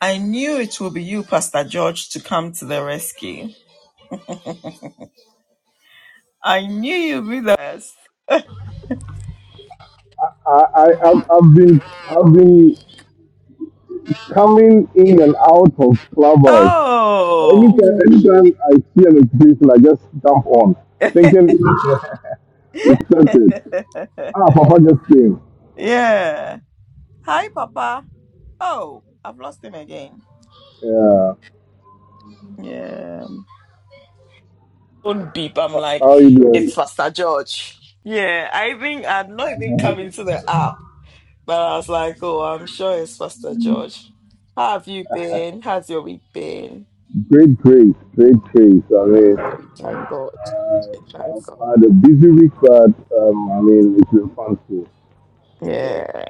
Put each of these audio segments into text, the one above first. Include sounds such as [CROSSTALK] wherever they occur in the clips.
I knew it would be you, Pastor George, to come to the rescue. I knew you'd be the best. I, I I've, I've been I've been coming in and out of clubhouse. Oh, Anytime anytime I see an exhibition, I just jump on, thinking [LAUGHS] [LAUGHS] it's started. Ah, Papa just came. yeah. Hi, Papa. Oh, I've lost him again. Yeah. Yeah. Phone beep. I'm How like, how you doing? it's Pastor George. Yeah, I think I'd not even come into the app, but I was like, oh, I'm sure it's Pastor George. How have you been? How's your week been? Great, great, great, great. I mean, Ah, We uh, thank God. We thank God. I've had a busy week, but um, I mean, it's been fun too. So, Yeah.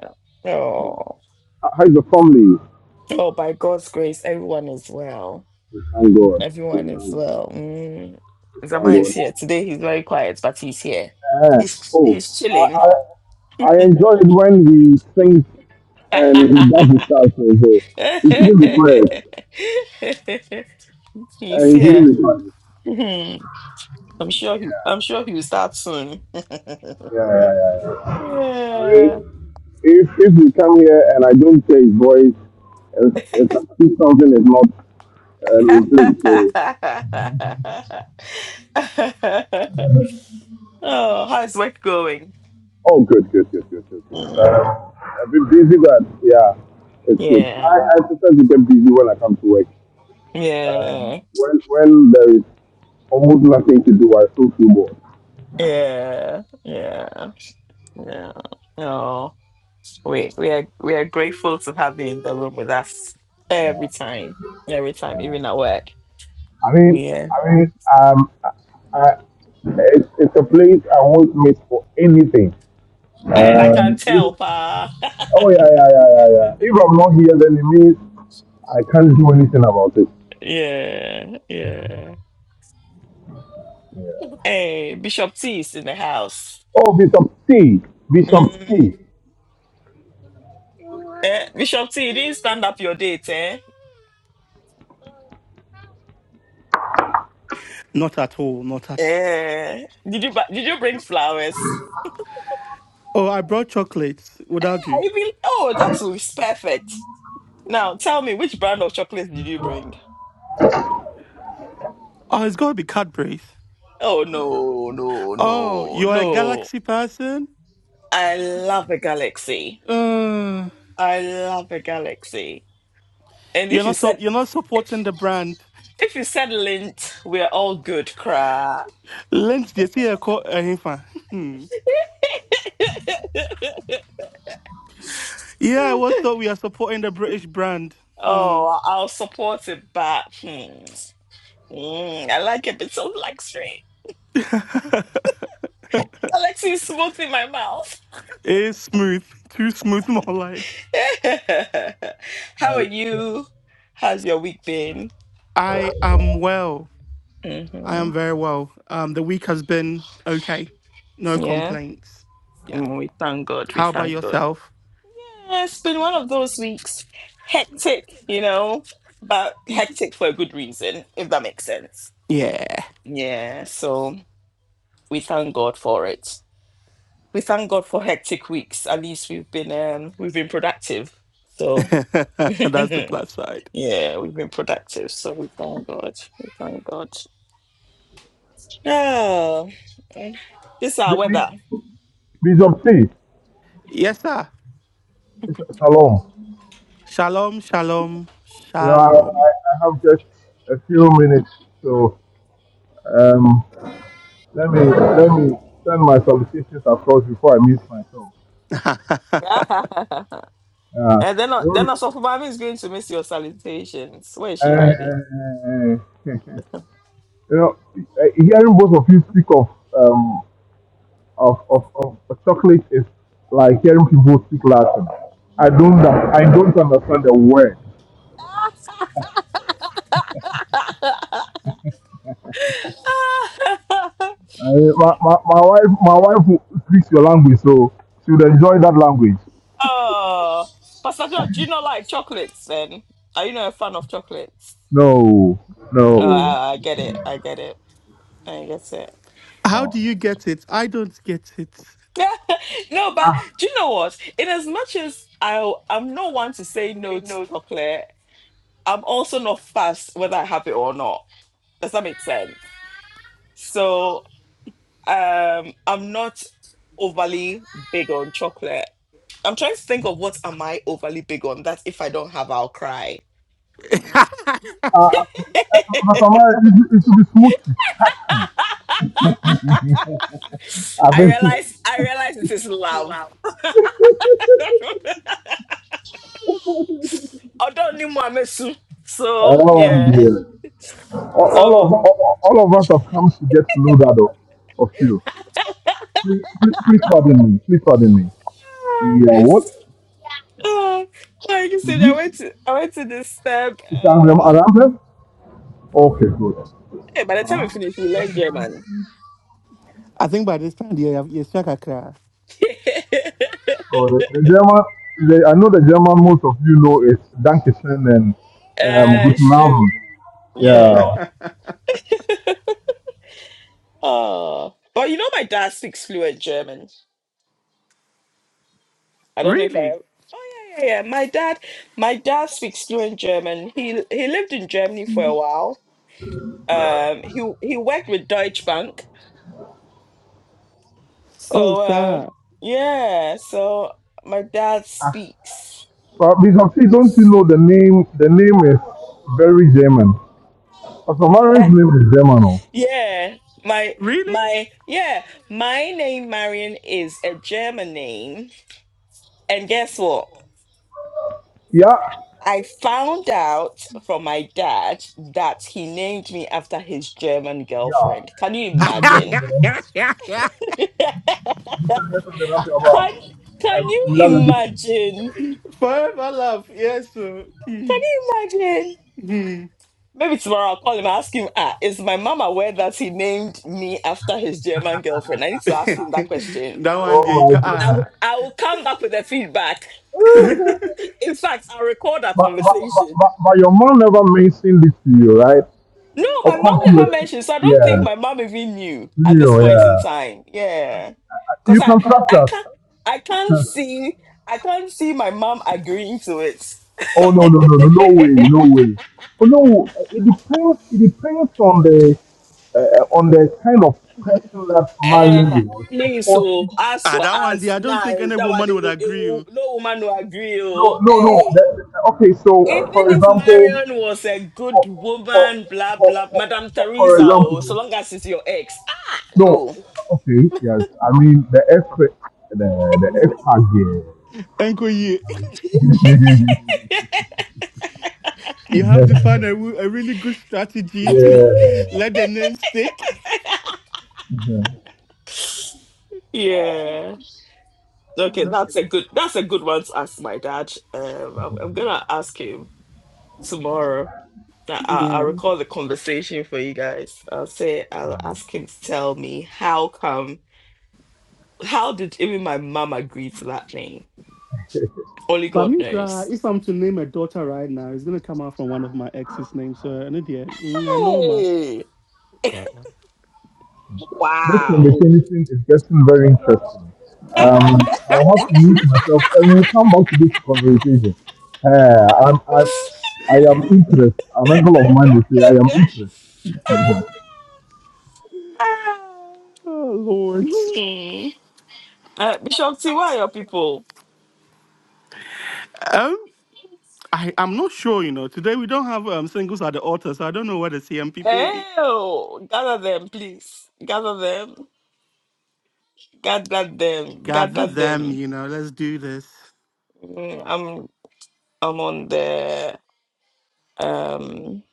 yeah. Oh. how's the family? Oh, by God's grace, everyone is well. We Thank God. We Everyone is Thank we well. Mm. Zama thank is God. here. Today he's very quiet, but he's here. Uh, He's Oh, he's I, chilling. I I enjoy it when he sings and he does his stuff. So so he shouldn't be quiet. [LAUGHS] And he's he shouldn't here. be quiet. Hmm. I'm sure he I'm sure he'll start soon. yeah, yeah, yeah, yeah. I mean, Yeah. if if we come here and I don't hear his voice, it's, it's if something is not um, in place. So, [LAUGHS] oh, how's work going? oh, good, good, good, good, good, good. Um, Mm. I've been busy, but yeah, it's good. Yeah. I, I sometimes get busy when I come to work. Yeah. Um, When when there is almost nothing to do, I still feel bored. Yeah, yeah, yeah. Oh, we we are we are grateful to have you in the room with us every time, every time, even at work. I mean, Yeah, I mean, um, I, it's, it's a place I won't miss for anything. and I can Um, if, tell, pa. oh yeah, yeah, yeah, yeah, yeah. If I'm not here, then it means I can't do anything about it. [LAUGHS] yeah, yeah. Hey, Bishop T is in the house. Oh, Bishop T, Bishop T, Mm. Eh, Bishop T, you didn't stand up your date, eh? Not at all, not at all. Eh. Did you bu- did you bring flowers? Oh, I brought chocolates. Would that I do? even oh, that's perfect. Now tell me, which brand of chocolates did you bring? Oh, it's gonna be Cadbury's. Oh no, no, Oh, no, you're a no. Galaxy person? I love a galaxy. Uh, I love a galaxy. And you're if you not so, said you're not if supporting the brand. if you said lint, we're all good, cry. Lent they see a co- a him [LAUGHS] Yeah, I was thought we are supporting the British brand. Hmm. oh, I'll support it, but hmm, mm, I like a bit of luxury. Galaxy is smooth in my mouth. It's smooth. Too smooth [LAUGHS] more like. [LAUGHS] How are you? How's your week been? I am well. I hmm am very well. Um the week has been okay. No Yeah. complaints. Yeah. Mm, we thank God. We How about thank God. yourself? Yeah, it's been one of those weeks. Hectic, you know, but hectic for a good reason, if that makes sense. Yeah. Yeah, so we thank God for it. We thank God for hectic weeks. At least we've been um we've been productive. So [LAUGHS] [LAUGHS] That's the yeah, plus side. we've been productive. So we thank God. We thank God. Yeah, this is our B- weather. B- Bishop T, Yes, sir. Sh- Shalom. Shalom, shalom, You know, I, I shalom. I have just a few minutes, so. um. Let me let me send my solicitations across before I mute myself. [LAUGHS] Uh, and then then you also Mami is going to miss your salutations. Where is know, she hiding? eh, [LAUGHS] you know, eh, hearing both of you speak of um of, of, of chocolate is like hearing people speak Latin. I don't un- I don't understand the word. [LAUGHS] [LAUGHS] Eh, my, my, my wife my wife speaks your language, so she would enjoy that language. oh, Pastor George, do you not like chocolates then? Are you not a fan of chocolates? No, Oh, no, I, I get it. I get it. I get it. How no. do you get it? I don't get it. [LAUGHS] no, but do you know what? In as much as I, I'm not one to say no to chocolate, I'm also not fast whether I have it or not. Does that make sense? So um, I'm not overly big on chocolate. I'm trying to think of what am I overly big on that if I don't have, I'll cry. [LAUGHS] Uh, uh, uh, [LAUGHS] Pastor it should it should be smoochy. [LAUGHS] [LAUGHS] I I think. [LAUGHS] realize I realize it is love. [LAUGHS] Although ni mo amesu. So Oh yeah. dear. All all of So all all of us have come to get to know that of, of you. [LAUGHS] Please, please, please pardon me. Please pardon me. Yeah. What? oh, like you said, I Mm-hmm. went to I went to this step. Is Aram Um around them? Okay. Good. hey, by the time Uh-huh. we finish, we learn German. I think by this time you have you struck a cry. [LAUGHS] So the, the German. The, I know the German. Most of you know is Dankeschön and um, uh Guten shoot. Abend. Yeah. Yeah. Oh. But you know my dad speaks fluent German. I don't know if I Really? Oh yeah, yeah, yeah. My dad my dad speaks fluent German. He he lived in Germany for a while um he he worked with Deutsche Bank. Oh, So uh sir. yeah, so my dad speaks. But because please don't you know the name? The name is very German. Pastor [LAUGHS] Warren's name is German. oh. yeah, my Really? my yeah, my name Marion is a German name. And guess what? Yeah. I found out from my dad that he named me after his German Yeah. girlfriend. Can you You should hear imagine? from the ramp. [LAUGHS] can You should hear from the ramp about can um, you without the imagine? Forever love. Yes, sir. Can you imagine? Maybe tomorrow I'll call him and ask him, ah, is my mom aware that he named me after his German girlfriend? I need [LAUGHS] to ask him that that question. Oh one there, you my ca- I'll, goodness. ah. I will come back with the feedback. [LAUGHS] In fact, I'll record our but, but, but, conversation. but, but your mom never mentioned this to you, right? No, Of my mom course you never were, mentioned, so I don't think yeah. my mom even knew at this You, point in yeah. time. Yeah. You Cause I, can trust I us. can't I can't [LAUGHS] see I can't see my mom agreeing to Oh no no no no no way it. [LAUGHS] no way. Oh no, uh, it depends. It depends on the uh, on the kind of person that marrying Eh, you was. Of please, course. so No as ah, for that one there. us I don't now, think any that one, woman it would will, it agree. will, oh. no woman will agree. Oh, no no. hey, That, okay, so even for if example, Marion was a good for for woman, blah for, blah, for, Madame for for Teresa, oh, so example, long as it's your ex, ah, no. no, Okay, yes. I mean the expert, the the expert here. Uncle, you [LAUGHS] you have to find a, wo- a really good strategy to let the name stick. yeah. [LAUGHS] yeah, okay, that's a good, that's a good one to ask my dad. Um, I'm, I'm gonna ask him tomorrow. I, I- I'll recall the conversation for you guys. I'll say, I'll ask him to tell me how come How did even my mom agree to that name? yeah. [LAUGHS] Only But God me cry, knows. if I'm to name a daughter right now, it's gonna come out from one of my ex's names. So and it yeah, mm, normal. Hey, This wow. conversation is getting very interesting. Um, I'll have to mute myself and we'll come back to this conversation. Uh, I'm, I'm, [LAUGHS] I am interested. An uncle of mine will say, I [LAUGHS] am interested. Mhm. Oh Lord. Hmm. uh, Bishop T, where are your people? Um I, I'm not sure, you know. Today we don't have um, singles at the altar, so I don't know where the CM people will be. Hell, gather them, please. Gather them. Gather them. Gather Gather them, them. you know. Let's do this. Mm, I'm I'm on the um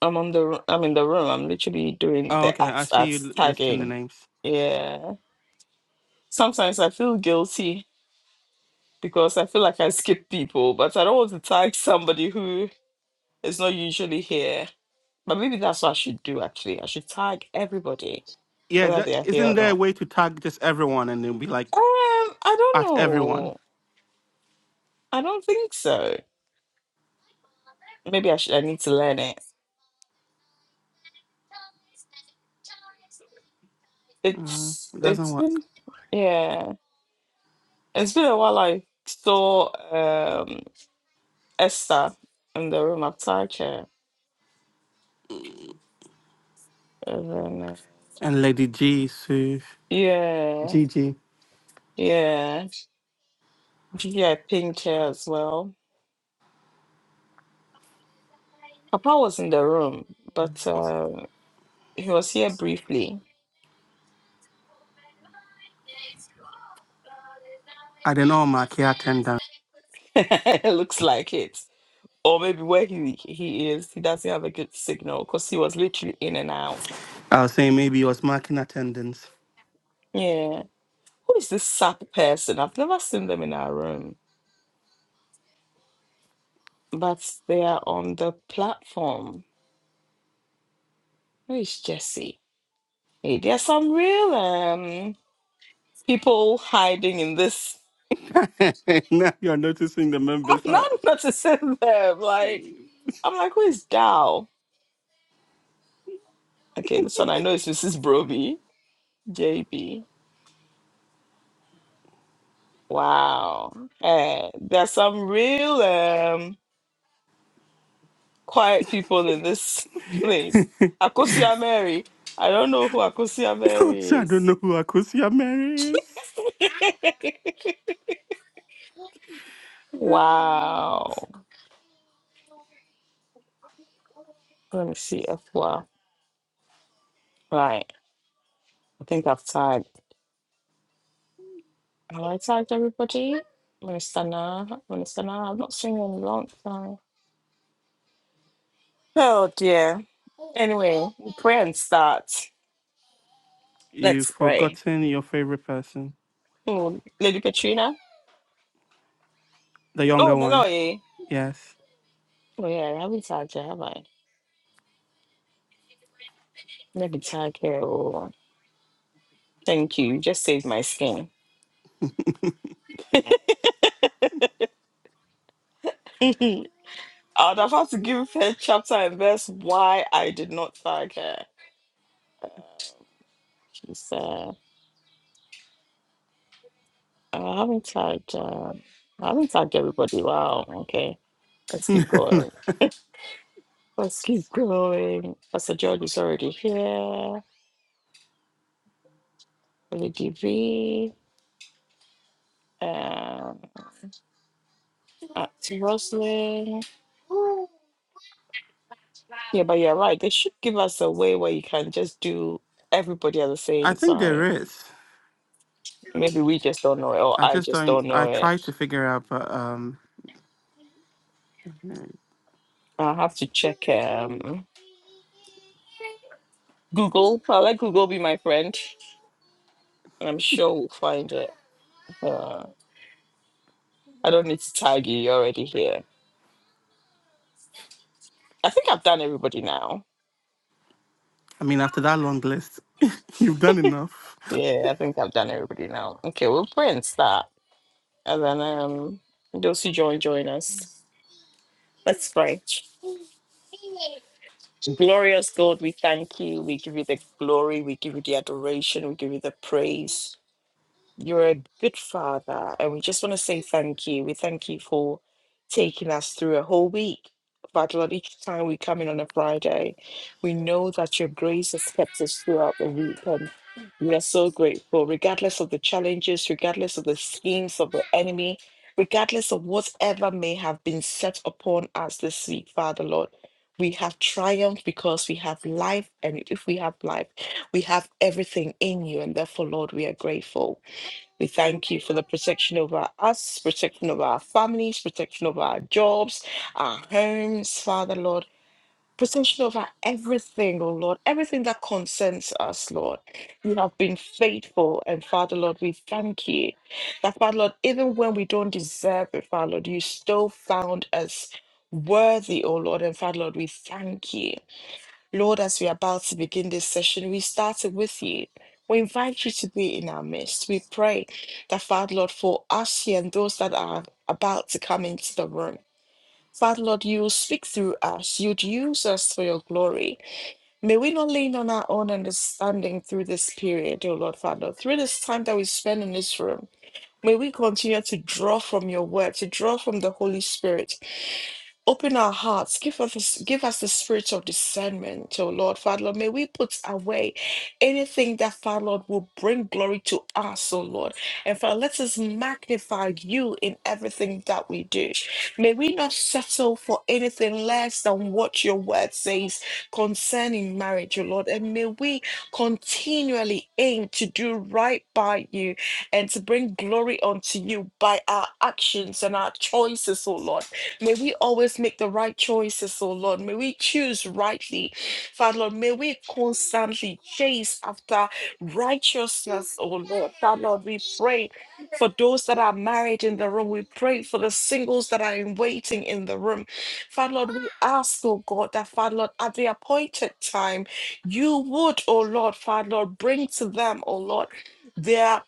I'm on the r- I'm in the room. I'm literally doing Oh, the okay. I ads see you ads l- listing the tagging. names. Yeah. Sometimes I feel guilty because I feel like I skip people, but I don't want to tag somebody who is not usually here. But maybe that's what I should do actually. I should tag everybody, Yeah, whether that, they are here isn't or there a not. way to tag just everyone and then be like Um, I don't at everyone? know. I don't think so. Maybe I should I need to learn it. Mm, It's it doesn't it's work. been yeah. It's been a while I saw um Esther in the room. I've tagged her. And then, uh, And Lady G, Sue, yeah, Gigi. yeah. Yeah, I pinged her as well. Papa was in the room, but uh, he was here briefly. I don't know, my care [LAUGHS] It looks like it. Or maybe where he he is, he doesn't have a good signal because he was literally in and out. I was saying maybe he was marking attendance. Yeah. Who is this sap person? I've never seen them in our room, but they are on the platform. Where is Jesse? Hey, there's some real um people hiding in this [LAUGHS] now you're noticing the I'm members, not huh? [LAUGHS] about to sit there. Like, I'm like, who is Gal? Okay, this one I know is Mrs. Broby, JB. Wow. Eh, there's some real um quiet people in this [LAUGHS] place. Akosia Mary. I don't know who Akosia [LAUGHS] so Mary I don't is. know who Akosia Mary is. [SIGHS] [LAUGHS] Oh, Lord. wow. Let me see if well. Right. I think I've tagged. Have I tagged everybody? Minister Nah. Minister Nah. I've not seen you in a long time. Oh dear. Anyway, pray and start. You've Let's pray. forgotten your favorite person, Hmm, Lady Katrina? the Oh, younger no, no, one. eh? Yes, Oh, yeah, I haven't tagged her, have I? Maybe tag her. Oh, thank you. You just saved my skin. [LAUGHS] I would have had to give her chapter and verse why I did not tag her. Uh, She's, uh, I haven't tagged, uh, I haven't tagged everybody. Wow, okay. Let's keep going. Let's keep going. Pastor George is already here. Lady V. Uh, uh, Roslyn. Yeah, but you're right. They should give us a way where you can just do everybody at the I same think there time. is. Maybe we just don't know it, or I I just just don't. don't know I try it. to figure out, but um, I I'll have to check um, Google. I'll let Google be my friend. and I'm sure we'll find it. Uh, I don't need to tag you. You're already here. I think I've done everybody now. mean, after that long list, [LAUGHS] you've done enough. Yeah, I think I've done everybody now. Okay, we'll pray and start. And then um, those who join, join us. Let's pray. Glorious God, we thank you. We give you the glory. We give you the adoration. We give you the praise. You're a good father, and we just want to say thank you. We thank you for taking us through a whole week. But Lord, each time we come in on a Friday, we know that your grace has kept us throughout the week, and we are so grateful, regardless of the challenges, regardless of the schemes of the enemy, regardless of whatever may have been set upon us this week, Father Lord. We have triumphed because we have life, and if we have life, we have everything in you, and therefore, Lord, we are grateful. We thank you for the protection over us, protection over our families, protection over our jobs, our homes, Father Lord. Protection over everything, oh Lord, everything that concerns us, Lord. You have been faithful, and Father Lord, we thank you that, Father Lord, even when we don't deserve it, Father Lord, you still found us worthy, oh Lord, and Father Lord, we thank you. Lord, as we are about to begin this session, we started with you. We invite you to be in our midst. We pray that, Father Lord, for us here and those that are about to come into the room, Father Lord, you will speak through us. You'd use us for your glory. May we not lean on our own understanding through this period, O Lord, Father, Lord, through this time that we spend in this room. May we continue to draw from your word, to draw from the Holy Spirit. Open our hearts, give us give us the spirit of discernment, oh Lord, Father Lord. May we put away anything that Father Lord will bring glory to us, oh Lord. And Father, let us magnify you in everything that we do. May we not settle for anything less than what your word says concerning marriage, oh Lord. And may we continually aim to do right by you and to bring glory unto you by our actions and our choices, oh Lord. May we always make the right choices, oh Lord. May we choose rightly. Father Lord, may we constantly chase after righteousness, oh Lord. Father Lord, we pray for those that are married in the room. We pray for the singles that are in waiting in the room. Father Lord, we ask, oh God, that Father Lord, at the appointed time, you would, oh Lord, Father Lord, bring to them, oh Lord. their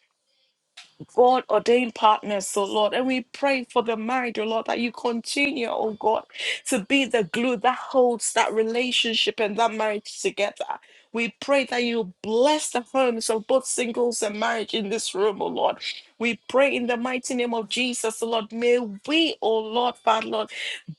God ordained partners, so Lord. And we pray for the married, oh Lord, that you continue, oh God, to be the glue that holds that relationship and that marriage together. We pray that you bless the homes of both singles and marriage in this room, oh Lord. We pray in the mighty name of Jesus, oh Lord. May we, oh Lord, Father, Lord,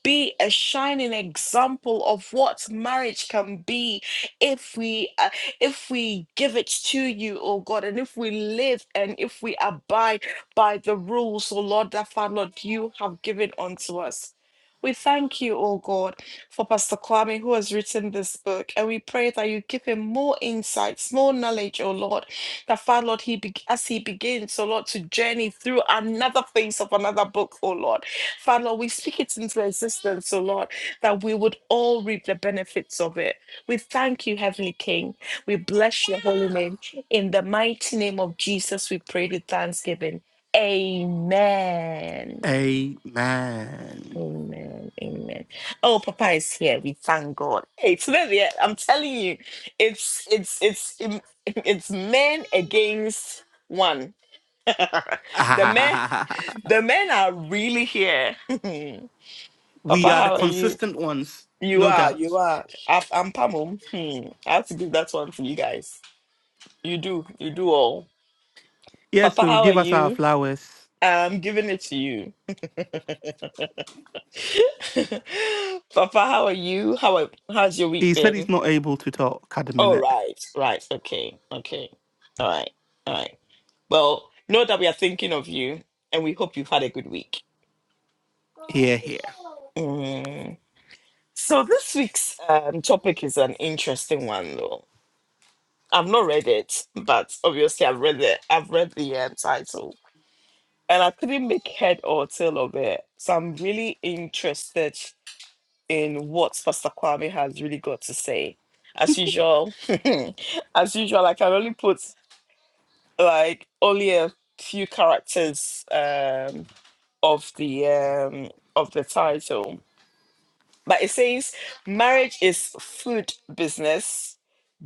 be a shining example of what marriage can be if we if we give it to you, oh God, and if we live and if we abide by the rules, oh Lord, that Father, Lord, you have given unto us. We thank you, oh God, for Pastor Kwame who has written this book, and we pray that you give him more insights, more knowledge, oh Lord, that Father, Lord, he be- as he begins, oh Lord, to journey through another phase of another book, oh Lord. Father, Lord, we speak it into existence, oh Lord, that we would all reap the benefits of it. We thank you, Heavenly King. We bless your holy name. In the mighty name of Jesus, we pray with thanksgiving. Amen. Amen. Amen. Amen. Oh, Papa is here. We thank God. Hey, it's really, I'm telling you, it's it's it's it's men against one. [LAUGHS] the [LAUGHS] men, the men are really here. [LAUGHS] we Papa, are the how are you? consistent ones, You no are, you doubt. are. I, I'm Pamum. Hmm. I have to give that one to you guys. You do, you do all. Yes, Papa, so how are give us our you? flowers. I'm giving it to you. [LAUGHS] Papa, how are you? How are, how's your week He said he's been? not able to talk at the Oh, minute. right, right, okay, okay, all right, all right. Well, know that we are thinking of you, and we hope you've had a good week. Here, here. Mm. So this week's um, topic is an interesting one, though. I've not read it, but obviously I've read the I've read the um, title, and I couldn't make head or tail of it. So I'm really interested in what Pastor Kwame has really got to say. As usual, [LAUGHS] as usual, I can only put like only a few characters um, of the um, of the title, but it says marriage is food business,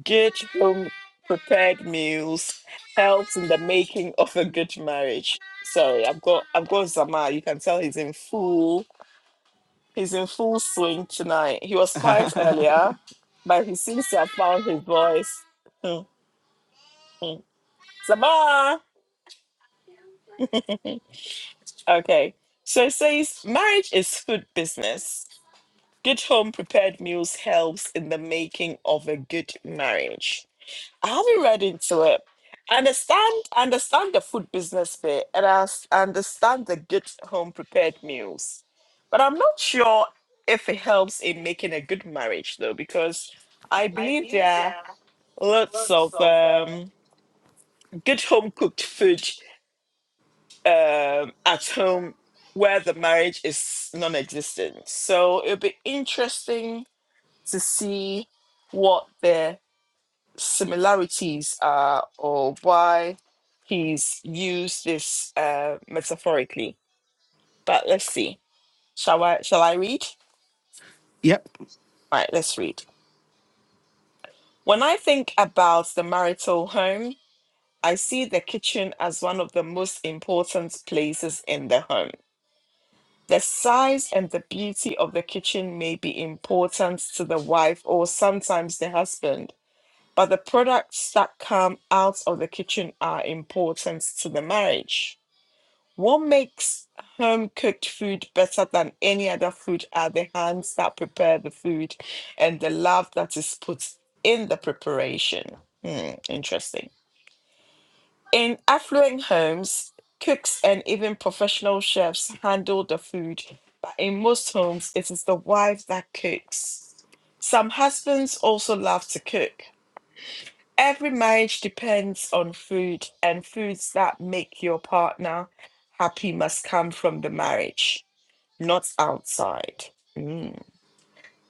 good home prepared meals helps in the making of a good marriage. Sorry, I've got I've got Zama. You can tell he's in full He's in full swing tonight. He was [LAUGHS] quiet earlier, but he seems to have found his voice. [LAUGHS] Sabah! [LAUGHS] okay. So it says marriage is food business. Good home prepared meals helps in the making of a good marriage. I haven't read into it. I understand I understand the food business bit and I s- I understand the good home prepared meals. But I'm not sure if it helps in making a good marriage though, because I believe there are lots of um, good home cooked food um, at home where the marriage is non existent. So it'll be interesting to see what the similarities are or why he's used this uh, metaphorically. But let's see. Shall I shall I read? yep. All right, let's read. When I think about the marital home, I see the kitchen as one of the most important places in the home. The size and the beauty of the kitchen may be important to the wife or sometimes the husband, but the products that come out of the kitchen are important to the marriage. What makes home cooked food better than any other food are the hands that prepare the food and the love that is put in the preparation. Hmm, interesting. In affluent homes, cooks and even professional chefs handle the food, but in most homes, it is the wife that cooks. Some husbands also love to cook. Every marriage depends on food, and foods that make your partner happy must come from the marriage not outside. Mm.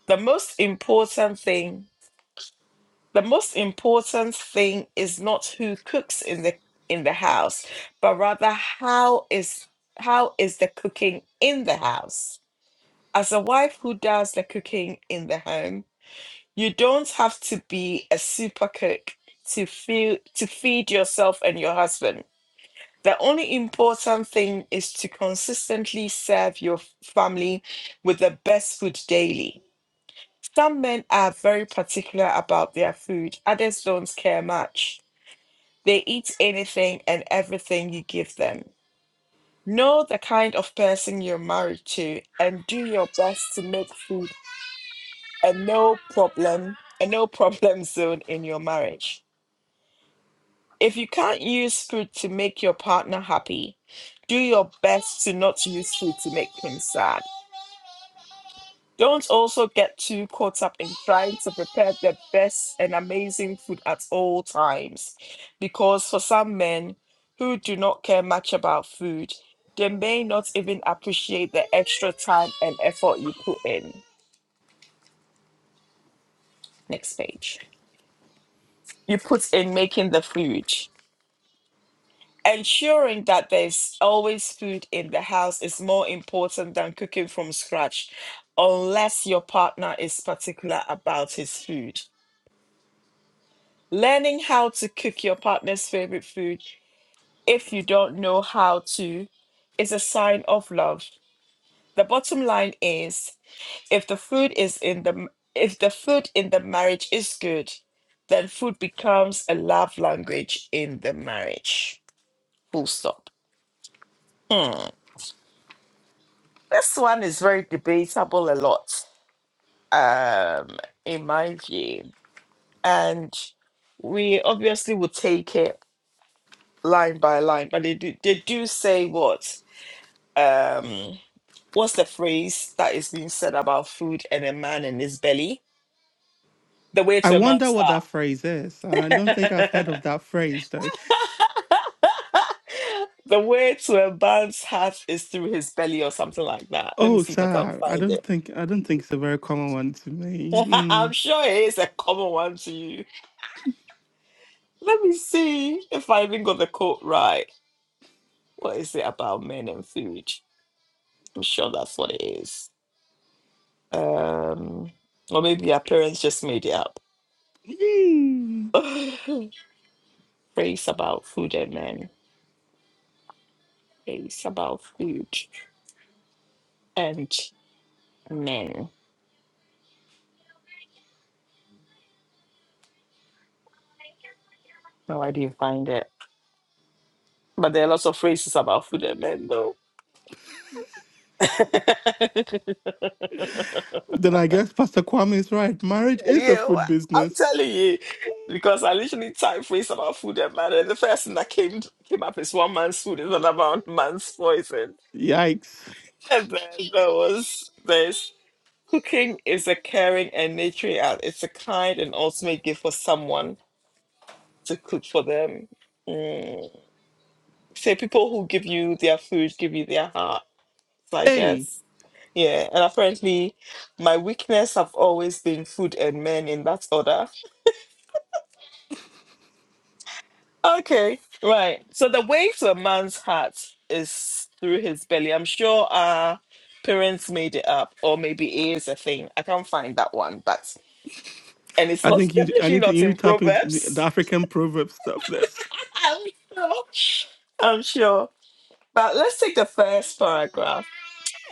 The most important thing, the most important thing is not who cooks in the in the house, but rather how is how is the cooking in the house. As a wife who does the cooking in the home, you don't have to be a super cook to feel to feed yourself and your husband. The only important thing is to consistently serve your family with the best food daily. Some men are very particular about their food, others don't care much. They eat anything and everything you give them. Know the kind of person you're married to and do your best to make food a no problem, a no problem [LAUGHS] zone in your marriage. If you can't use food to make your partner happy, do your best to not use food to make him sad. Don't also get too caught up in trying to prepare the best and amazing food at all times, because for some men who do not care much about food, they may not even appreciate the extra time and effort you put in. Next page. You put in making the food. Ensuring that there's always food in the house is more important than cooking from scratch, unless your partner is particular about his food. Learning how to cook your partner's favorite food if you don't know how to is a sign of love. The bottom line is if the food is in the if the food in the marriage is good, then food becomes a love language in the marriage. Full stop. Hmm. This one is very debatable a lot, um, in my view. And we obviously will take it line by line, but they do, they do say what? um what's the phrase that is being said about food and a man and his belly the way I to a wonder man's what that heart phrase is. [LAUGHS] I don't think I've heard of that phrase though. the way to a man's heart is through his belly or something like that let me Oh, see if i can sir. I find don't it think I don't think it's a very common one to me. [LAUGHS] i'm sure it is a common one to you let me see if i even got the quote right what is it about men and food i'm sure that's what it is um or maybe our parents just made it up Hmm. Hmm. [LAUGHS] Praise about food and men. Praise about food and men. Now, why do you find it. But there are lots of phrases about food and men, though. [LAUGHS] yeah, Then I guess Pastor Kwame is right. Marriage is a wha- food I'm business. telling you, because I literally typed phrase about food and man, and the first thing that came came up is one man's food is another man's poison. Yikes. And then there was this cooking is a caring and nurturing act. It's a kind and ultimate gift for someone to cook for them. Mm. say people who give you their food give you their hearts, I Hey, guess. Yeah, and apparently my weakness have always been food and men in that order. Okay, right. So the way to a man's heart is through his belly. I'm sure our parents made it up, or maybe it is a thing. I can't find that one, but and it's I not [LAUGHS] think you I definitely need to not you in need to tap into the the Proverbs. African proverb stuff. This. [LAUGHS] I'm sure. I'm sure. But let's take the first paragraph.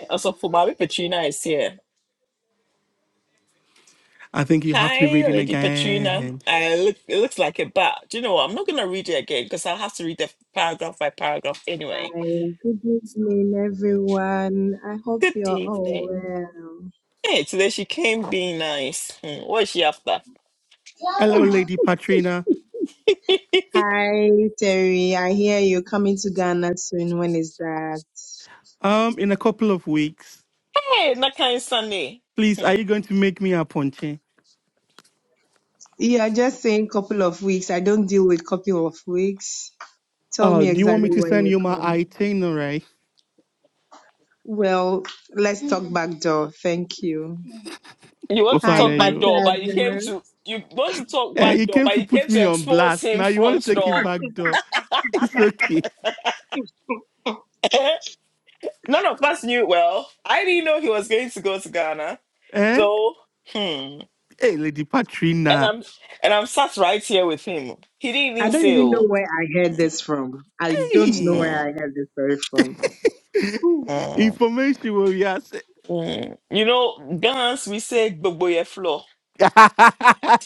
Also, for Mary Petrina is here. I think you have to be Hi, reading Lady Petrina. again. I look, it looks like it, but do you know what? I'm not going to read it again because I'll have to read the paragraph by paragraph Hi, anyway. good evening, everyone. I hope Good you're all evening. well. Hey, today she came being nice. Hmm, what is she after? Hello, Lady Patrina. [LAUGHS] Hi, Terry. I hear you're coming to Ghana soon. When is that? Um, in a couple of weeks. Hey, Nakai Sunday. Please, Hmm. are you going to make me a ponche? Yeah, just saying couple of weeks. I don't deal with couple of weeks. Tell Oh, me do you want exactly me to when send you you're my coming. itinerary? Well, let's talk back door. Thank you. You want to Hi, talk Ofana, back you. door, Pastor but you came Jimmer. to you want to talk Eh, back you door, came but to you came put to me on expose blast. him Now you want to front take it door. back door. [LAUGHS] It's okay. [LAUGHS] None of us knew. Well, I didn't know he was going to go to Ghana. Eh? So, hmm. Hey, Lady and Patrina. I'm and I'm sat right here with him. He didn't I even don't say, even know "Oh, where I heard this from. I don't know where Hey. Mm, I heard this story from. [LAUGHS] mm, Information will be asked. mm. you know, Ghans we say Gbogboye floor. [LAUGHS] I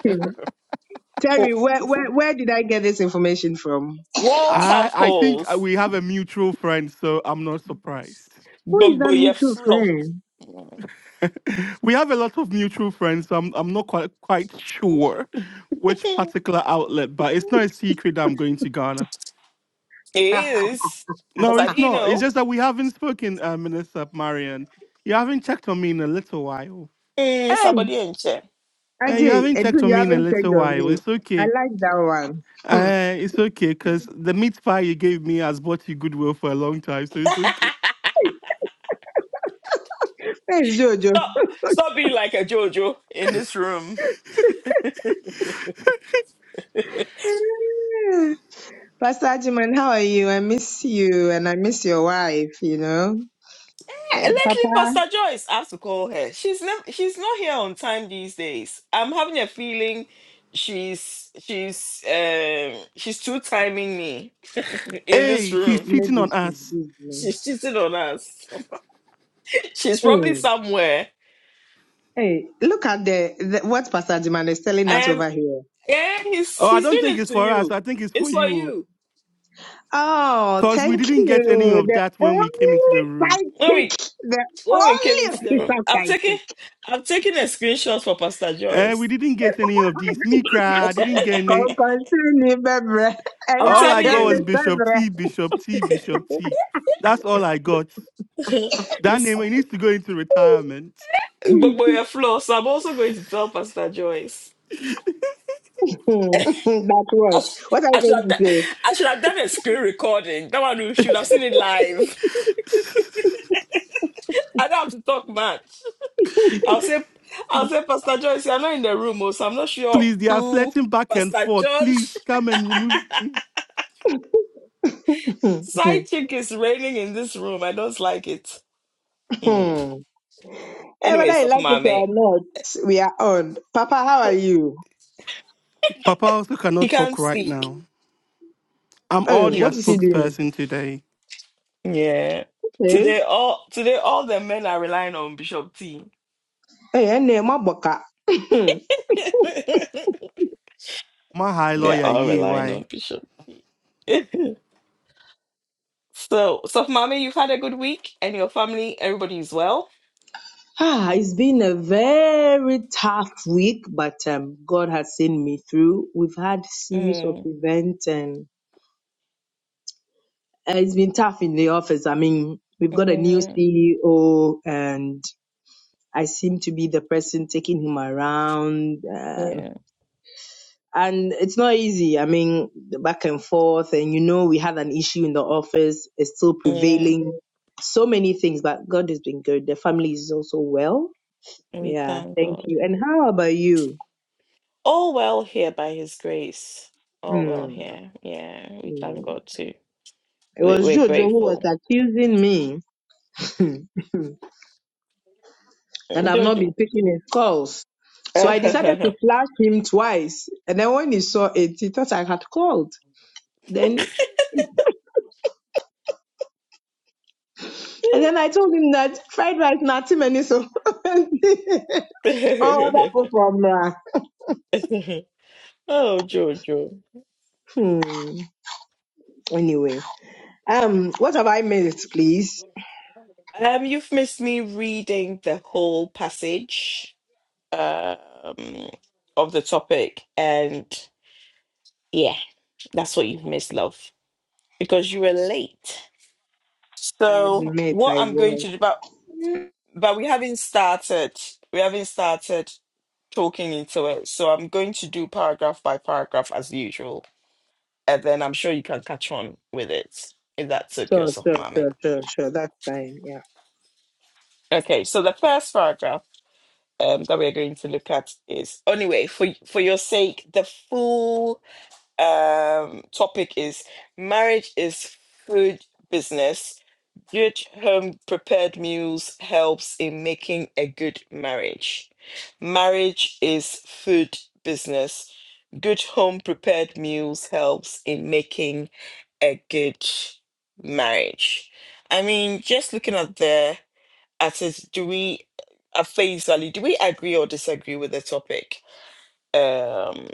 [LAUGHS] Oh, Terry, where, where where did I get this information from? Walls have I think holes. uh, we have a mutual friend, so I'm not surprised. [LAUGHS] Who is that Gbogboye mutual floor. friend? We have a lot of mutual friends, so I'm I'm not quite quite sure which particular outlet, but it's not a secret that I'm going to Ghana. It [LAUGHS] is because No, I it's didn't not. It's know just that we haven't spoken, uh, Minister Marion. You haven't checked on me in a little while. mm, hey, somebody in chair. Uh, you Ajay, haven't Edu, checked on you me in a haven't checked little on while. me. It's I okay. like that one. Hmm. Uh, it's okay, because the meat pie you gave me has bought you goodwill for a long time, so it's okay. Thanks, Jojo. [LAUGHS] Stop, stop being like a JoJo in this room. Yeah. Pastor Ajiman, how are you? I miss you and I miss your wife, you know. Eh, Um, Lately, Papa, Pastor Joyce, I have to call her. She's never, she's not here on time these days. I'm having a feeling she's she's um she's two timing me [LAUGHS] in this Hey, she's room. cheating maybe on she's us. busy. She's cheating on us. [LAUGHS] she's Hey, probably somewhere. hey, look at the, the what Pastor Ajiman is telling us Um, over here. yeah, he's Oh, I he's don't doing think it it's to for us. you. I think it's It's for for you. you. Oh, Because we thank didn't get any you. of The that when we came into only the room. When we psychic, the when we came only into the room, official I'm taking psychic. I'm taking a screenshot for Pastor Uh, Joyce. we didn't get any of this. Me [LAUGHS] cry, I [LAUGHS] didn't get any. Continue, Bebre. Yeah, I'm All I telling I got was you. understand, Bishop Bebre. T, Bishop T, Bishop T. That's all I got. [LAUGHS] you That name he needs to go into retirement. But [LAUGHS] by your flaws, I'm also going to tell Pastor Joyce. Hmm, That's I, what. sh- What are I should have you going to done, say? [LAUGHS] I should have done a screen recording. That one we should have seen it live. [LAUGHS] I don't have to talk much. I'll say I'll say Pastor Joyce, you're not in the room, oh, so I'm not sure Please, they are who flirting back and Pastor forth. Please George come and remove. me. Hmm. [LAUGHS] hmm, side chick is reigning in this room. I don't like it. Hmm. hmm. hey, Anyway, whether so you for like my it mate. or not, we are on. Papa, how are you? Papa also He cannot can't talk right speak. now. I'm all Hey, He their what is he puts doing? spokesperson today. Yeah. Today Hey, all today all the men are relying on Bishop T. hey, and my boka. [LAUGHS] [LAUGHS] My high They are lawyer, all yeah, relying why? on Bishop. [LAUGHS] so, so mommy, you've had a good week, and your family, everybody is well. Ah, it's been a very tough week, but um, God has seen me through. We've had series of Mm, events, and uh, it's been tough in the office. I mean, we've got a new yeah, CEO, and I seem to be the person taking him around. Um, yeah, and it's not easy. I mean, the back and forth, and you know, we had an issue in the office. It's still yeah. prevailing. So many things, but God has been good. The family is also well. We Yeah, thank thank God. you. And how about you? All well here by His grace. All well Mm, here. Yeah, we thank mm. God too. It We, was we're Jojo who was grateful. accusing me [LAUGHS] that Mm, I've not Jojo. been taking his calls. So I decided to flash him twice. And then when he saw it, he thought I had called. Then and then I told him that fried rice nothing many so [LAUGHS] [LAUGHS] all other food from uh, oh, Jojo. hmm. anyway. Um what have I missed, please? Um, you've missed me reading the whole passage. um, of the topic. And yeah, that's what you've missed, love, because you were late. I So admit what I I'm going was. to do, but but we haven't started. We haven't started talking into it. So I'm going to do paragraph by paragraph as usual, and then I'm sure you can catch on with it if that's okay, Sure, yourself, sure, mommy. sure, sure, sure. That's fine. Yeah. Okay. So the first paragraph um, that we're going to look at is anyway for for your sake the full um, topic is marriage is food business. Good home prepared meals helps in making a good marriage. Marriage is food business. Good home prepared meals helps in making a good marriage. I mean, just looking at the at it, do we at face value, do we agree or disagree with the topic? Um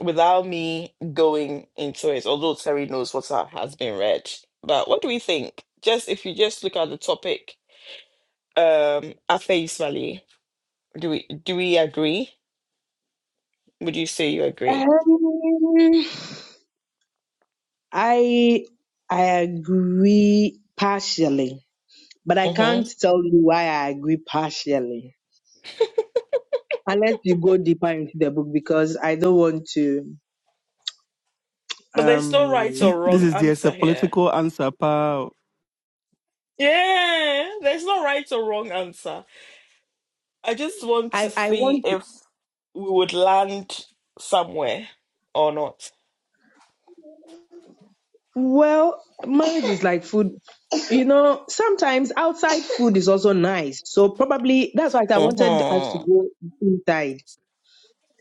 without me going into it, although Terry knows what ha- has been read. But what do we think? Just if you just look at the topic um, at face value, do we do we agree? Would you say you agree? Um. I I agree partially, but I hmm can't tell you why I agree partially unless you go deeper into the book because I don't want to. But there's no Um, right or This wrong is just a answer here. political answer, pal. Yeah, there's no right or wrong answer. I just want to I I see want to. if we would land somewhere or not. Well, marriage is like food. You know, sometimes outside food is also nice. So probably that's why I wanted us to hmm go inside.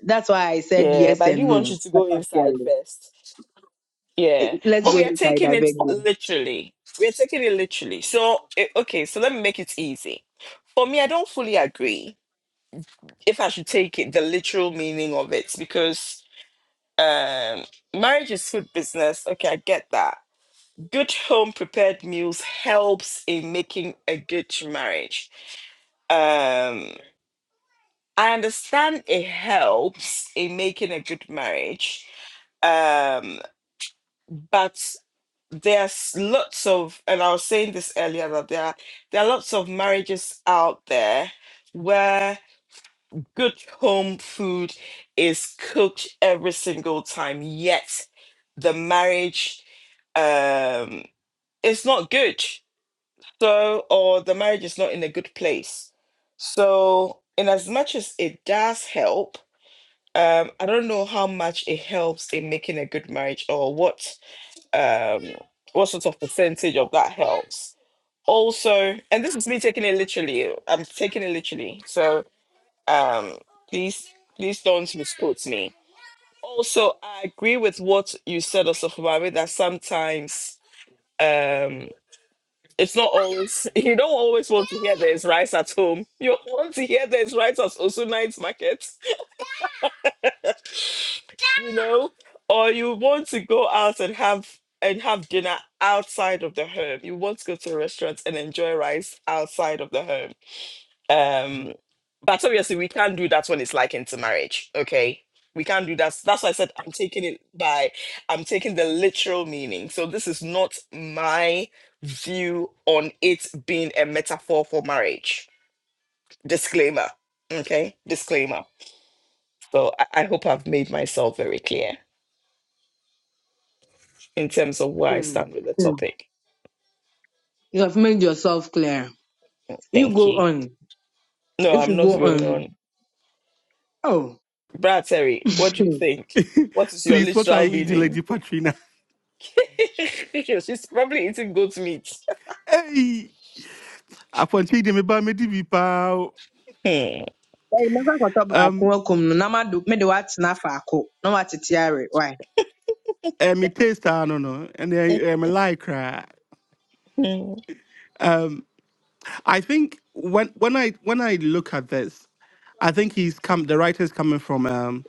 That's why I said Yeah, but yes I do and want you no to go inside partially. first. Eh, Yeah, Let's but go we are inside. taking I it beg you. literally. We are taking it literally. So, eh, okay, so let me make it easy. For me, I don't fully agree if I should take it the literal meaning of it because um marriage is food business. Okay, I get that. Good home prepared meals helps in making a good marriage. Um, I understand it helps in making a good marriage. Um, but there's lots of and i was saying this earlier that there are, there are lots of marriages out there where good home food is cooked every single time yet the marriage um is not good so or the marriage is not in a good place so in as much as it does help um i don't know how much it helps in making a good marriage or what um, what sort of percentage of that helps. Also, and this is me taking it literally. I'm taking it literally. So um, please, please don't misquote me. Also, I agree with what you said, Osofumami, that sometimes um, it's not always, [LAUGHS] you don't always want to hear there's rice at home. You want to hear there's rice at Osunite's Market you know, or you want to go out and have and have dinner outside of the home. You want to go to a restaurant and enjoy rice outside of the home. Um, but obviously we can't do that when it's like into marriage. Okay. We can't do that. That's why I said I'm taking it by I'm taking the literal meaning. So this is not my view on it being a metaphor for marriage. Disclaimer. Okay. Disclaimer. So I, I hope I've made myself very clear. in terms of where I Mm. stand with the Mm. topic. You have made yourself clear. You Thank go you. on. No, If I'm you not go going on. on. Oh. Brad Terry, what [LAUGHS] do you Hmm. think? What is [LAUGHS] your Please, what are literal you eating, meaning? Lady Patrina? [LAUGHS] [LAUGHS] She's probably eating goat meat. Hey, I want you to eat me buy me DB, pal. Hmm, Hey, never got up back. Um, Welcome. No, Nama do me the what's not for ako. No what it's yare. Why? and me taste, I don't know, and then um, I like, right? hmm, Um. I think when when I when I look at this, I think he's come. The writer's coming from um,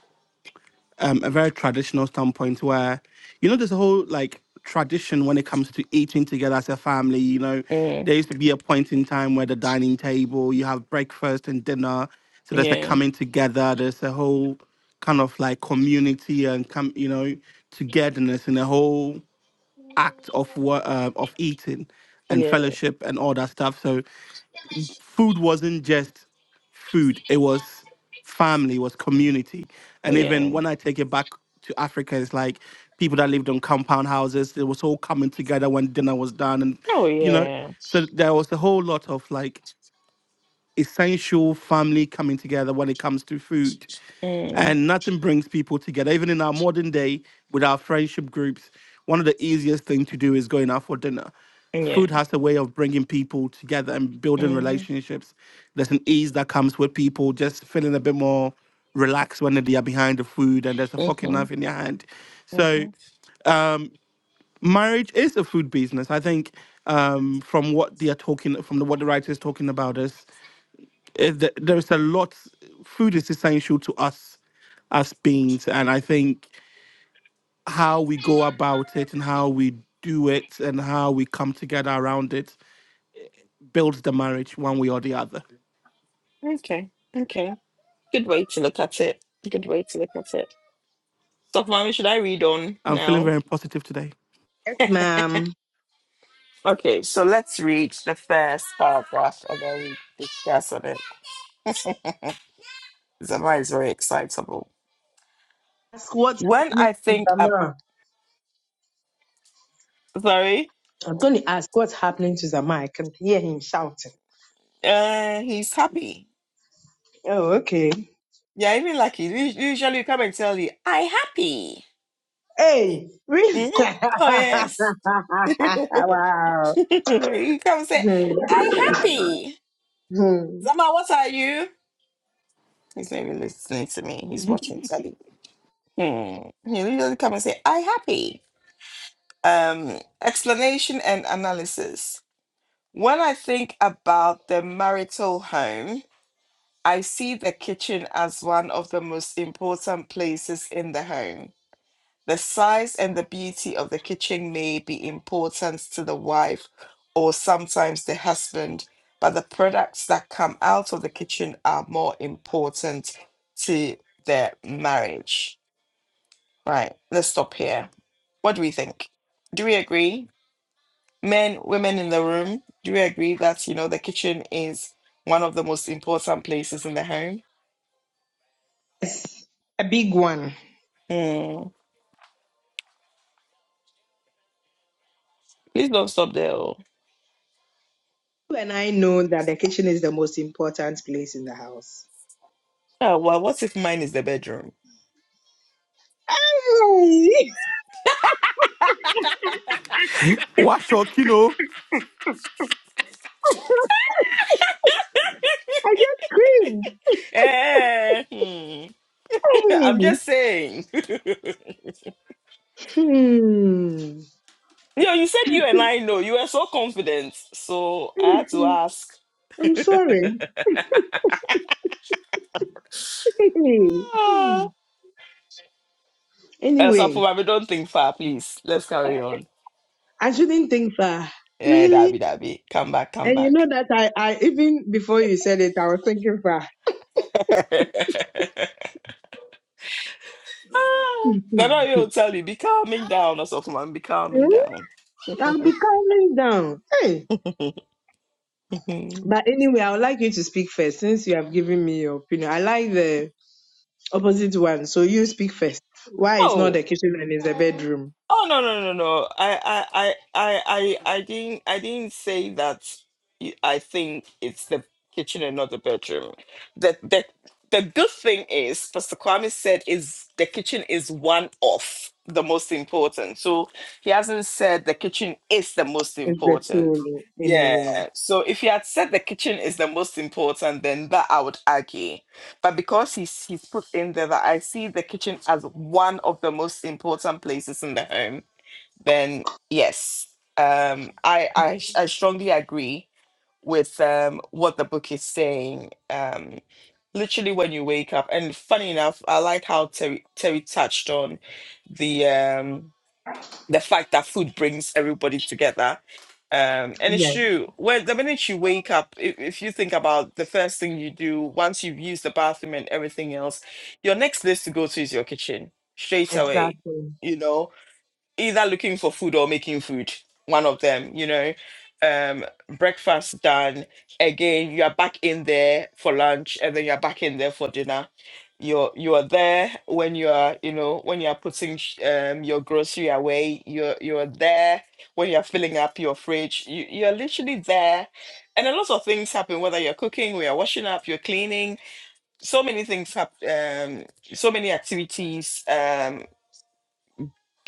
um, a very traditional standpoint, where you know there's a whole like tradition when it comes to eating together as a family. You know, hmm. there used to be a point in time where the dining table, you have breakfast and dinner. So there's a Yeah, coming together. There's a whole kind of like community and come, you know, togetherness in a whole act of what uh, of eating and yeah, fellowship and all that stuff. So food wasn't just food it was family it was community and yeah. even when i take it back to africa it's like people that lived on compound houses it was all coming together when dinner was done and Oh, you know yeah. so there was a whole lot of like essential family coming together when it comes to food Mm, and nothing brings people together. Even in our modern day, with our friendship groups, one of the easiest things to do is going out for dinner. yeah. Food has a way of bringing people together and building hmm relationships. There's an ease that comes with people just feeling a bit more relaxed when they are behind the food and there's a fucking hmm knife in your hand. So hmm marriage is a food business. I think um, from what they are talking, from the, what the writer is talking about is if the, there's a lot, food is essential to us as beings. And I think how we go about it and how we do it and how we come together around it builds the marriage one way or the other. Okay, okay. Good way to look at it. Good way to look at it. So, mommy. Should I read on I'm feeling now? very positive today. Yes, [LAUGHS] ma'am. Okay, so let's read the first paragraph and then we discuss on it. Zama is very excitable. Ask what's When happening I to think up, Zama. sorry, I'm going to ask what's happening to Zama. I can hear him shouting. uh, he's happy. Oh, okay. Yeah, even lucky. Us- Usually, come and tell you, "I happy." Hey, really? [LAUGHS] Mhm. Oh yes, [LAUGHS] he wow. come and say, Hmm. "I happy." Hmm. Zama, what are you? He's not even listening to me. He's watching telly. Hmm. He usually come and say, "I happy." Um, explanation and analysis. When I think about the marital home, I see the kitchen as one of the most important places in the home. The size and the beauty of the kitchen may be important to the wife or sometimes the husband, but the products that come out of the kitchen are more important to their marriage. Right, let's stop here. What do we think? Do we agree? men, women in the room, do we agree that, you know, the kitchen is one of the most important places in the home? Yes, a big one. Hmm. Please don't stop there. Oh, You and I know that the kitchen is the most important place in the house. Ah, well, what if mine is the bedroom? [LAUGHS] [LAUGHS] Wash your kino. I just screamed. Eh, hmm. [LAUGHS] I'm Hey. just saying. [LAUGHS] Yo, Hmm. you said you and I know. You were so confident. So I had to Mhm. ask. I'm sorry. [LAUGHS] Hey. Ah. Hmm. Elsa anyway, Fumabe, don't think far, please. Let's carry on. I shouldn't think far. Yeah, Really? Dabi Dabi. Come back, come And you know back. that I, I even before you said it, I was thinking far. [LAUGHS] Ah, Nana, Hmm. he'll tell you, be calming down or something. Man, Be calming Hmm? down. I'll be [LAUGHS] calming down. Hey. But anyway, I would like you to speak first since you have given me your opinion. I like the opposite one, so you speak first. Why it's not oh. the kitchen and it's the bedroom? Oh no no no no! I I I I I I didn't I didn't say that. y- I think it's the kitchen and not the bedroom. The the the good thing is Pastor Kwame said is the kitchen is one of the most important. So he hasn't said the kitchen is the most It's the important. soul anyway. Yeah. So if he had said the kitchen is the most important, then that I would argue but because he's he's put in there that I see the kitchen as one of the most important places in the home, then yes, um, I, I I strongly agree with um what the book is saying. Um, literally when you wake up, and funny enough, I like how Terry Terry touched on the um the fact that food brings everybody together. Um, and it's Yes, true. Well, the minute you wake up, if, if you think about the first thing you do once you've used the bathroom and everything else, your next place to go to is your kitchen straight away. exactly. You know, either looking for food or making food one of them you know um breakfast done again you are back in there for lunch and then you're back in there for dinner you're you are there when you are you know when you are putting sh- um your grocery away you're you're there when you're filling up your fridge you, you're literally there and a lot of things happen whether you're cooking we are washing up you're cleaning so many things happen um so many activities Um,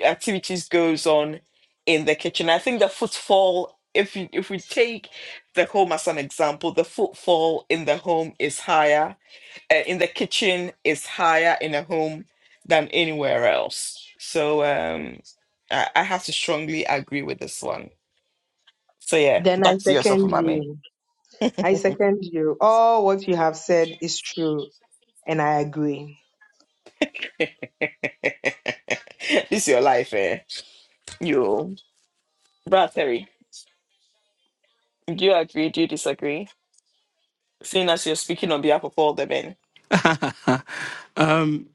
activities goes on in the kitchen. I think the footfall, if you if we take the home as an example, the footfall in the home is higher, uh, in the kitchen is higher in a home than anywhere else. So um, I, I have to strongly agree with this one. So yeah, Then I back to yourself, second mommy. you. I second you. All what you have said is true, and I agree. [LAUGHS] this is your life, eh? You, brother, do you agree? Do you disagree? Seeing as you're speaking on behalf of all the men. [LAUGHS] um,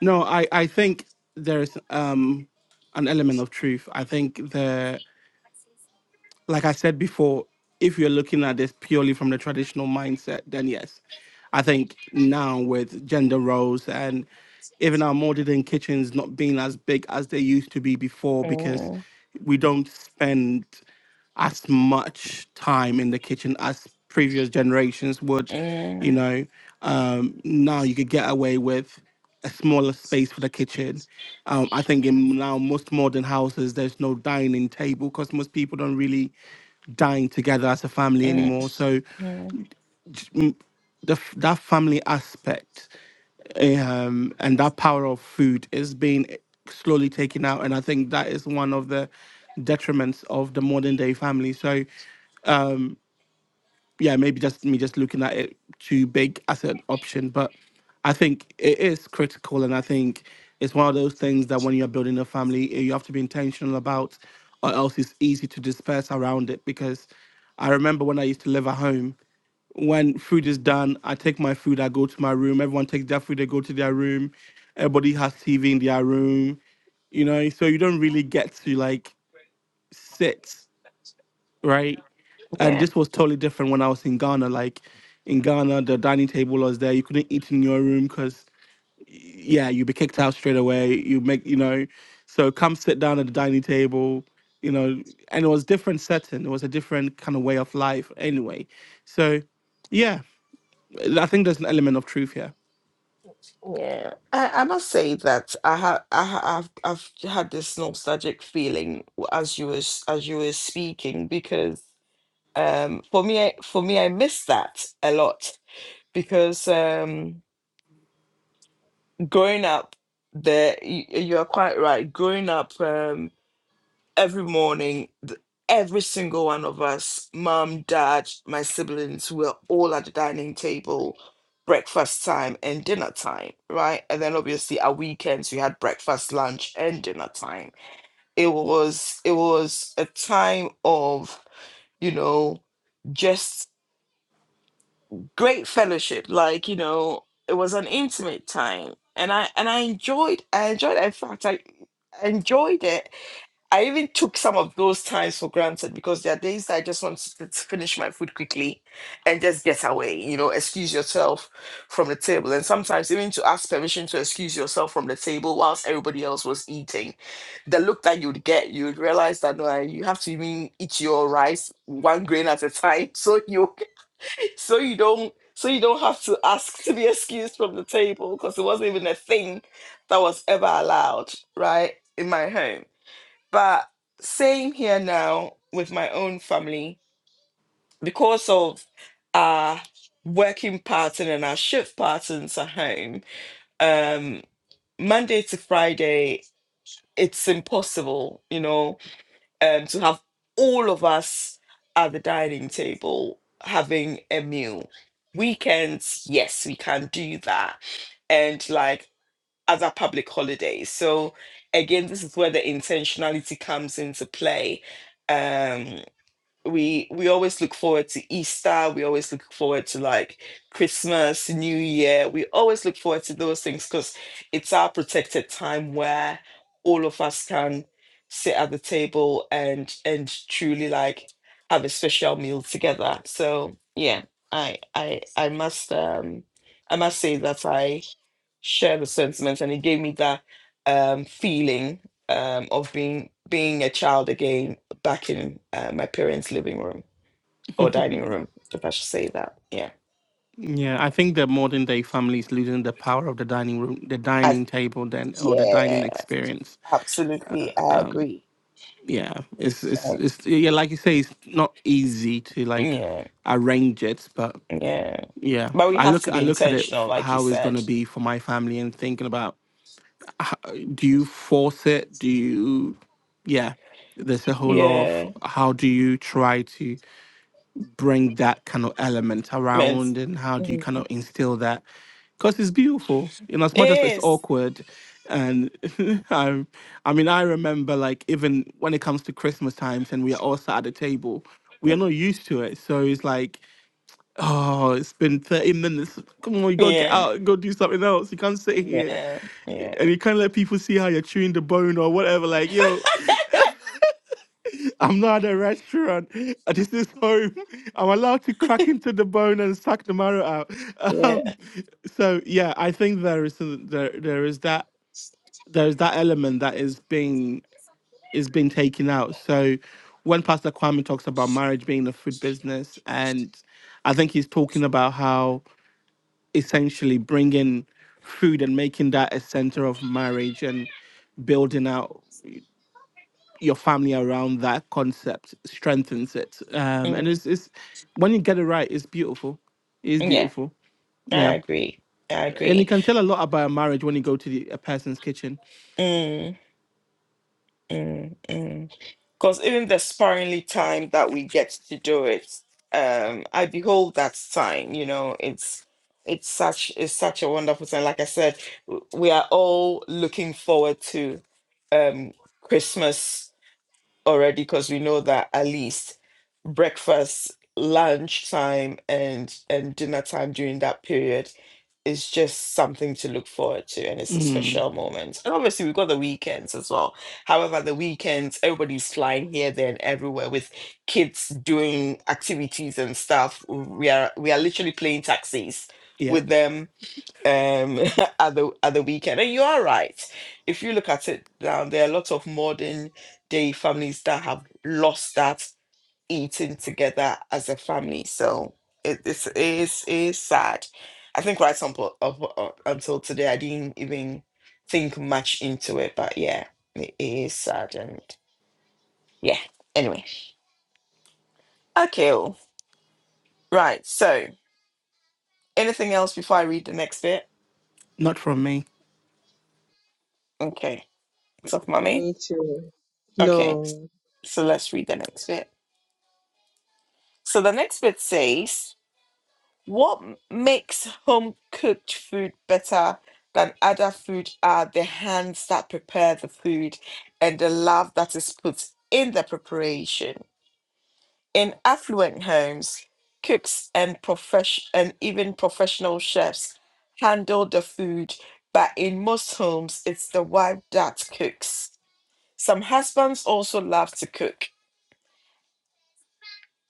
no, I, I think there is um, an element of truth. I think the. like I said before, if you're looking at this purely from the traditional mindset, then yes. I think now with gender roles and even our modern kitchens not being as big as they used to be before Mm. because we don't spend as much time in the kitchen as previous generations would, you Mm, know. Um, now you could get away with a smaller space for the kitchen. Um, I think in now most modern houses, there's no dining table because most people don't really dying together as a family mm, anymore. So mm. j- mm, the, f- that family aspect um, and that power of food is being slowly taken out. And I think that is one of the detriments of the modern day family. So yeah, maybe just me just looking at it too big as an option, but I think it is critical, and I think it's one of those things that when you're building a family, you have to be intentional about, or else it's easy to disperse around it. Because I remember when I used to live at home, when food is done, I take my food, I go to my room. Everyone takes their food, they go to their room. Everybody has TV in their room, you know, so you don't really get to like sit, right? And Yeah, this was totally different when I was in Ghana. Like in Ghana, the dining table was there. You couldn't eat in your room because, yeah, you'd be kicked out straight away. You make, you know, so come sit down at the dining table, you know, and it was different setting. It was a different kind of way of life anyway. So, yeah I think there's an element of truth here. yeah. I, I must say that I have I have I've I've had this nostalgic feeling as you was as you were speaking because um for me I, for me I miss that a lot because um growing up there you, you are quite right growing up um every morning, th- every single one of us, mom, dad, my siblings, we were all at the dining table, breakfast time and dinner time, right? And then obviously our weekends we had breakfast, lunch, and dinner time. It was it was a time of, you know, just great fellowship. Like, you know, it was an intimate time. And I and I enjoyed I enjoyed in fact I enjoyed it I even took some of those times for granted because there are days that I just want to to finish my food quickly and just get away, you know, excuse yourself from the table. And sometimes even to ask permission to excuse yourself from the table whilst everybody else was eating, the look that you'd get, you'd realize that no, you have to even eat your rice one grain at a time. [LAUGHS] So you so you don't so you don't have to ask to be excused from the table because it wasn't even a thing that was ever allowed, right? In my home. But same here now with my own family because of our working pattern and our shift patterns at home. Um, Monday to Friday, it's impossible, you know, um, to have all of us at the dining table having a meal. Weekends, yes, we can do that. And like other public holidays. So again, this is where the intentionality comes into play. Um, we we always look forward to Easter. We always look forward to like Christmas, New Year. We always look forward to those things because it's our protected time where all of us can sit at the table and and truly like have a special meal together. So yeah, I I I must um I must say that I share the sentiments and it gave me that um feeling um of being being a child again back in uh, my parents' living room or dining room, if I should say that. Yeah. Yeah, I think the modern day family is losing the power of the dining room, the I, dining table, then or the yeah, dining experience. absolutely. I agree. Yeah, it's it's Uh, it's yeah, like you say, it's not easy to like yeah, arrange it, but yeah. yeah, But we I have look to be I look at it intentional, f- like you how it's said. gonna be for my family and thinking about uh, do you force it? Do you yeah? There's a whole lot of Yeah. how do you try to bring that kind of element Meant around and how do you kind of mm. instill that because it's beautiful you know as it much as it's is. awkward and [LAUGHS] I, I mean i remember like even when it comes to christmas times and we are all sat at the table we are not used to it so it's like oh it's been 30 minutes come on you gotta get Yeah. out and go do something else you can't sit here Yeah. Yeah. and you can't let people see how you're chewing the bone or whatever like yo I'm not at a restaurant. Uh, This is home. [LAUGHS] I'm allowed to crack into the bone and suck the marrow out. [LAUGHS] Yeah. Um, so yeah, I think there is some- there there is that there is that element that is being is being taken out. So when Pastor Kwame talks about marriage being a food business, and I think he's talking about how essentially bringing food and making that a center of marriage and building out your family around that concept strengthens it. Um, and Mm. it's, it's when you get it right, it's beautiful. It's Yeah. beautiful. I Yeah. agree. I And you agree. can tell a lot about a marriage when you go to the, a person's kitchen. Mm, mm, mm. Because even the sparingly time that we get to do it, um, I behold that sign. You know, it's it's such it's such a wonderful thing. Like I said, w- we are all looking forward to um, Christmas already because we know that at least breakfast, lunch time, and and dinner time during that period is just something to look forward to, and it's a Mm, special moment. And obviously, we've got the weekends as well. However, the weekends, everybody's flying here, there, and everywhere with kids doing activities and stuff. We are we are literally playing taxis yep. with them um [LAUGHS] at the at the weekend and you are right if you look at it now there are a lot of modern day families that have lost that eating together as a family so it, it's, is is sad i think right some po- up- up until today i didn't even think much into it but yeah it is sad and yeah anyway okay oh, right so anything else before i read the next bit Not from me. okay it's off mummy Me too. Okay, No. so let's read the next bit. So the next bit says, What m- makes home cooked food better than other food are the hands that prepare the food and the love that is put in the preparation. In affluent homes, cooks and profession and even professional chefs handle the food, but in most homes it's the wife that cooks. Some husbands also love to cook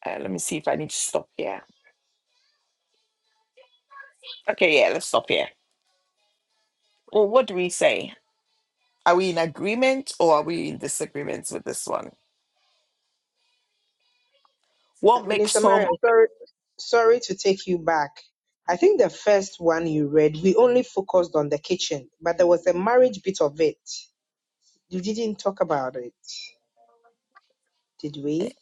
Uh, let me see if I need to stop here. Okay, yeah, let's stop here. Well, what do we say? Are we in agreement or are we in disagreement with this one? What makes Minister home? Mariam, sorry, sorry to take you back. I think the first one you read, we only focused on the kitchen, but there was a marriage bit of it. You didn't talk about it, did we?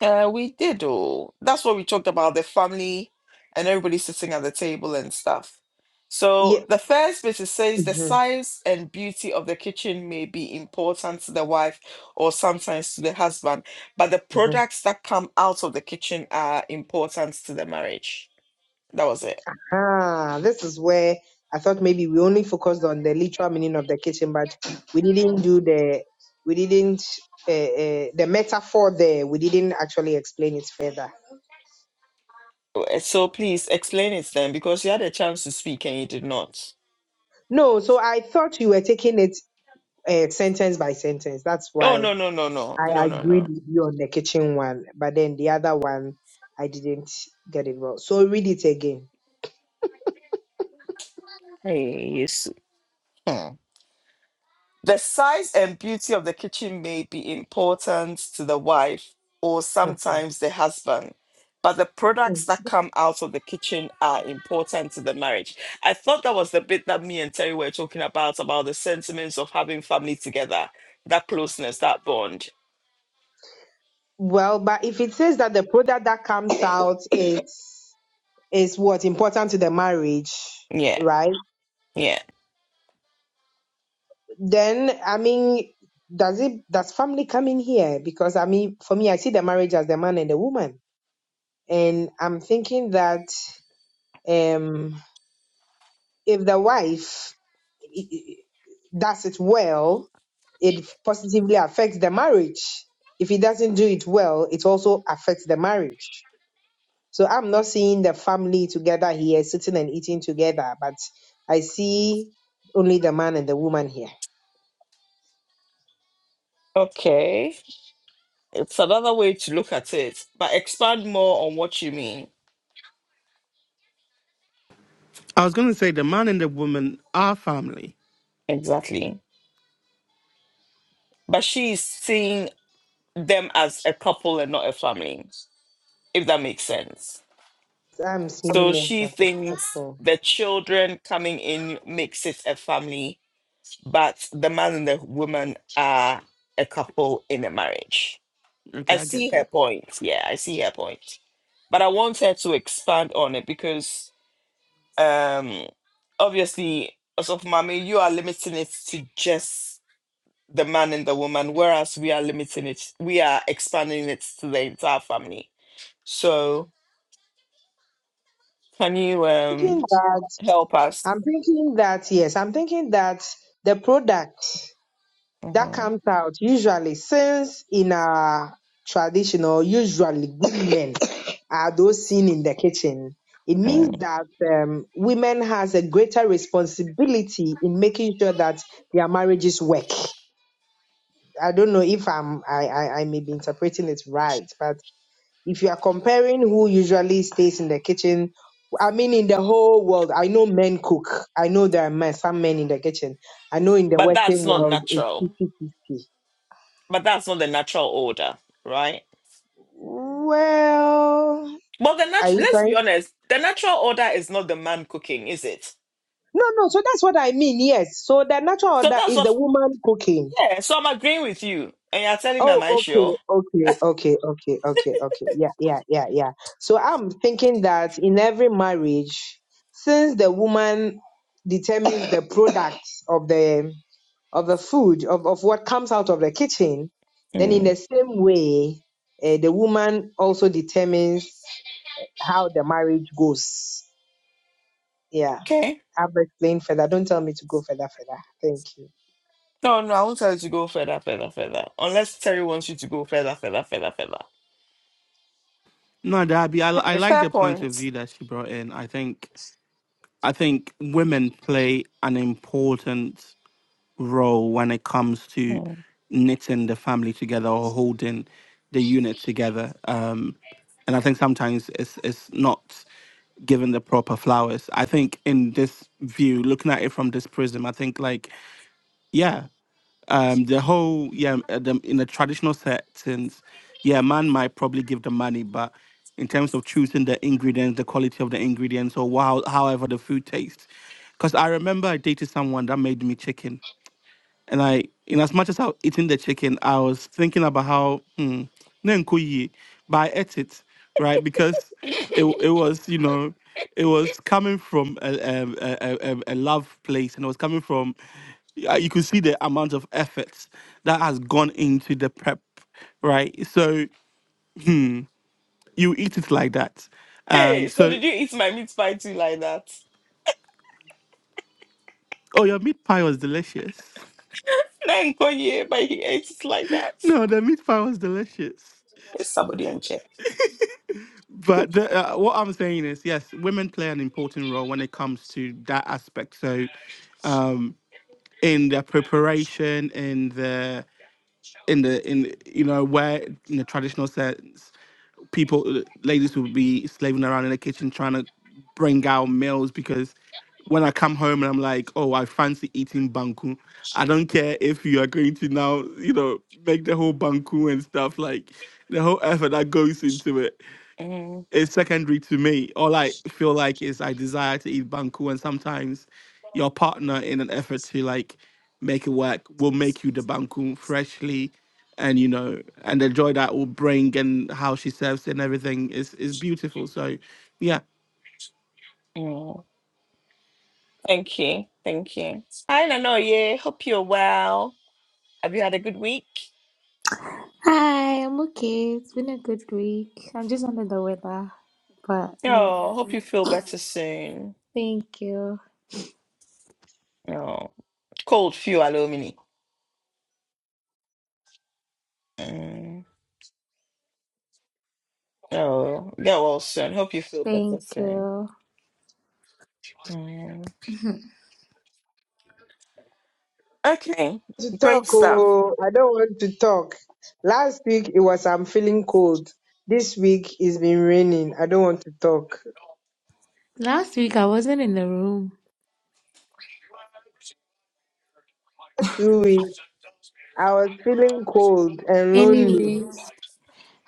Uh, we did all. That's what we talked about the family and everybody sitting at the table and stuff. Yeah, So the first bit it says the hmm size and beauty of the kitchen may be important to the wife or sometimes to the husband, but the products that come out of the kitchen are important to the marriage. That was it. Ah, this is where I thought maybe we only focused on the literal meaning of the kitchen, but we didn't do the we didn't uh, uh, the metaphor there. We didn't actually explain it further. Eh, So please explain it then, because you had a chance to speak and you did not. No, so I thought you were taking it uh, sentence by sentence. That's Oh, why no, no, no, no, I no, no, agreed no. with you on the kitchen one, but then the other one I didn't get it well. So read it again. S- hmm. The size and beauty of the kitchen may be important to the wife or Mhm. sometimes the husband, but the products that come out of the kitchen are important to the marriage. I thought that was the bit that me and Terry were talking about, about the sentiments of having family together, that closeness, that bond. Well, but if it says that the product that comes out is is what important to the marriage, Yeah, right? yeah. Then I mean, does it does family come in here? Because I mean, for me, I see the marriage as the man and the woman, and I'm thinking that um, if the wife i- i- does it well, it positively affects the marriage. If he doesn't do it well, it also affects the marriage. So I'm not seeing the family together here, sitting and eating together, but I see only the man and the woman here. Okay. It's another way to look at it, but expand more on what you mean. I was going to say the man and the woman are family. Exactly. But she's seeing them as a couple and not a family, if that makes sense. I'm So seeing it she as a thinks couple. the children coming in makes it a family, but the man and the woman are a couple in a marriage. I Okay, I get see her that. point. Yeah, I see her point. But I want her to expand on it because Um, obviously, also for mommy, you are limiting it to just the man and the woman, whereas we are limiting it, we are expanding it to the entire family. So, can you Thinking um that help us? I'm thinking that yes, I'm thinking that the product that Mhm. comes out usually, since in our traditional, usually good men are those seen in the kitchen. It means Mm. that um, women has a greater responsibility in making sure that their marriages work. I don't know if I'm I, I I may be interpreting it right, but if you are comparing who usually stays in the kitchen, I mean, in the whole world, I know men cook. I know there are men, some men in the kitchen. I know in the But that's Western not world, it's natural. 50 50. But that's not the natural order, right? Well, Well, the are nat- you let's be trying? honest, the natural order is not the man cooking, is it? No, no. So that's what I mean. Yes. So the natural So order that's is the what, woman cooking. yeah. So I'm agreeing with you, and you're telling me, am Oh, I okay, sure? okay, okay, okay, okay, okay. Yeah, yeah, yeah, yeah. So I'm thinking that in every marriage, since the woman determines the product of the of the food of, of what comes out of the kitchen then in the Mm. same way uh, the woman also determines how the marriage goes yeah Okay. i've explained further don't tell me to go further further thank you No, no, I won't tell you to go further, further, further. Unless Terry wants you to go further, further, further, further. No, Darby, I, I Okay, like fair the point of point. view that she brought in. I think I think women play an important role when it comes to Hmm. knitting the family together or holding the unit together. Um, and I think sometimes it's it's not given the proper flowers. I think in this view, looking at it from this prism, I think like yeah, um, the whole yeah, uh, the, in the traditional settings, yeah, man might probably give the money, but in terms of choosing the ingredients, the quality of the ingredients, or wow, however the food tastes. Because I remember I dated someone that made me chicken and I, in as much as I was eating the chicken, I was thinking about how, hmm, na nkɔ yie. but I ate it, right? Because it, w- it was, you know, it was coming from a, a, a, a a love place and it was coming from, yeah, you could see the amount of effort that has gone into the prep, right? So you eat it like that. Um, Hey, so so, did you eat my meat pie too like that? oh, your meat pie was delicious. [LAUGHS] Thank God, yeah, but he ate it like that. No, the meat pie was delicious. Is somebody in check? But the, uh, what I'm saying is, yes, women play an important role when it comes to that aspect. So, um, in the preparation, in the in the in you know where in the traditional sense, people ladies would be slaving around in the kitchen trying to bring out meals because when I come home and I'm like, oh, I fancy eating banku. I don't care if you are going to now, you know, make the whole banku and stuff like the whole effort that goes into it. Mm, It's secondary to me. All I feel like is I desire to eat banku, and sometimes your partner, in an effort to like make it work, will make you the banku freshly, and you know, and the joy that will bring and how she serves it and everything is is beautiful. So, yeah. mm. Thank you, thank you. Hi, do yeah. Hope you're well. Have you had a good week? Hi, I'm okay. It's been a good week. I'm just under the weather, but yeah. Oh, hope you feel better soon. Thank you. Oh, cold few alumni. Mm. Oh, get well soon. Hope you feel better Thank you. soon. Okay, to talk great stuff. oh i don't want to talk last week it was i'm feeling cold this week it's been raining i don't want to talk Last week I wasn't in the room. last two weeks i was feeling cold and lonely Anyways,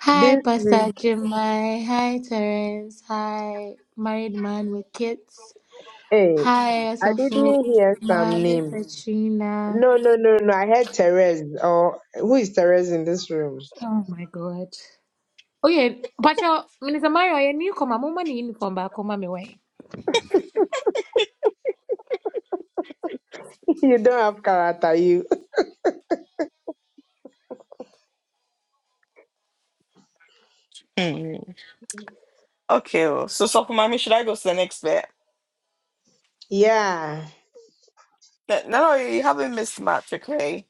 hi, this Pastor week Jemai. Hi, Terence. Hi, married man with kids. hey Hi, i Asafu. didn't hear some Mommy names Katrina. No, no, no, no. I heard Therese. Or who is Therese in this room? Oh my God. Oh yeah, but your Minister Mario, your newcomer, mama, uniform back home, mommy way. [LAUGHS] you don't have character, you. Mm. Okay, well, so so mommy, should I go to the next bit? Yeah. No, no, you haven't missed much. Okay,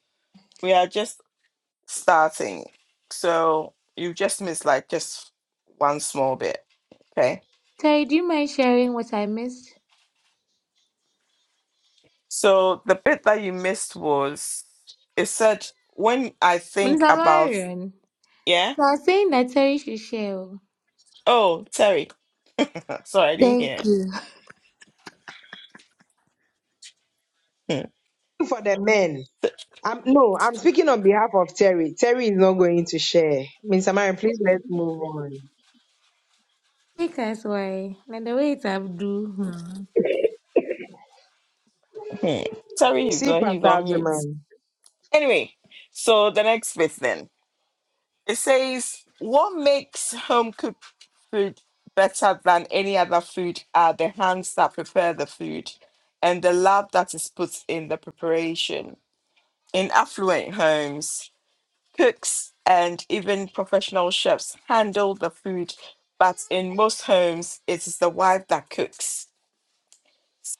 we are just starting, so you just missed like just one small bit. Okay, Terry, do you mind sharing what I missed? so the bit that you missed was it said when I think Minister about Marion. yeah. So I was saying that Terry should share. oh. Oh, Terry, [LAUGHS] Uh, sorry, I didn't Thank hear. you. Hmm. For the men. [LAUGHS] Th- I'm, no, I'm speaking on behalf of Terry. Terry is not going to share. Mr. Marion, please let's move on. Take us why. Like the way it's Abdul. Hmm. hmm. Terry, he's See on, he's Pastor on mute. Algerman. Anyway, so the next bit then. It says, What makes home cooked food better than any other food are the hands that prepare the food and the love that is put in the preparation. In affluent homes, cooks and even professional chefs handle the food, but in most homes, it is the wife that cooks.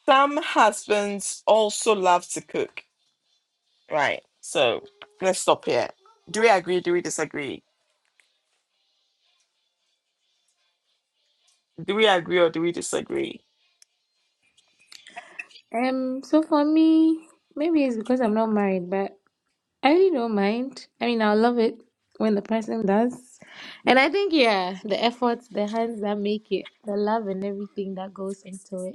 Some husbands also love to cook. Right, so let's stop here. Do we agree? Do we disagree? Do we agree or do we disagree? Um, so for me, maybe it's because I'm not married, but I really don't mind. I mean, I love it when the person does. And I think, yeah, the efforts, the hands that make it, the love and everything that goes into it.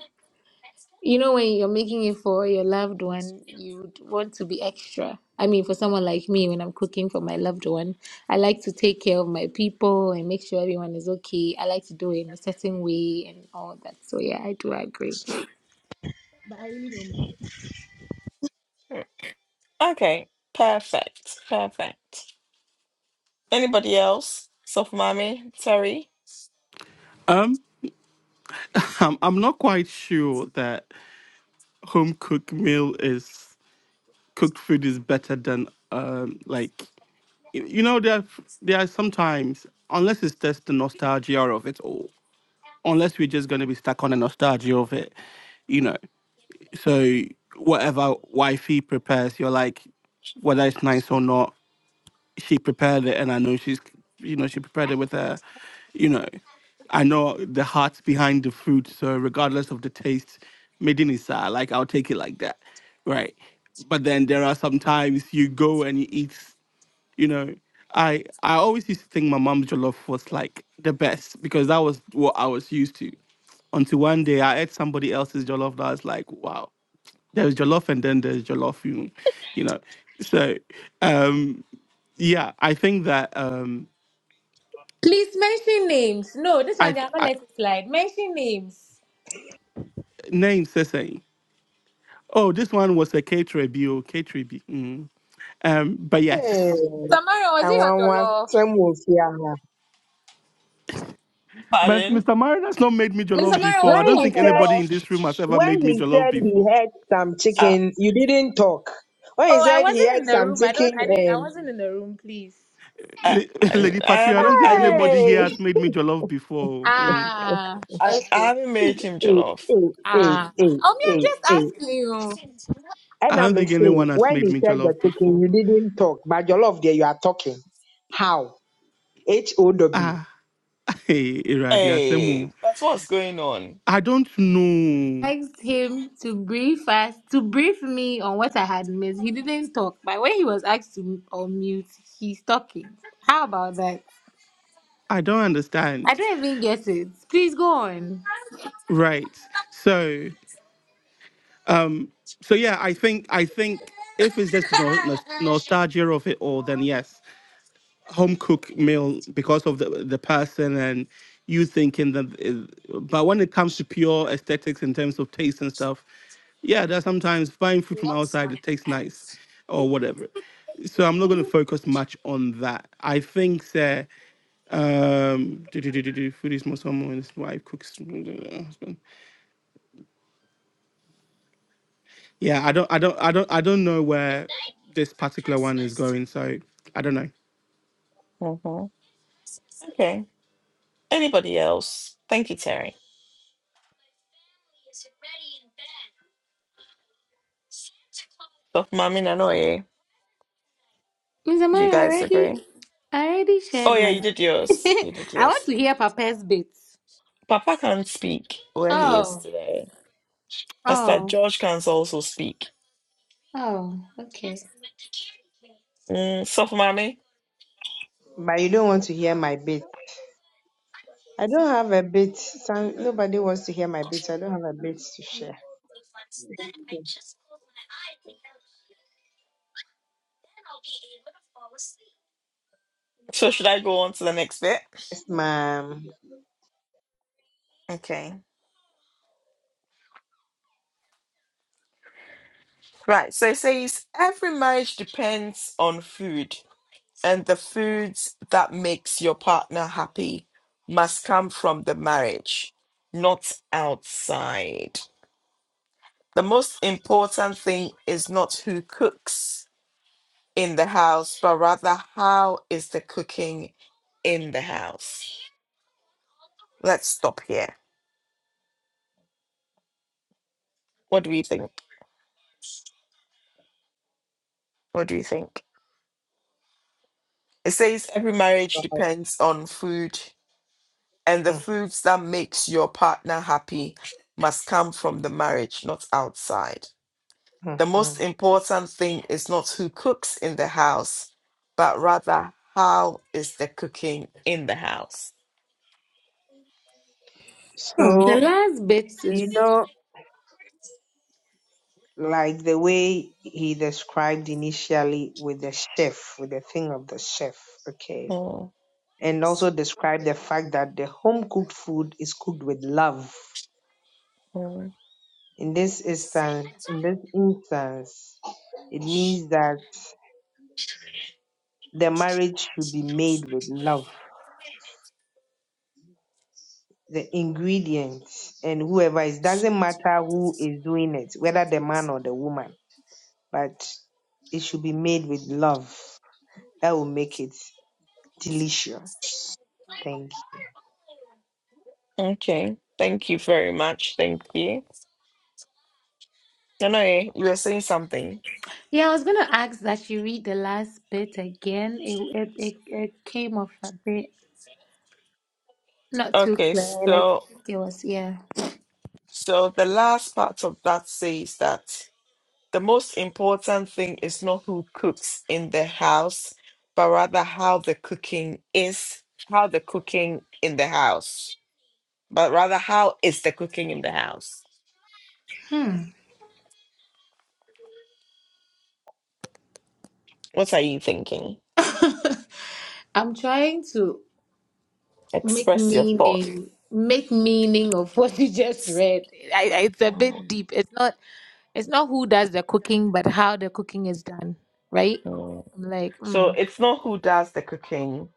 You know, when you're making it for your loved one, you'd want to be extra. I mean, for someone like me, when I'm cooking for my loved one, I like to take care of my people and make sure everyone is okay. I like to do it in a certain way and all that. So, yeah, I do agree. But I really don't mind. Hmm. Okay, perfect, perfect. Anybody else? Soft mommy, sorry, Um, [LAUGHS] I'm I'm not quite sure that home cooked meal is cooked food is better than um like y- you know there are there are sometimes unless it's just the nostalgia of it all unless we're just going to be stuck on the nostalgia of it, you know. So whatever wifey prepares, you're like, whether it's nice or not, she prepared it, and I know she's, you know, she prepared it with her, you know. I know the hearts behind the food, so regardless of the taste, medinisa, like I'll take it like that, right? But then there are some times you go and you eat you know i i always used to think my mom's jollof was like the best because that was what i was used to until one day i ate somebody else's jollof that I was like wow there's jollof and then there's jollof you, you know so um yeah i think that um Please mention names. No, this one, i, they are not I letting it slide. Mention names. name says saying oh this one was a k3b or k3b mm. um but Hey, yes Samara, was I it your want want jollof? some wolf here. but pardon. Mr. Mariner has not made me I mean, jollof Samara, was before. I When it don't he think your said, anybody jollof? in this room has ever when made me he jollof said he before. had some I, chicken, you didn't talk. When he Oh, I said he wasn't in had the some room. I don't, chicken I didn't, I and wasn't in the room, please. I, La- [LAUGHS] I Lady I Patricia, I don't haven't, think I didn't anybody make, hey. here [LAUGHS] has made me jollof before. Mm. Ah, I, I okay. haven't made him eh, jollof. eh, eh, Ah, eh, oh me, eh, I'm eh. just asking you. And I don't I'm think saying, anyone has when they made me said the jollof taking, before. you didn't talk, but your love there, you are talking. How? H O W. Ah, [LAUGHS] hey, Iradi Hey, Asemu. that's what's going on. I don't know. Asked him to brief us, to brief me on what I had missed. He didn't talk, but when he was asked to unmute. he's talking. How about that? I don't I understand. don't even get it. Please go on, Right. So, so yeah, I think I think if it's just the no- nos- nostalgia of it all, then yes. home cooked meal because of the the person and you thinking that is- but when it comes to pure aesthetics in terms of taste and stuff yeah that sometimes buying food from outside it tastes nice or whatever so i'm not going to focus much on that i think sir um do, do, do, do, do, food is more someone and his wife cooks uh, husband. yeah i don't i don't i don't i don't know where this particular one is going so i don't know hmm Okay. Anybody else? Thank you, Terry. Soft mommy, Nanoye. Miss Do you Amaya. I guys already, agree? I already Oh shared yeah, you mine. did [LAUGHS] yours. You did I want yours. to hear Papa's bits. Papa can't speak where he is Oh, today. Pastor oh, George can also speak. oh. Okay. Mm, soft money. But you don't want to hear my bit. I don't have a bit. Some, nobody wants to hear my bit. so I don't have a bit to share. So should I go on to the next bit? Yes, ma'am. [LAUGHS] Okay. Right. So it says every marriage depends on food, and the foods that makes your partner happy must come from the marriage, not outside. The most important thing is not who cooks in the house, but rather how is the cooking in the house. Let's stop here. What do we think? What do you think? It says every marriage So, depends on food, and the mm, foods that makes your partner happy must come from the marriage, not outside. mm, The mm. most important thing is not who cooks in the house, but rather how is the cooking in the house. Hmm, the So, last bit you is. know, like the way he described initially with the chef, with the thing of the chef, okay? Oh, and also describe the fact that the home cooked food is cooked with love. oh, In this instance, in this instance, it means that the marriage should be made with love. The ingredients and whoever is doesn't matter who is doing it, whether the man or the woman, but it should be made with love. That will make it delicious. Thank you. okay. Thank you very much. Thank you. No, no, eh, you were saying something. Yeah, I was going to ask that you read the last bit again. It, it, it, it came off a bit not too Okay, clear. Like so it was, yeah. so the last part of that says that. The most important thing is not who cooks in the house, but rather how the cooking is, how the cooking in the house, but rather how is the cooking in the house. What are you thinking? [LAUGHS] I'm trying to make Express your thoughts. meaning make meaning of what you just read. I, I, it's a Mm, bit deep. It's not it's not who does the cooking, but how the cooking is done, right? mm. I'm like, So mm, it's not who does the cooking,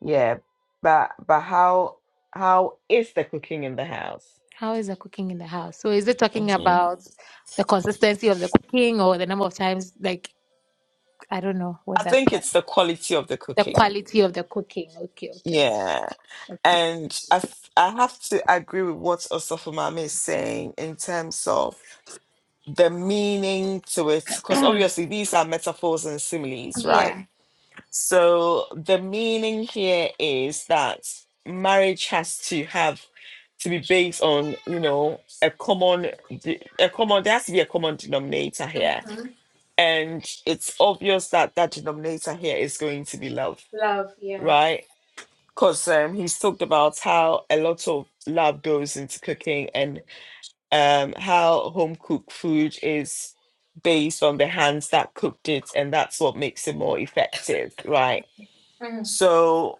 yeah, but but how how is the cooking in the house? how is the cooking in the house? So is it talking Mhm. about the consistency of the cooking or the number of times? Like, I don't know what I that think part. it's the quality of the The cooking. quality of the cooking. Okay, okay. Yeah. And I, f- I have to agree with what Osofumame is saying in terms of the meaning to it, because okay. obviously these are metaphors and [CLEARS THROAT] similes, right? yeah. So the meaning here is that marriage has to have to be based on, you know, a common, de- a common. There has to be a common denominator here, Mhm. and it's obvious that that denominator here is going to be love, Love, yeah. right? because um, he's talked about how a lot of love goes into cooking and um, how home cooked food is based on the hands that cooked it, and that's what makes it more effective, right? Mm. So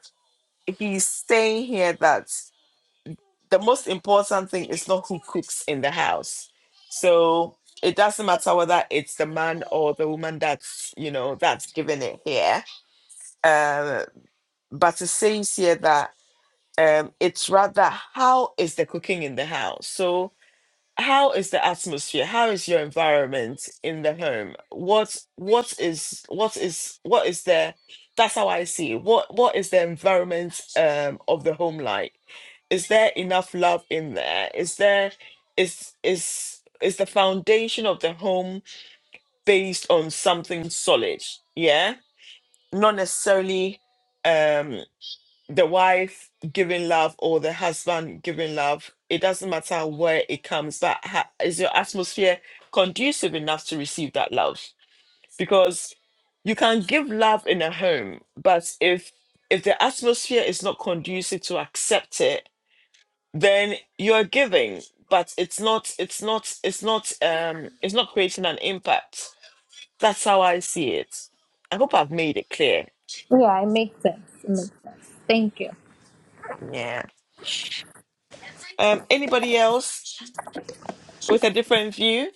he's saying here that the most important thing is not who cooks in the house. So it doesn't matter whether it's the man or the woman that's you know that's giving it here. Um, but it says here that um, it's rather how is the cooking in the house? So how is the atmosphere? How is your environment in the home? What what is what is what is the that's how I see it. What what is the environment um of the home like? Is there enough love in there? Is there is is is the foundation of the home based on something solid? Yeah? Not necessarily um the wife giving love or the husband giving love it doesn't matter where it comes but ha- is your atmosphere conducive enough to receive that love because you can give love in a home but if if the atmosphere is not conducive to accept it then you're giving but it's not it's not it's not um it's not creating an impact that's how i see it i hope i've made it clear Yeah, it makes sense. It makes sense. Thank you. yeah um anybody else with a different view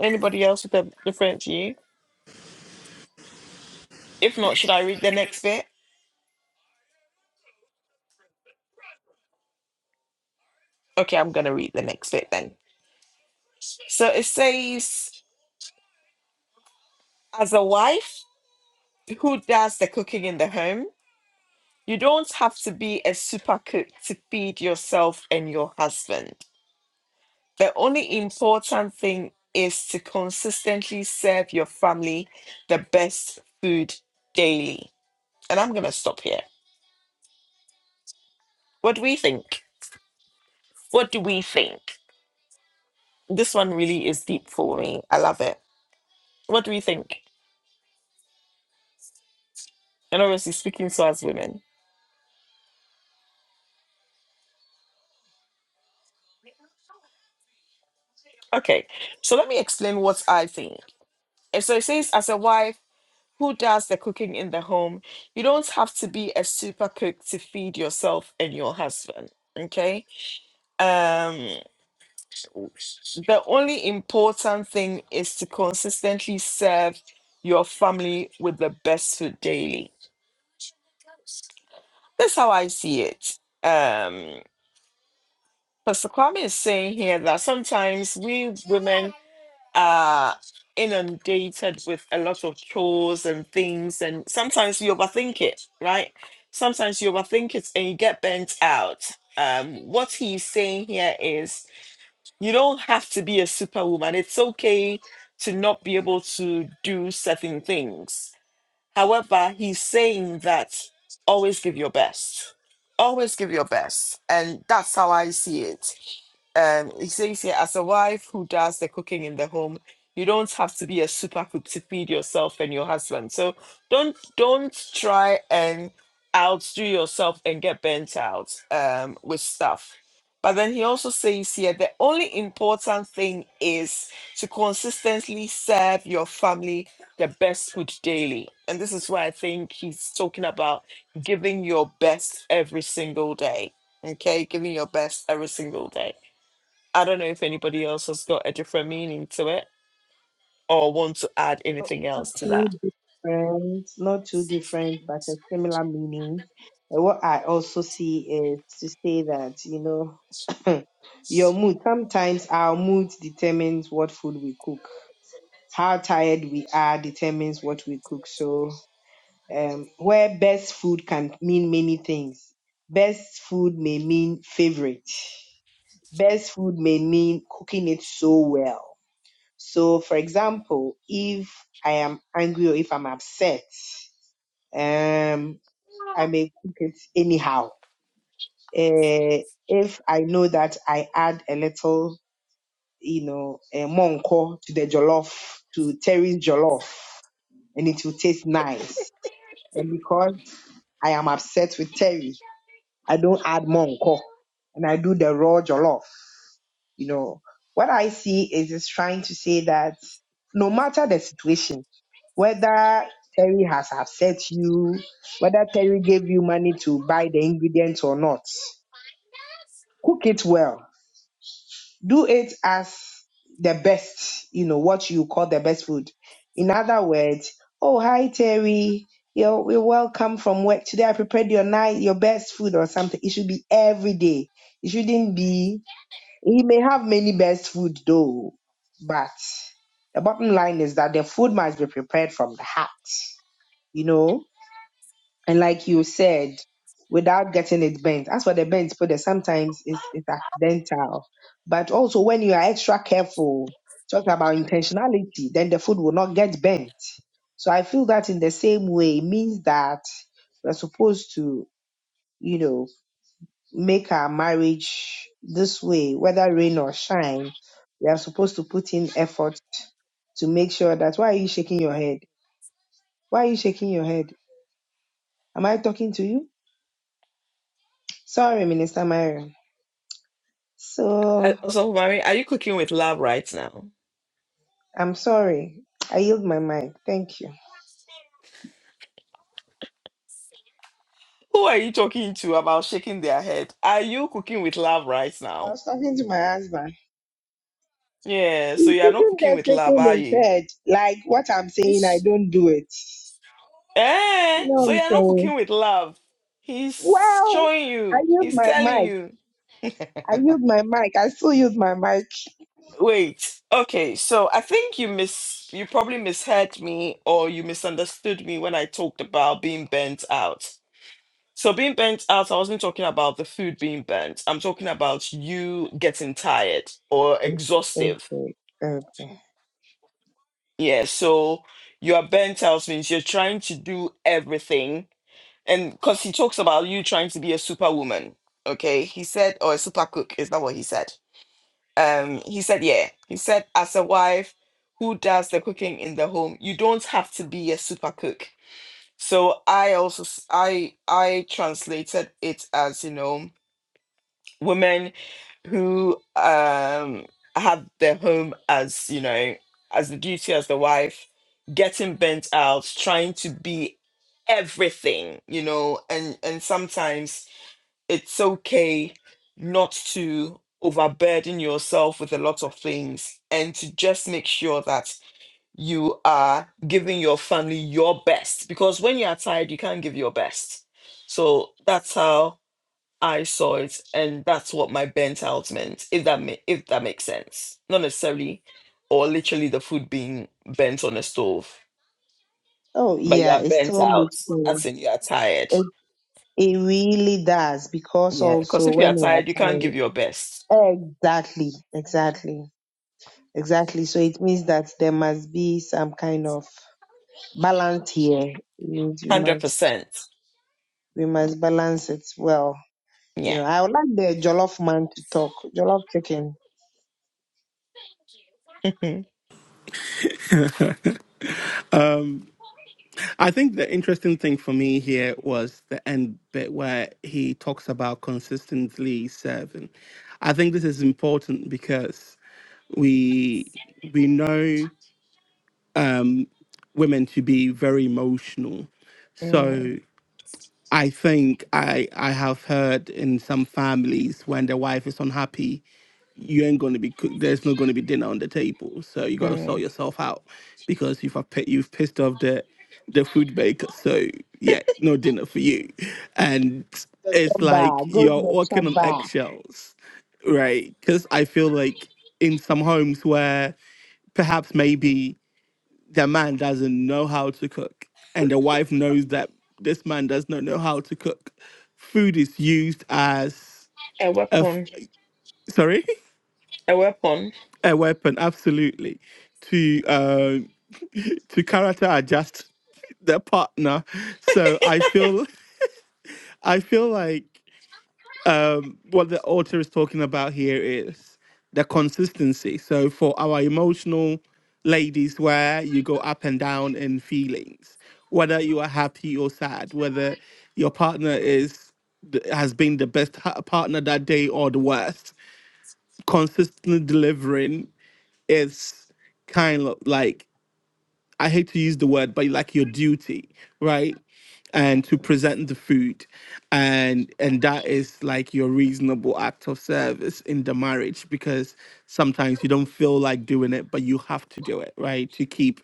Anybody else with a different view? If not, should I read the next bit? Okay, I'm going to read the next bit then. So it says, as a wife who does the cooking in the home, you don't have to be a super cook to feed yourself and your husband. The only important thing is to consistently serve your family the best food daily. And I'm going to stop here. What do we think? What do we think? This one really is deep for me. I love it. What do we think? And obviously, speaking so as women. Okay, so let me explain what I think. And So it says, as a wife who does the cooking in the home, you don't have to be a super cook to feed yourself and your husband. Okay. Um, the only important thing is to consistently serve your family with the best food daily. That's how I see it. Um, Pastor Kwame is saying here that sometimes we women are inundated with a lot of chores and things, and sometimes you overthink it, right? Sometimes you overthink it and you get burnt out. Um, what he's saying here is you don't have to be a superwoman. It's okay to not be able to do certain things However, he's saying that always give your best. Always give your best. And that's how I see it. Um, he says here, as a wife who does the cooking in the home, you don't have to be a super cook to feed yourself and your husband. So don't don't try and outdo yourself and get burnt out um, with stuff. But then he also says here the only important thing is to consistently serve your family the best food daily. And this is why I think he's talking about giving your best every single day. Okay, giving your best every single day. I don't know if anybody else has got a different meaning to it or want to add anything else to two that. different, not too different, but a similar meaning. And what I also see is to say that, you know, [LAUGHS] your mood, sometimes our mood determines what food we cook. How tired we are determines what we cook. So, um, where best food can mean many things. Best food may mean favorite. Best food may mean cooking it so well. So, for example, if I am angry or if I'm upset, um, I may cook it anyhow. Uh, if I know that I add a little, you know, a monko to the jollof, to Terry's jollof, and it will taste nice. And because I am upset with Terry, I don't add monko, and I do the raw jollof. You know, what I see is is trying to say that no matter the situation, whether Terry has upset you, whether Terry gave you money to buy the ingredients or not, cook it well. Do it as the best, you know, what you call the best food. In other words, oh hi Terry, you're, you're welcome from work. Today I prepared your night your best food or something. It should be every day. It shouldn't be he may have many best food though, but the bottom line is that the food must be prepared from the heart, you know? And like you said, without getting it bent. As for the bent, but sometimes it's, it's accidental. But also when you are extra careful, talking about intentionality, then the food will not get bent. So I feel that in the same way, it means that we're supposed to, you know, make our marriage this way, whether rain or shine, we are supposed to put in effort to make sure that why are you shaking your head? Why are you shaking your head? Am I talking to you? Sorry, Minister Myron. So Uh, So, Mary, are you cooking with love right now? I'm sorry. I yield my mic. Thank you. Who are you talking to about shaking their head? Are you cooking with love right I now? was talking to my husband. Yeah, so He's you are not sitting cooking there with love, are shaking you? his head. Like what I'm saying, I don't do it. You Eh? know what So I'm you're not saying? cooking with love. He's Well, showing I you. use He's my telling mic. you. [LAUGHS] I use my mic. I still use my mic. Wait. Okay. So I think you miss. You probably misheard me, or you misunderstood me when I talked about being burnt out. So being burnt out, I wasn't talking about the food being burnt. I'm talking about you getting tired or exhaustive. Okay. Okay. Yeah. So you are burnt out means you're trying to do everything and because he talks about you trying to be a superwoman okay he said or a super cook is that what he said um he said yeah he said as a wife who does the cooking in the home you don't have to be a super cook so i also s- i i translated it as you know women who um have their home as you know as the duty as the wife getting bent out trying to be everything you know and and sometimes it's okay not to overburden yourself with a lot of things and to just make sure that you are giving your family your best because when you are tired you can't give your best so that's how I saw it, and that's what my burnt out meant. If that ma- if that makes sense, not necessarily, or literally the food being burnt on the stove, Oh but you yeah, are it burnt still out. makes As sense. in, you are tired. It, it really does because Yeah, because also if you are when you tired, you can't give your best. are tired. Exactly. Exactly. Exactly. So it means that there must be some kind of balance here. It means we Hundred must percent. we must balance it well. You Yeah. know, I would like the jollof man to talk. Jollof chicken. Mhm. Um I think the interesting thing for me here was the end bit where he talks about consistently serving. I think this is important because we we know um, women to be very emotional. Mm, So I think I I have heard in some families when the wife is unhappy you ain't going to be cook. There's not going to be dinner on the table, so you got to sort mm. yourself out because you've pi- you've pissed off the the food baker, So yeah, no dinner for you, and The chop it's like bar. Go to you're the chop walking on bar. eggshells, right? Because I feel like in some homes where perhaps maybe the man doesn't know how to cook, and the wife knows that this man does not know how to cook, food is used as A a f- weapon. sorry A weapon. a weapon, absolutely, to uh, [LAUGHS] to character adjust their partner. So I feel [LAUGHS] I feel like um, what the author is talking about here is the consistency. So for our emotional ladies, where you go up and down in feelings, whether you are happy or sad, whether your partner is th- has been the best ha- partner that day or the worst consistently delivering is kind of like I hate to use the word, but like your duty, right? And to present the food, and and that is like your reasonable act of service in the marriage because sometimes you don't feel like doing it, but you have to do it, right? To keep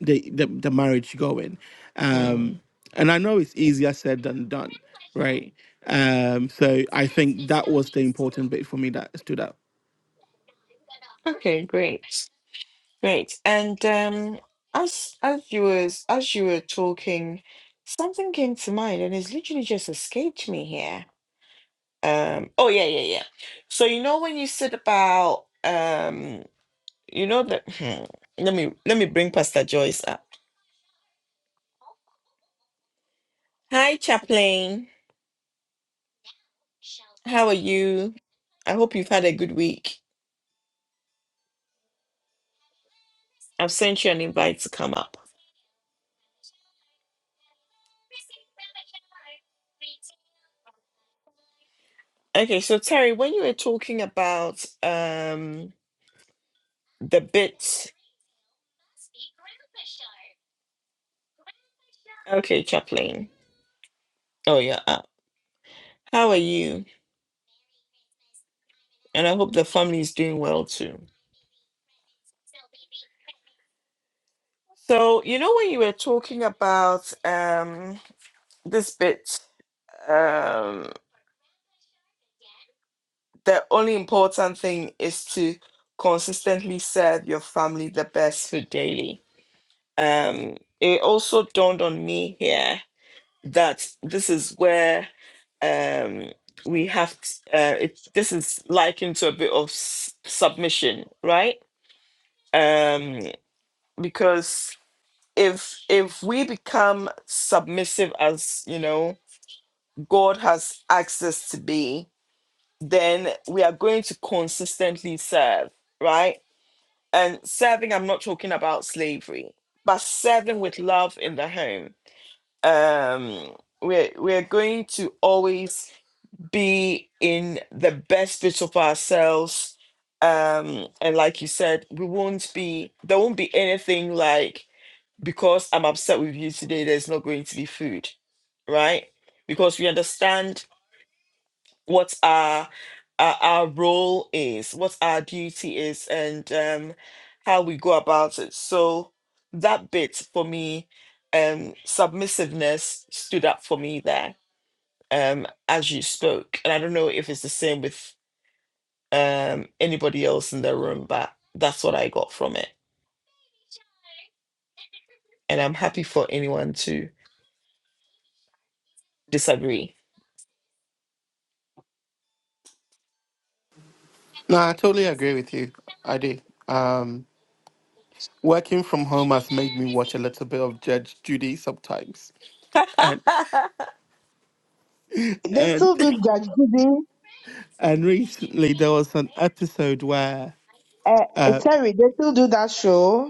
the the, the marriage going. Um, Mm. and I know it's easier said than done, right? Um, so I think that was the important bit for me that stood out. Okay, great. Great. And um, as as you was as you were talking, something came to mind and it's literally just escaped me here. Um, oh yeah, yeah, yeah. So you know when you said about um, you know that hmm, let me let me bring Pastor Joyce up. Hi, Chaplain. How are you? I hope you've had a good week. I've sent you an invite to come up. Okay, so Terry, when you were talking about um the bit, okay, Chaplain. Oh yeah. How are you? And I hope the family is doing well too. So, you know, when you were talking about um, this bit, um, the only important thing is to consistently serve your family the best food daily. Um, it also dawned on me here that this is where um, we have, t- uh, it, this is likened to a bit of s- submission, right? Um, because if if we become submissive as you know god has asked us to be then we are going to consistently serve right and serving i'm not talking about slavery but serving with love in the home um we're we're going to always be in the best bit of ourselves um and like you said we won't be there won't be anything like because I'm upset with you today, there's not going to be food, right? Because we understand what our our, our role is, what our duty is, and um, how we go about it. So that bit for me, um, submissiveness stood up for me there um, as you spoke, and I don't know if it's the same with um, anybody else in the room, but that's what I got from it, and I'm happy for anyone to disagree. No, I totally agree with you. I do. Working from home has made me watch a little bit of Judge Judy sometimes, and [LAUGHS] They and still do judge Judy. [LAUGHS] and recently there was an episode where, Uh, uh, sorry, they still do that show.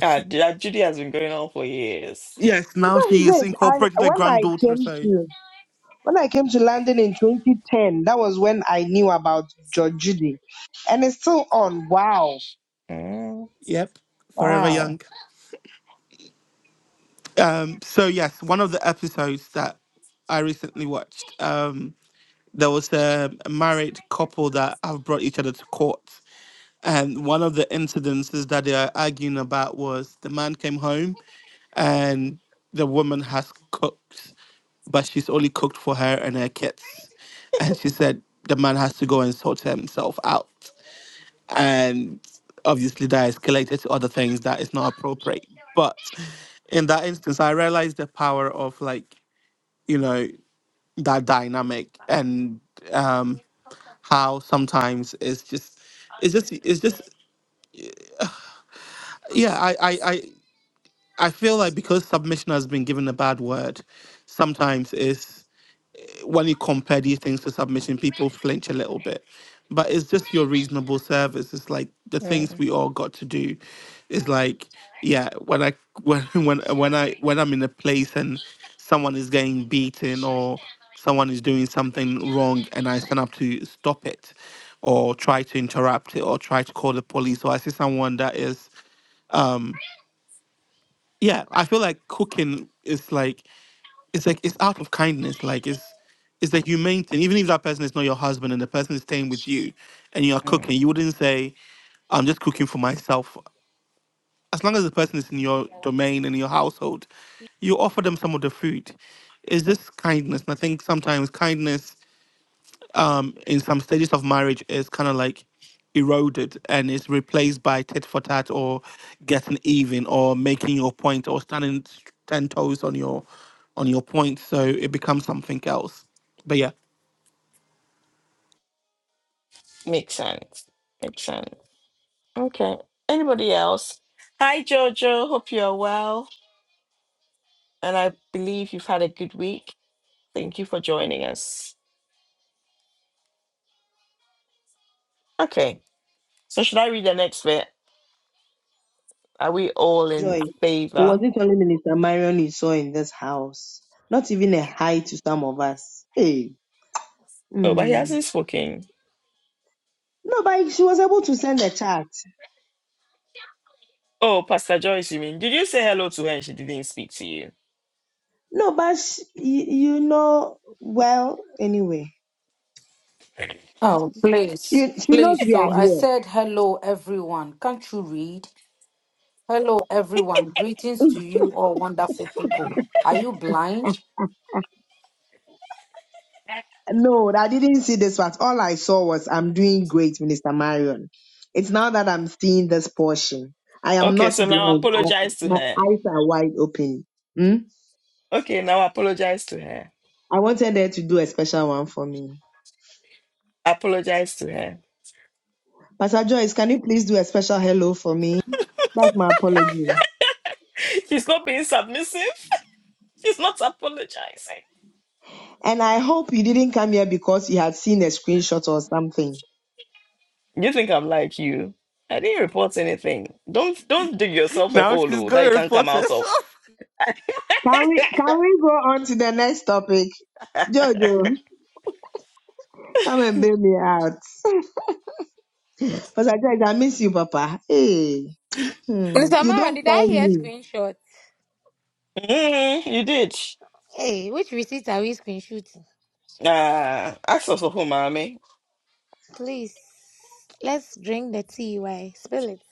Ah, that Judy has been going on for years. yes, now she is Because I incorporated a when I granddaughter, came so to when I came to London in 2010, that was when I knew about George Judy, and it's still on. Wow, Mm, yep, forever wow, young. Um, so yes, one of the episodes that I recently watched, um, there was a a married couple that have brought each other to court, and one of the incidences that they are arguing about was the man came home. and the woman has cooked, but she's only cooked for her and her kids. And she said the man has to go and sort himself out. And obviously, that escalated to other things that is not appropriate. But in that instance, I realized the power of, like, you know, that dynamic and um, how sometimes it's just, it's just, it's just, yeah, I, I, I, I feel like because submission has been given a bad word, sometimes it's. when you compare these things to submission, people flinch a little bit. But it's just your reasonable service. It's like the things we all got to do. It's like, yeah, when I when [LAUGHS] when when I when I'm in a place and someone is getting beaten or someone is doing something wrong and I stand up to stop it or try to interrupt it or try to call the police or I see someone that is um yeah, I feel like cooking is like it's like it's out of kindness like it's it's the humane thing even if that person is not your husband and the person is staying with you and you're mm, cooking you wouldn't say i'm just cooking for myself as long as the person is in your domain and in your household you offer them some of the food it's just kindness and i think sometimes kindness um, in some stages of marriage is kind of like eroded and is replaced by tit for tat or getting even or making your point or standing ten toes on your on your point. So it becomes something else. But yeah, Makes sense. Makes sense. Okay. Anybody else? Hi, Jojo. Hope you're well. And I believe you've had a good week. Thank you for joining us. Okay. So, should I read the next bit? Are we all in Joy, it favor? wasn't only Minister Marion you saw in this house. Not even a hi to some of us. Hey. Oh, but he mm. hasn't spoken. No, but she was able to send a chat. Oh, Pastor Joyce, you mean? Did you say hello to her and she didn't speak to you? No, but sh you, you know, well, anyway. Oh, please, you, she knows please. we are So I here. said, hello, everyone. Can't you read? Hello, everyone. Greetings to you, all wonderful people. Are you blind? No, I didn't see this part. All I saw was I'm doing great, Minister Marion. It's now that I'm seeing this portion. I am Okay, not so now blind. I, apologize to my her. eyes are wide open. Hmm? Okay, now apologize to her. I wanted her to do a special one for me. Apologize to her. Pastor Joyce, can you please do a special hello for me? That's my apology. [LAUGHS] She's not being submissive. [LAUGHS] She's not apologizing. And I hope you didn't come here because you had seen a screenshot or something. You think I'm like you? I didn't report anything. Don't don't dig yourself a Now hole she's oh, that you gonna can come report out of. herself. Can we [LAUGHS] can we go on to the next topic? Jojo, come and bail me out. [LAUGHS] Pastor Joyce, I miss you, Papa. Hey. Miss Hmm. You Maron, don't did I call hear me. screenshots? Mm, you did. Hey, which receipt are we screenshooting? Nah, ask us for who, mommy. Please, let's drink the tea. Why? Spill it.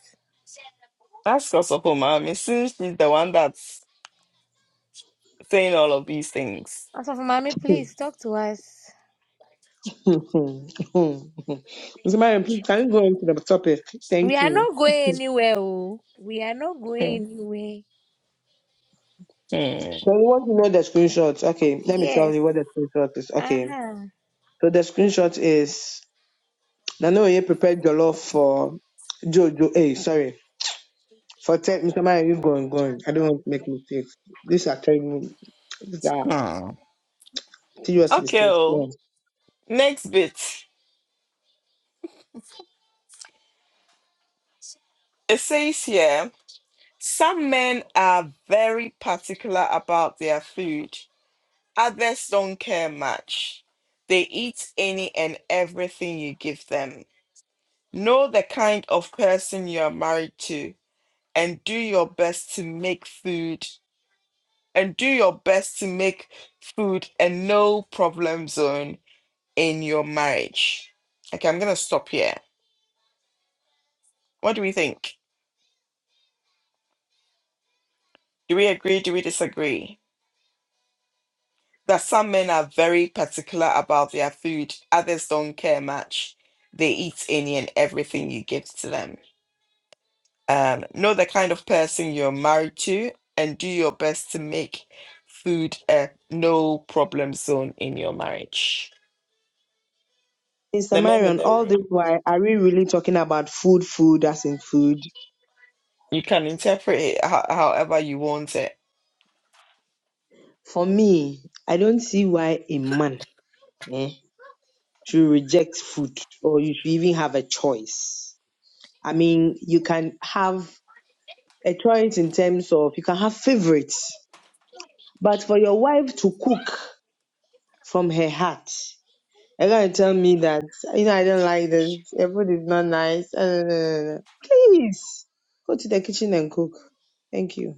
Ask us for who, mommy, since she's the one that's saying all of these things. Also, for mommy, [LAUGHS] please talk to us. Mr. Mariam, please can you go into the topic? We Thank are you. not going anywhere. Oh. We are not Hmm. going anywhere. hmm, So you want to know the screenshot. Okay, let me tell Yes. you what the screenshot is. Okay. Uh So the screenshot is Nanoye prepared jollof for Jojo. Hey, sorry. For ten Mr. Mariam, you go and go on. I don't want to make mistakes. These are terrible these are hmm. serious Okay, mistakes. oh, Yeah. next bit. It says here. Some men are very particular about their food. Others don't care much. They eat any and everything you give them. Know the kind of person you are married to and do your best to make food and do your best to make food a no problem zone in your marriage. Okay, I'm going to stop here. What do we think? Do we agree? Do we disagree? that some men are very particular about their food, others don't care much. They eat any and everything you give to them. Um, know the kind of person you're married to and do your best to make food a no problem zone in your marriage. Mr. The men in Marion, the all this room, why are we really talking about food, food as in food? you can interpret it ho- however you want it. For me, I don't see why a man eh, should reject food or you should even have a choice. I mean, you can have a choice in terms of you can have favorites, but for your wife to cook from her heart, you're gonna tell me that you know I don't like this, your food is not nice. eh, eh, eh, eh. Please go to the kitchen and cook. Thank you.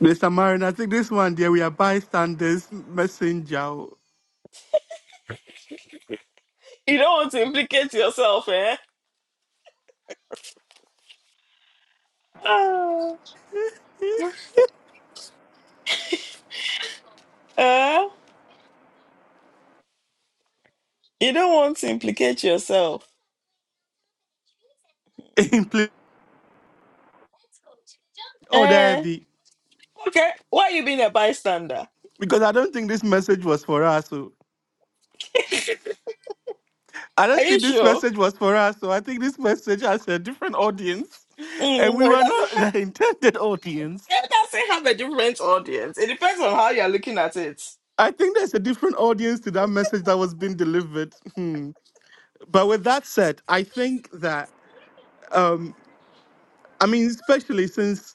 Mr. Marin, I think this one there we are bystanders messenger. You don't want to implicate yourself, eh? Ah, [LAUGHS] eh? You don't want to implicate yourself. Impl- oh, there Eh? be Okay. Why you being a bystander? because I don't think this message was for us. I Are don't you think this sure? message was for us, so I think this message has a different audience, Mm, and we no, it were doesn't not [LAUGHS] have. the intended audience. It doesn't have a different audience. It depends on how you're looking at it. I think there's a different audience to that message that was being delivered. Hmm. But with that said, I think that, um, I mean, especially since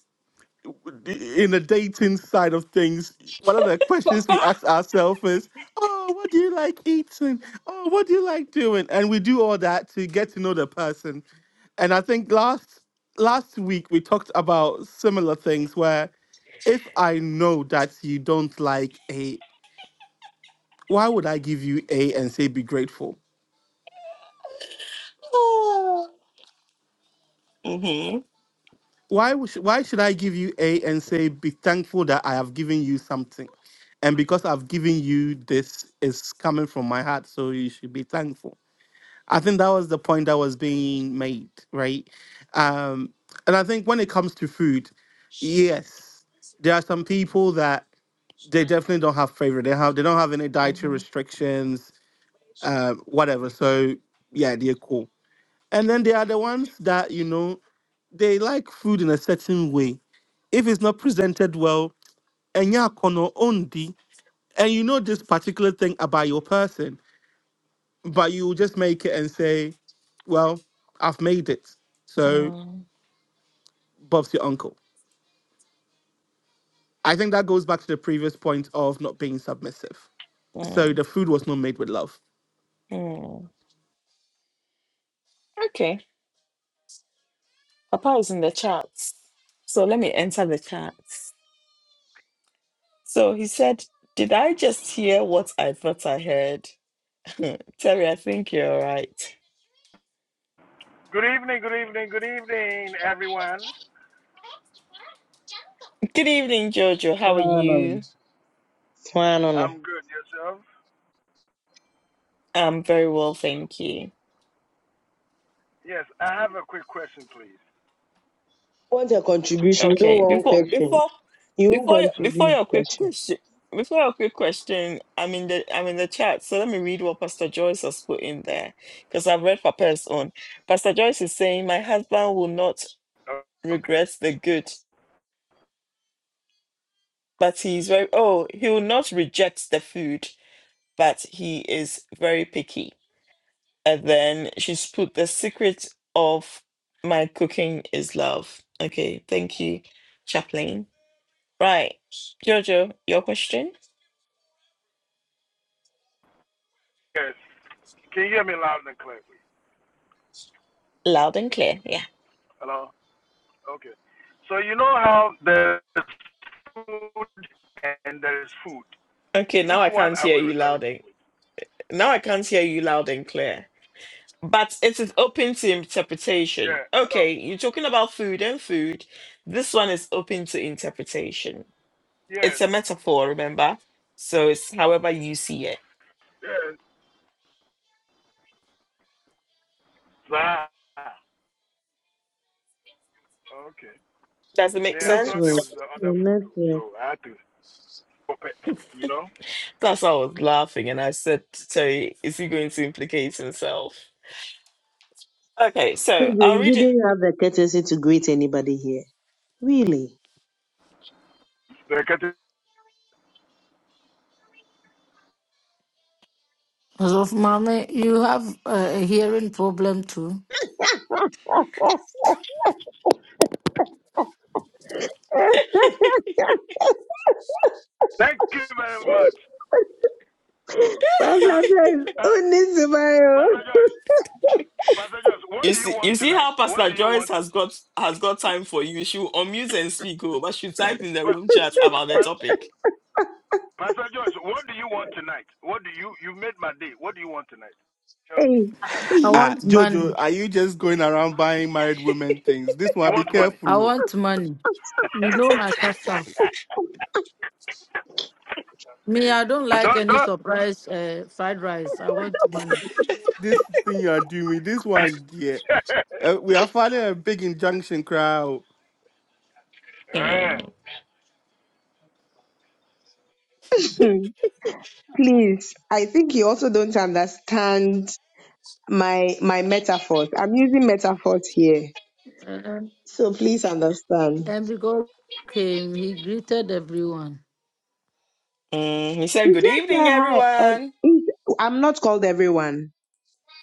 in the dating side of things, one of the questions we Papa. ask ourselves is, oh, what do you like eating? Oh, what do you like doing? And we do all that to get to know the person. And I think last last week we talked about similar things where if I know that you don't like A, why would I give you A and say be grateful? Oh. Mhm. Why would- why should I give you A and say be thankful that I have given you something? And because I've given you this is coming from my heart, so you should be thankful. I think that was the point that was being made, right? Um, and I think when it comes to food, yes, there are some people that they definitely don't have favorite. They have they don't have any dietary Mhm. restrictions, uh, whatever. So yeah, they're cool. And then there are the ones that you know they like food in a certain way. If it's not presented well, and yeah, kono ondi, and you know this particular thing about your person, but you just make it and say, well, I've made it. So Mm, Bob's your uncle. I think that goes back to the previous point of not being submissive. So mm, the food was not made with love mm. Okay. Papa is in the charts, so let me enter the charts. So he said, "Did I just hear what I thought I heard?" [LAUGHS] Hmm, Terry, I think you're right. Good evening, good evening, good evening, everyone. Good evening, Jojo. No, How are no, no. no. you? No, no, no. I'm good. Yourself? I'm very well, thank you. Yes, I have a quick question, please. Want a contribution? You don't Okay, want before question. before You won't before your- before contribute your quick question, before your quick question, I'm in the I'm in the chat, so let me read what Pastor Joyce has put in there because I've read Papa's own. Pastor Joyce is saying, "My husband will not Oh, Okay. regret the good, but he's very oh he will not reject the food, but he is very picky." And then she's put the secret of my cooking is love. Okay, thank you, Chaplain. Right, Jojo, your question. Yes. Can you hear me loud and clear, please? Loud and clear. Yeah. Hello? Okay. So, you know how there's food and there's food. Okay, now Which I one can't are hear we you referring loud to, and please? now I can't hear you loud and clear. But it is open to interpretation. Yeah. Hello? Okay, you're talking about food and food. This one is open to interpretation. Yes. It's a metaphor, remember? So it's however you see it. Yes. Ah. Okay. Does it make Yeah, I thought there Network. was sense? the other food, The though, network. so I had to stop it, you know? That's why I was laughing and I said, Terry, is he going to implicate himself? Okay, so Pedro, I'll you read didn't it. have the courtesy to greet anybody here. Really? Thank As of mommy, you have uh, a hearing problem too. [LAUGHS] [LAUGHS] you very much. I, I, Pastor Joyce, I, who needs to borrow? Pastor Joyce, Pastor Joyce, what You do you see, want you see tonight? how What Pastor do you Joyce want? has got has got time for you. She will unmute and speak, oh, but she typed in the Pa- room chat about the Pa- topic. Pastor Joyce, what do you want tonight? What do you you made my day? What do you want tonight? Tell me. Hey, I Ah, want Jojo, money. are you just going around buying married women things? This You one, be want money? careful. I oh. want money. You know my sister. Me, I don't like Don't any don't. surprise uh, fried rice. I want money. This thing you are doing, with this one, dear. [LAUGHS] Uh, we are filing a big injunction crowd. Eh. Mm. Hmm, please. I think you also don't understand my my metaphors. I'm using metaphors here, And, so please understand. and because came, he greeted everyone Mm, he said, You "Good just say evening, hi, and everyone." it- I'm not called everyone.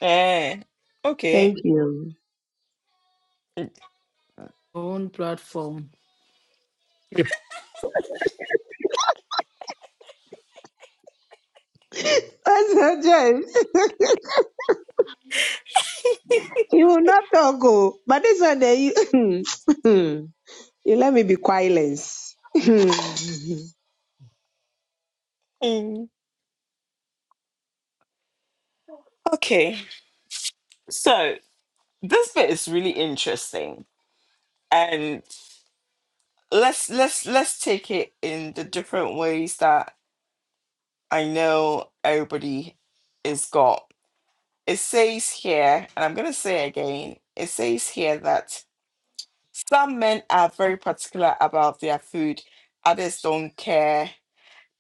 Eh, okay, Thank you. on platform. What's Pastor Joyce. [LAUGHS] You will not talk, oh. But this one, there, you, [LAUGHS] you let me be quiet. [LAUGHS] oh, Mm, okay. So this bit is really interesting, and let's let's let's take it in the different ways that I know everybody is got. It says here, and I'm gonna say again. It says here that Some men are very particular about their food, others don't care.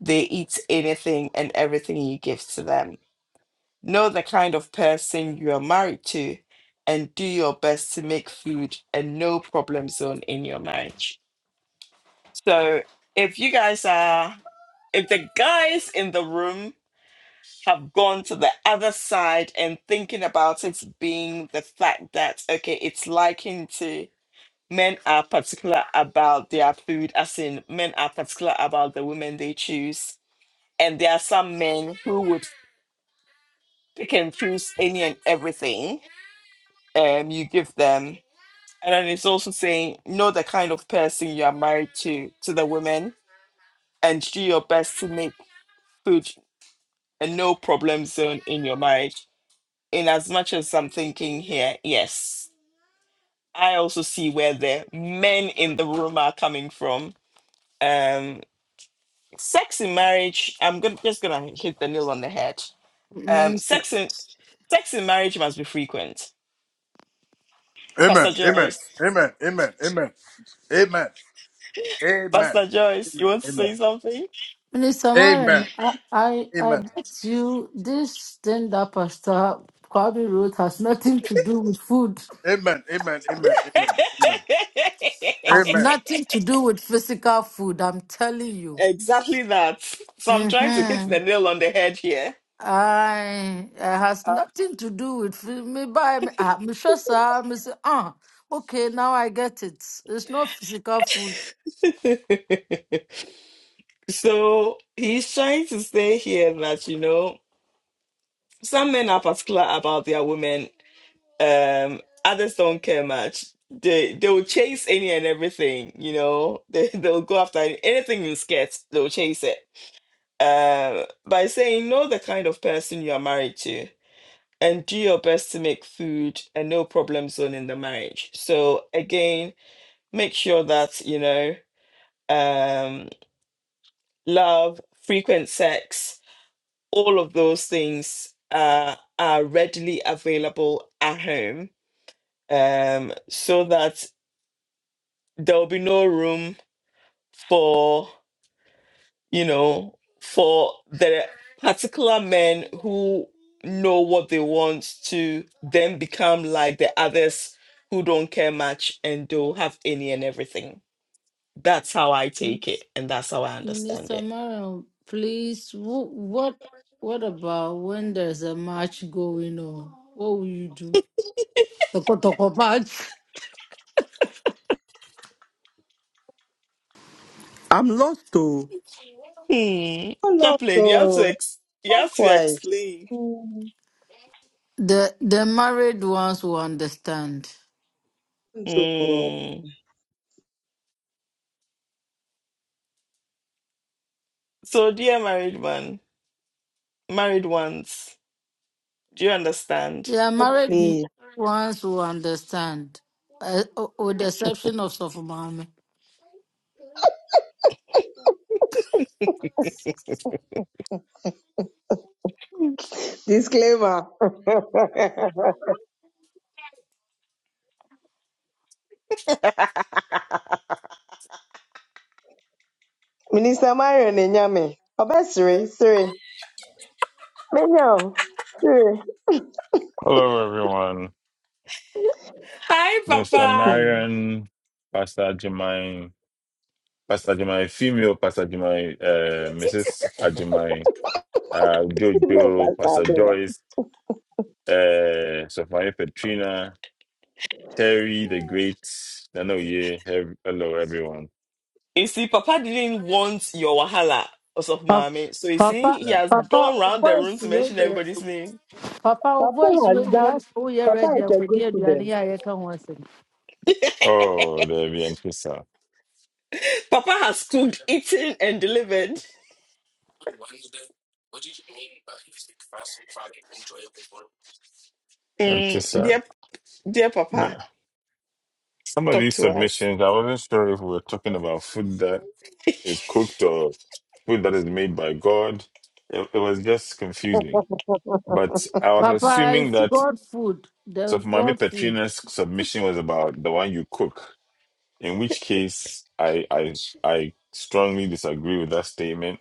They eat anything and everything you give to them. Know the kind of person you are married to and do your best to make food a no problem zone in your marriage. So, if you guys are, if the guys in the room have gone to the other side and thinking about it being the fact that, okay, it's liking to men are particular about their food, as in men are particular about the women they choose. And there are some men who would pick and choose any and everything um you give them. And then it's also saying know the kind of person you are married to to the women and do your best to make food a no problem zone in your marriage. In as much as I'm thinking here, yes. I also see where the men in the room are coming from. Um sex in marriage i'm gonna, just gonna hit the nail on the head um Minister. sex in sex in marriage must be frequent pastor Amen. Amen. joyce Amen. Amen. Amen. Amen. Amen. pastor joyce Amen. you want to Amen. Amen. say something Minister Mariam, Amen. I, I, Amen. I Amen. bet you this stand up pastor Kwabi wrote has nothing to do with food, Amen. Amen. [LAUGHS] has Amen. nothing to do with physical food. I'm telling you. exactly that so i'm trying to hit Mm-hmm. the nail on the head here I it has Uh, nothing to do with food. me by me. Ah, me sure, sir. Me say, ah, okay, now I get it. It's not physical food. [LAUGHS] so he's trying to say here that you know some men are particular about their women um others don't care much they they will chase any and everything you know [LAUGHS] they they'll go after anything in skirts they'll chase it um by saying know the kind of person you are married to and do your best to make food a no problem zone in the marriage so again make sure that you know um love frequent sex all of those things uh, are readily available at home um so that there will be no room for you know for the particular men who know what they want to then become like the others who don't care much and don't have any and everything that's how i take it and that's how i understand Minister it Marion, please, wh- what what about when there's a match going on? What will you do? Toko toko match. I'm lost, though. hmm Lord, chaplain you have to oh. ex- you Talk have to quiet. explain Mm. The the married ones will understand. Oh, Hmm. so dear married man married ones do you understand Yeah, married please. ones will understand, uh, o- with the exception of Sofumame. [LAUGHS] Disclaimer. [LAUGHS] Minister Marion Enyame. Obe Siri, Siri. Menyo, Siri. Hello, everyone. hi Mr. papa Hmm. Marion, Pastor Ajimai, Pastor Ajimai, female Pastor Ajimai, uh, Mrs. Ajimai, uh, You know Jojo, what I Pastor do. Joyce, uh, Sophia Petrina, Terry the Great, Nanoye, he- hello, everyone. You see, Papa didn't want your wahala or something, Pa- mommy. So you see, Papa, he has Papa, gone oh round the boys, room to mention ready. everybody's name. Papa, oh Papa boys, has ready. done, Ask who you are Papa ready. is I'm a good ready. student. I'm ready. Oh, there we Antissa. Papa has cooked, eaten, and delivered. Mm, Antissa. dear, dear Nah. Papa, Some of talk these to us. submissions, I wasn't sure if we were talking about food that is cooked or food that is made by God. It, it was just confusing But I was Papa, assuming it's that God food. so The for Mami God food. Petrina's submission was about the one you cook, in which case I I I strongly disagree with that statement.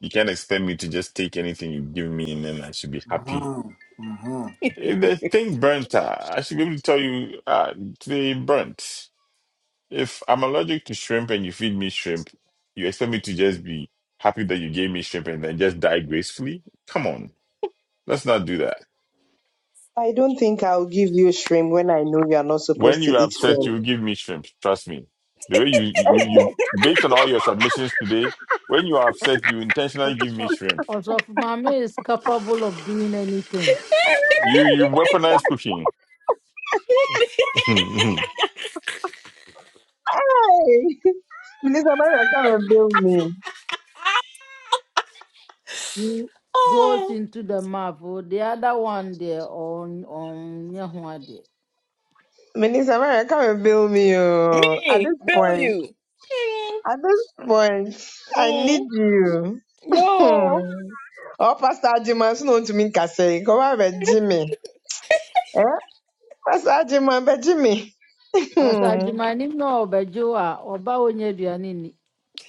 You can't expect me to just take anything you give me and then I should be happy. Amen. Mm-hmm. If the thing burnt, uh, I should be able to tell you uh, today it burnt. If I'm allergic to shrimp and you feed me shrimp, you expect me to just be happy that you gave me shrimp and then just die gracefully? Come on, let's not do that. I don't think I'll give you shrimp when I know you are not When supposed to you are eat upset, shrimp. you give me shrimp. Trust me. The way you, you, [LAUGHS] you, based on all your submissions today, when you are upset, you intentionally give me shrimp. Osofo Mame is capable of doing anything. You, you weaponize cooking. [LAUGHS] [LAUGHS] when Hey! [LAUGHS] Minister Maria, come and bill me. He goes oh, into the marvel. The other one there on on Nyahuade. Minister Maria, come and bill me. Oh. At this me, bill point, you. at this point, Mm, I mm, need you. Hmm. no. Oh, Pastor Ajima, so known to me, Kase. Come on, but Jimmy. Eh? Pastor Ajima, but Jimmy. Hmm. Pastor Adjumanim no Obejua Oba Onyeduanini.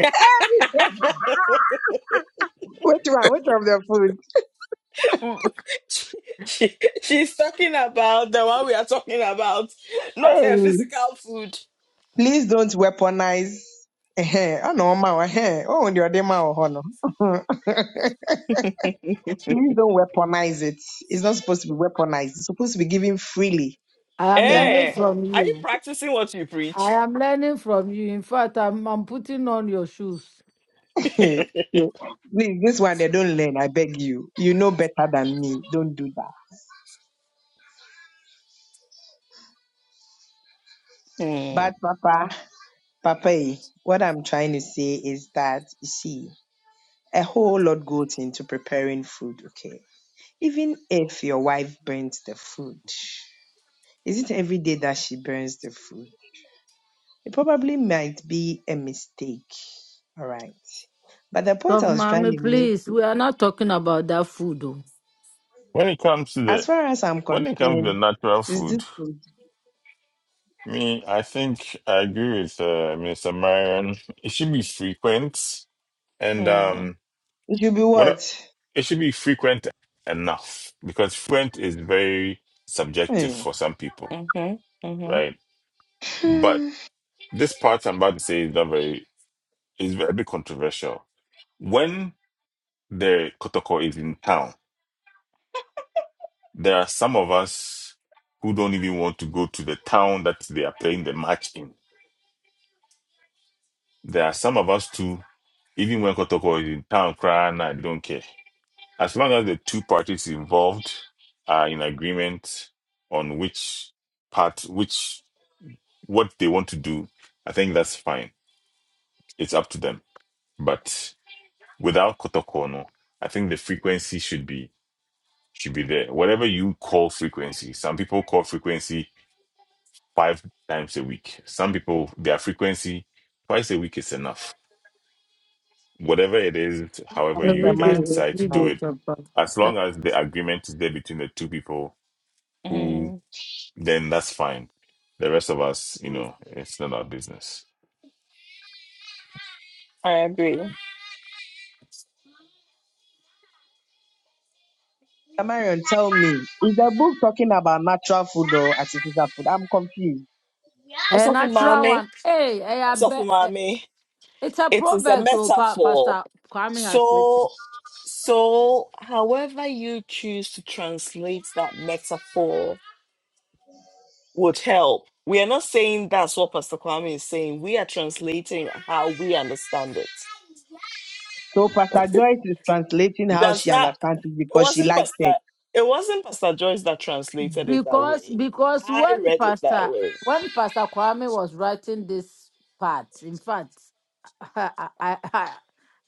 [LAUGHS] [LAUGHS] Which one? Which of the food? she, she she's talking about the one we are talking about, not Hey. her physical food. Please don't weaponize. [LAUGHS] Eh, eh, I know, ma. Eh, eh. oh, your demo, honor. [LAUGHS] Please don't weaponize it. It's not supposed to be weaponized. It's supposed to be given freely. I am Thank learning Eh, from are you you. practicing what you I preach? am learning from you. In fact, I'm, I'm putting on your shoes. [LAUGHS] [LAUGHS] you. So, Please, this one they don't learn. I beg you. You know better than me. Don't do that. Mm, But Papa, Papa, eh, what I'm trying to say is that you see, a whole lot goes into preparing food. Okay, even if your wife burns the food, is it every day that she burns the food? It probably might be a mistake. All right. But the point Sof I was trying Mame, to make. please, we are not talking about that food. oh. it comes to the, As far as I'm when concerned, it comes to the natural it is this food, food. me, I think I agree with uh, Mr. Marion. It should be frequent, and mm, um, It should be what I- what? it should be frequent enough because frequent is very subjective Hmm. for some people, mm-hmm, mm-hmm, right? But Hmm. This part I'm about to say is not very is a bit controversial. When the Kotoko is in town, there are some of us who don't even want to go to the town that they are playing the match in. There are some of us too, even when Kotoko is in town, crying, I don't care. As long as the two parties involved are in agreement on which part, which what they want to do, I think that's fine. It's up to them. but. without Kotokono, I think the frequency should be should be there. Whatever you call frequency, some people call frequency five times a week. Some people their frequency twice a week is enough. Whatever it is, however Thank you you, Every day, guys man. decide to every do day, it, Sir Papa. as long as the agreement is there between the two people, who mm. then that's fine. The rest of us, you know, it's not our business. I agree. Marion, tell me, is the book talking about natural food or artificial food? I'm confused. A Osofu natural Mami, one. Hey, I Osofu bet. Mami, It's a it is a proverb, so pa- metaphor. Pastor Kwame has written. So, so, however you choose to translate that metaphor would help. We are not saying that's what Pastor Kwame is saying. We are translating how we understand it. So Pastor Joyce is translating how Does she that understands it it because she wasn't likes Pastor it. it wasn't Pastor Joyce that translated it that Because way. because I when read it that Pastor way. when Pastor Kwame was writing this part, in fact, [LAUGHS] I I I,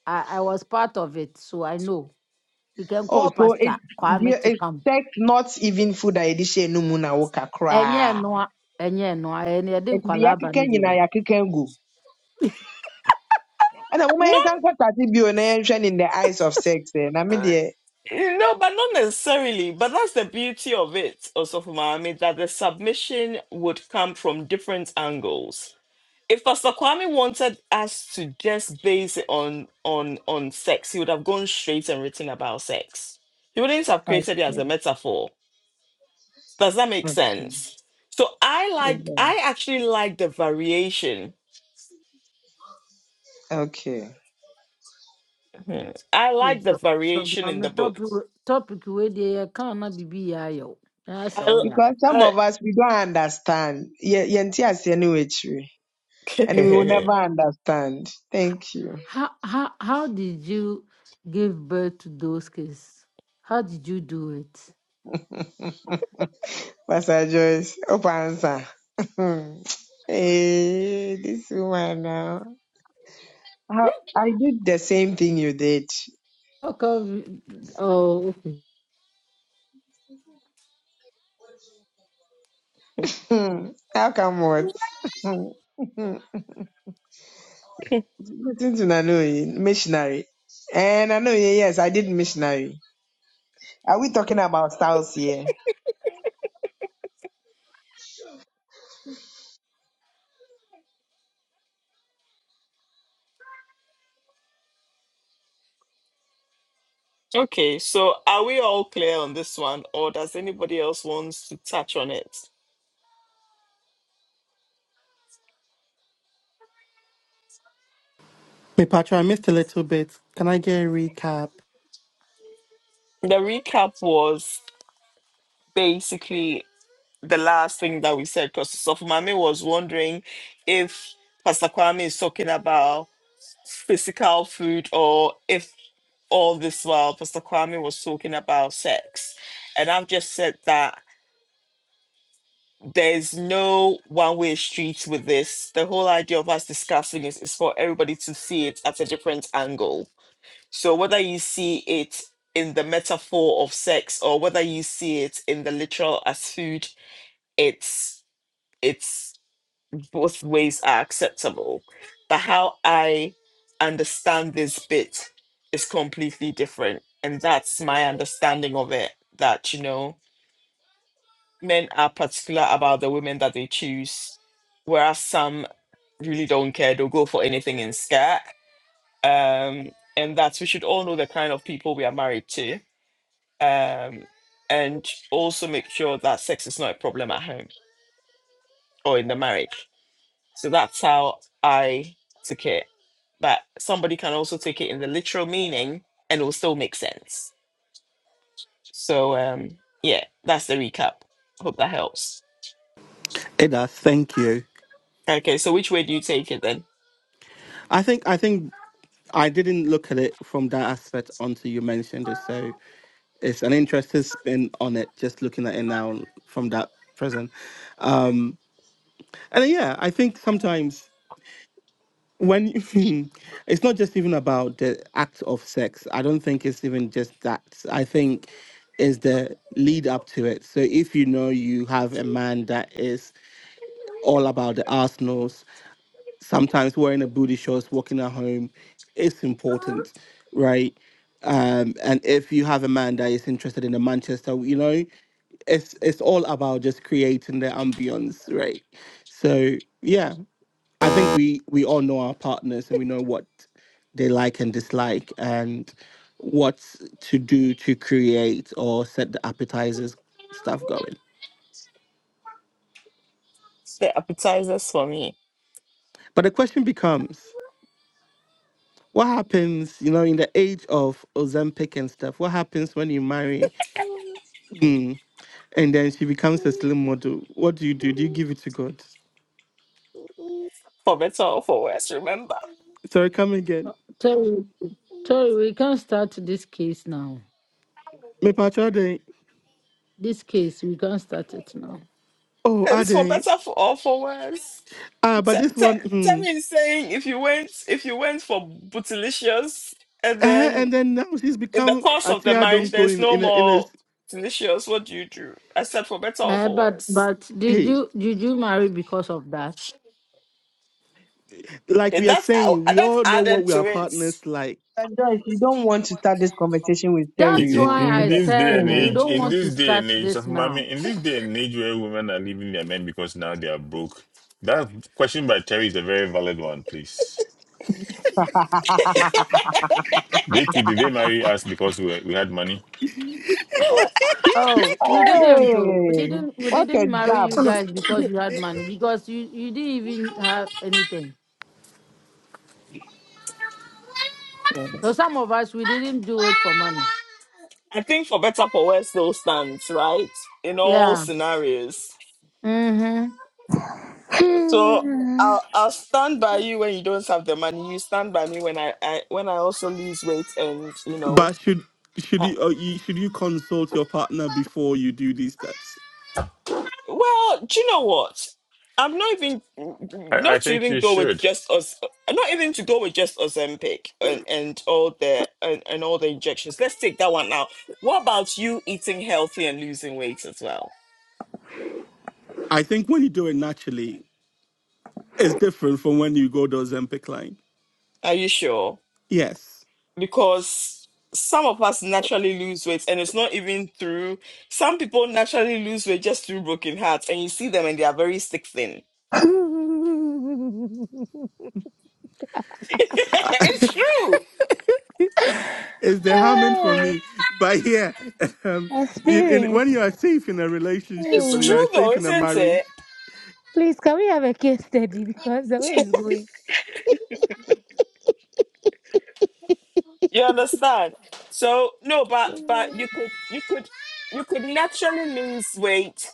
I I was part of it, so I know. We can Oh, call so it's Pastor Kwame to it's come. sex, not even food. I did say no muna woka Enye cry. noa, enye noa, enye din It's the kwalaba yakiken ni biya. yina yakiken ɛna moma Not yɛnka nkɔtase bio na yɛnhwɛ no in the eyes of sex ɛ I mean uh, deɛ no, but not necessarily. But that's the beauty of it, also for Miami, that the submission would come from different angles. If Pastor Kwame wanted us to just base it on on on sex, he would have gone straight and written about sex. He wouldn't have created it as a yeah, metaphor. Does that make okay sense? So I like Yeah, I actually like the variation. okay. Mhm. I Eh, like the So so variation in the mami book. topic topic we dey can na bibi ya yo. Yes, I, oh, yeah. because some l- of us we don't understand Yɛ- yɛnte aseɛ ne wɔ and we will I- never understand thank you How how how did you give birth to those kids? How did you do it? [LAUGHS] pastor joyce Open answer [LAUGHS] hey, this woman now How, [LAUGHS] i did the same thing you did How come? Oh, okay. [LAUGHS] Hmm, how come what [LAUGHS] Listen to Nanoye, missionary. And Nanoye, yes, I did missionary. Are we talking about styles here? okay, so are we all clear on this one or does anybody else wants to touch on it? Me, Patrick, I missed a little bit. Can I get a recap? The recap was basically the last thing that we said because Sofumami was wondering if Pastor Kwame is talking about physical food or if all this while Pastor Kwame was talking about sex. And I've just said that there's no one way street with this. The whole idea of us discussing it is for everybody to see it at a different angle. So whether you see it in the metaphor of sex or whether you see it in the literal as food, it's it's both ways are acceptable. But how I understand this bit is completely different. And that's my understanding of it that, you know, men are particular about the women that they choose, whereas some really don't care. They'll go for anything in skirt. Um, and that we should all know the kind of people we are married to. Um, and also make sure that sex is not a problem at home or in the marriage So that's how I took it. But somebody can also take it in the literal meaning and it will still make sense. So um yeah, that's the recap. Hope that helps. It does. Thank you. Okay, so which way do you take it then? I think I think I didn't look at it from that aspect until you mentioned it. So it's an interesting spin on it. Just looking at it now from that present. Um, and then, yeah, I think sometimes. when you- [LAUGHS] it's not just even about the act of sex i don't think it's even just that i think is the lead up to it so if you know you have a man that is all about the arsenals sometimes wearing a booty shorts walking at home it's important right um and if you have a man that is interested in the manchester you know it's it's all about just creating the ambience right so yeah I think we we all know our partners and we know what they like and dislike and what to do to create or set the appetizers stuff going. The appetizers for me. But the question becomes what happens, you know, in the age of Ozempic and stuff? What happens when you marry mm, and then she becomes a slim model? What do you do? Do you give it to God? For better or for worse, remember. Sorry, come again. Uh, Sorry, sorry, we can't start this case now. Me pacho dey. This case, we can't start it now. Oh, I It's for dey. better for or for worse. Ah, but T- this t- one, hmm. Terry is saying if you went if you went for bootylicious and Eh, then and then now she's In the become course a of the Tia marriage, Donko there's in no in a, in a more delicious. What do you do? Except for better or Uh, for but worse. but did Hey, you did you marry because of that? like we And are that's how- saying, we that's all know what added we are to it. partners like. And Joyce, you don't want to start this conversation with In, Terry, That's in you. why in I this day said and we age, Hmm. don't in want to this day start and age of this now. mommy, in this day and age where women are leaving their men because now they are broke, that question by Terry is a very valid one, please. They too, did they marry us because we, we had money? Oh, we didn't though. We Hey, didn't we what a didn't marry job. you guys because [COUGHS] you had money because you you didn't even have anything. So some of us we didn't do it for money. I think for better for worse, they stands right? In all Yeah. scenarios. Mm-hmm. huh. So I'll I'll stand by you when you don't have the money. You stand by me when I, I when I also lose weight and you know. But should should you, uh, you should you consult your partner before you do these steps? Well, do you know what? I'm not even I, I not to think even you go with should. just us. Not even to go with just Ozempic and and all the and, and all the injections. Let's take that one now. What about you eating healthy and losing weight as well? I think when you do it naturally, it's different from when you go the Ozempic line. Are you sure? Yes, Because some of us naturally lose weight, and it's not even through. Some people naturally lose weight just through broken hearts, and you see them and they are very sick thin. [LAUGHS] it's true. it's [LAUGHS] the harming for hey. me. But yeah, [LAUGHS] um, in, in, when you experience. are safe in a relationship It's and you Hmm. are true, though, safe in a isn't marriage, it? Please, can we have a case study [LAUGHS] because the way it's going? You understand? So no, but but you Hmm. could you could you could naturally lose weight.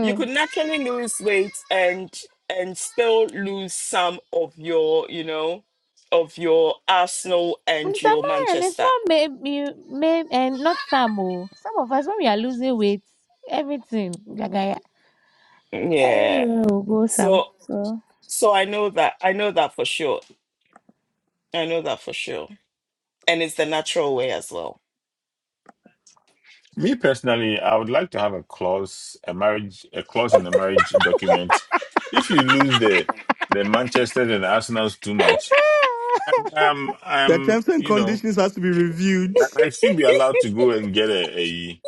You could naturally lose weight and and still lose some of your you know of your Arsenal and Mr. your Marion, it's Manchester. not maybe, maybe and not some. oh. Some of us, when we are losing weight, everything, gagaya, Yeah. everywhere will go some. So So, so I know that I know that for sure. I know that for sure. And it's the natural way as well. Me personally, I would like to have a clause, a marriage, a clause in the marriage document. If you lose the the Manchester and Arsenal's too much, I'm, [LAUGHS] I'm, the I'm terms and you know, conditions has to be reviewed. I, I should be allowed to go and get a, a,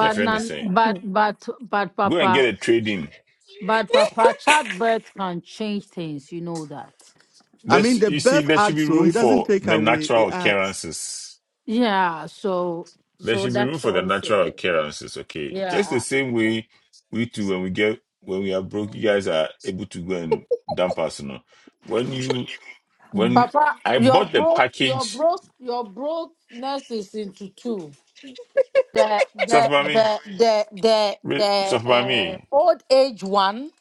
a friend nan, Hmm, but but but Go and get Papa, a trading. but Papa, childbirth can change things. You know that. I There's, mean, the you see, birth there should adds be so room it doesn't for take the away; natural it adds. occurrences. Yeah. So There so should be room that's for the also natural there. occurrences. Okay, just the Yeah. same way we too, when we get when we are broke, you guys are able to go and dump us. You know, when you hmm, when Papa, I your bought the broke. your package, broke. your brokenness is into two. The the Sofmami, the the the the uh, Sofmami, old age one.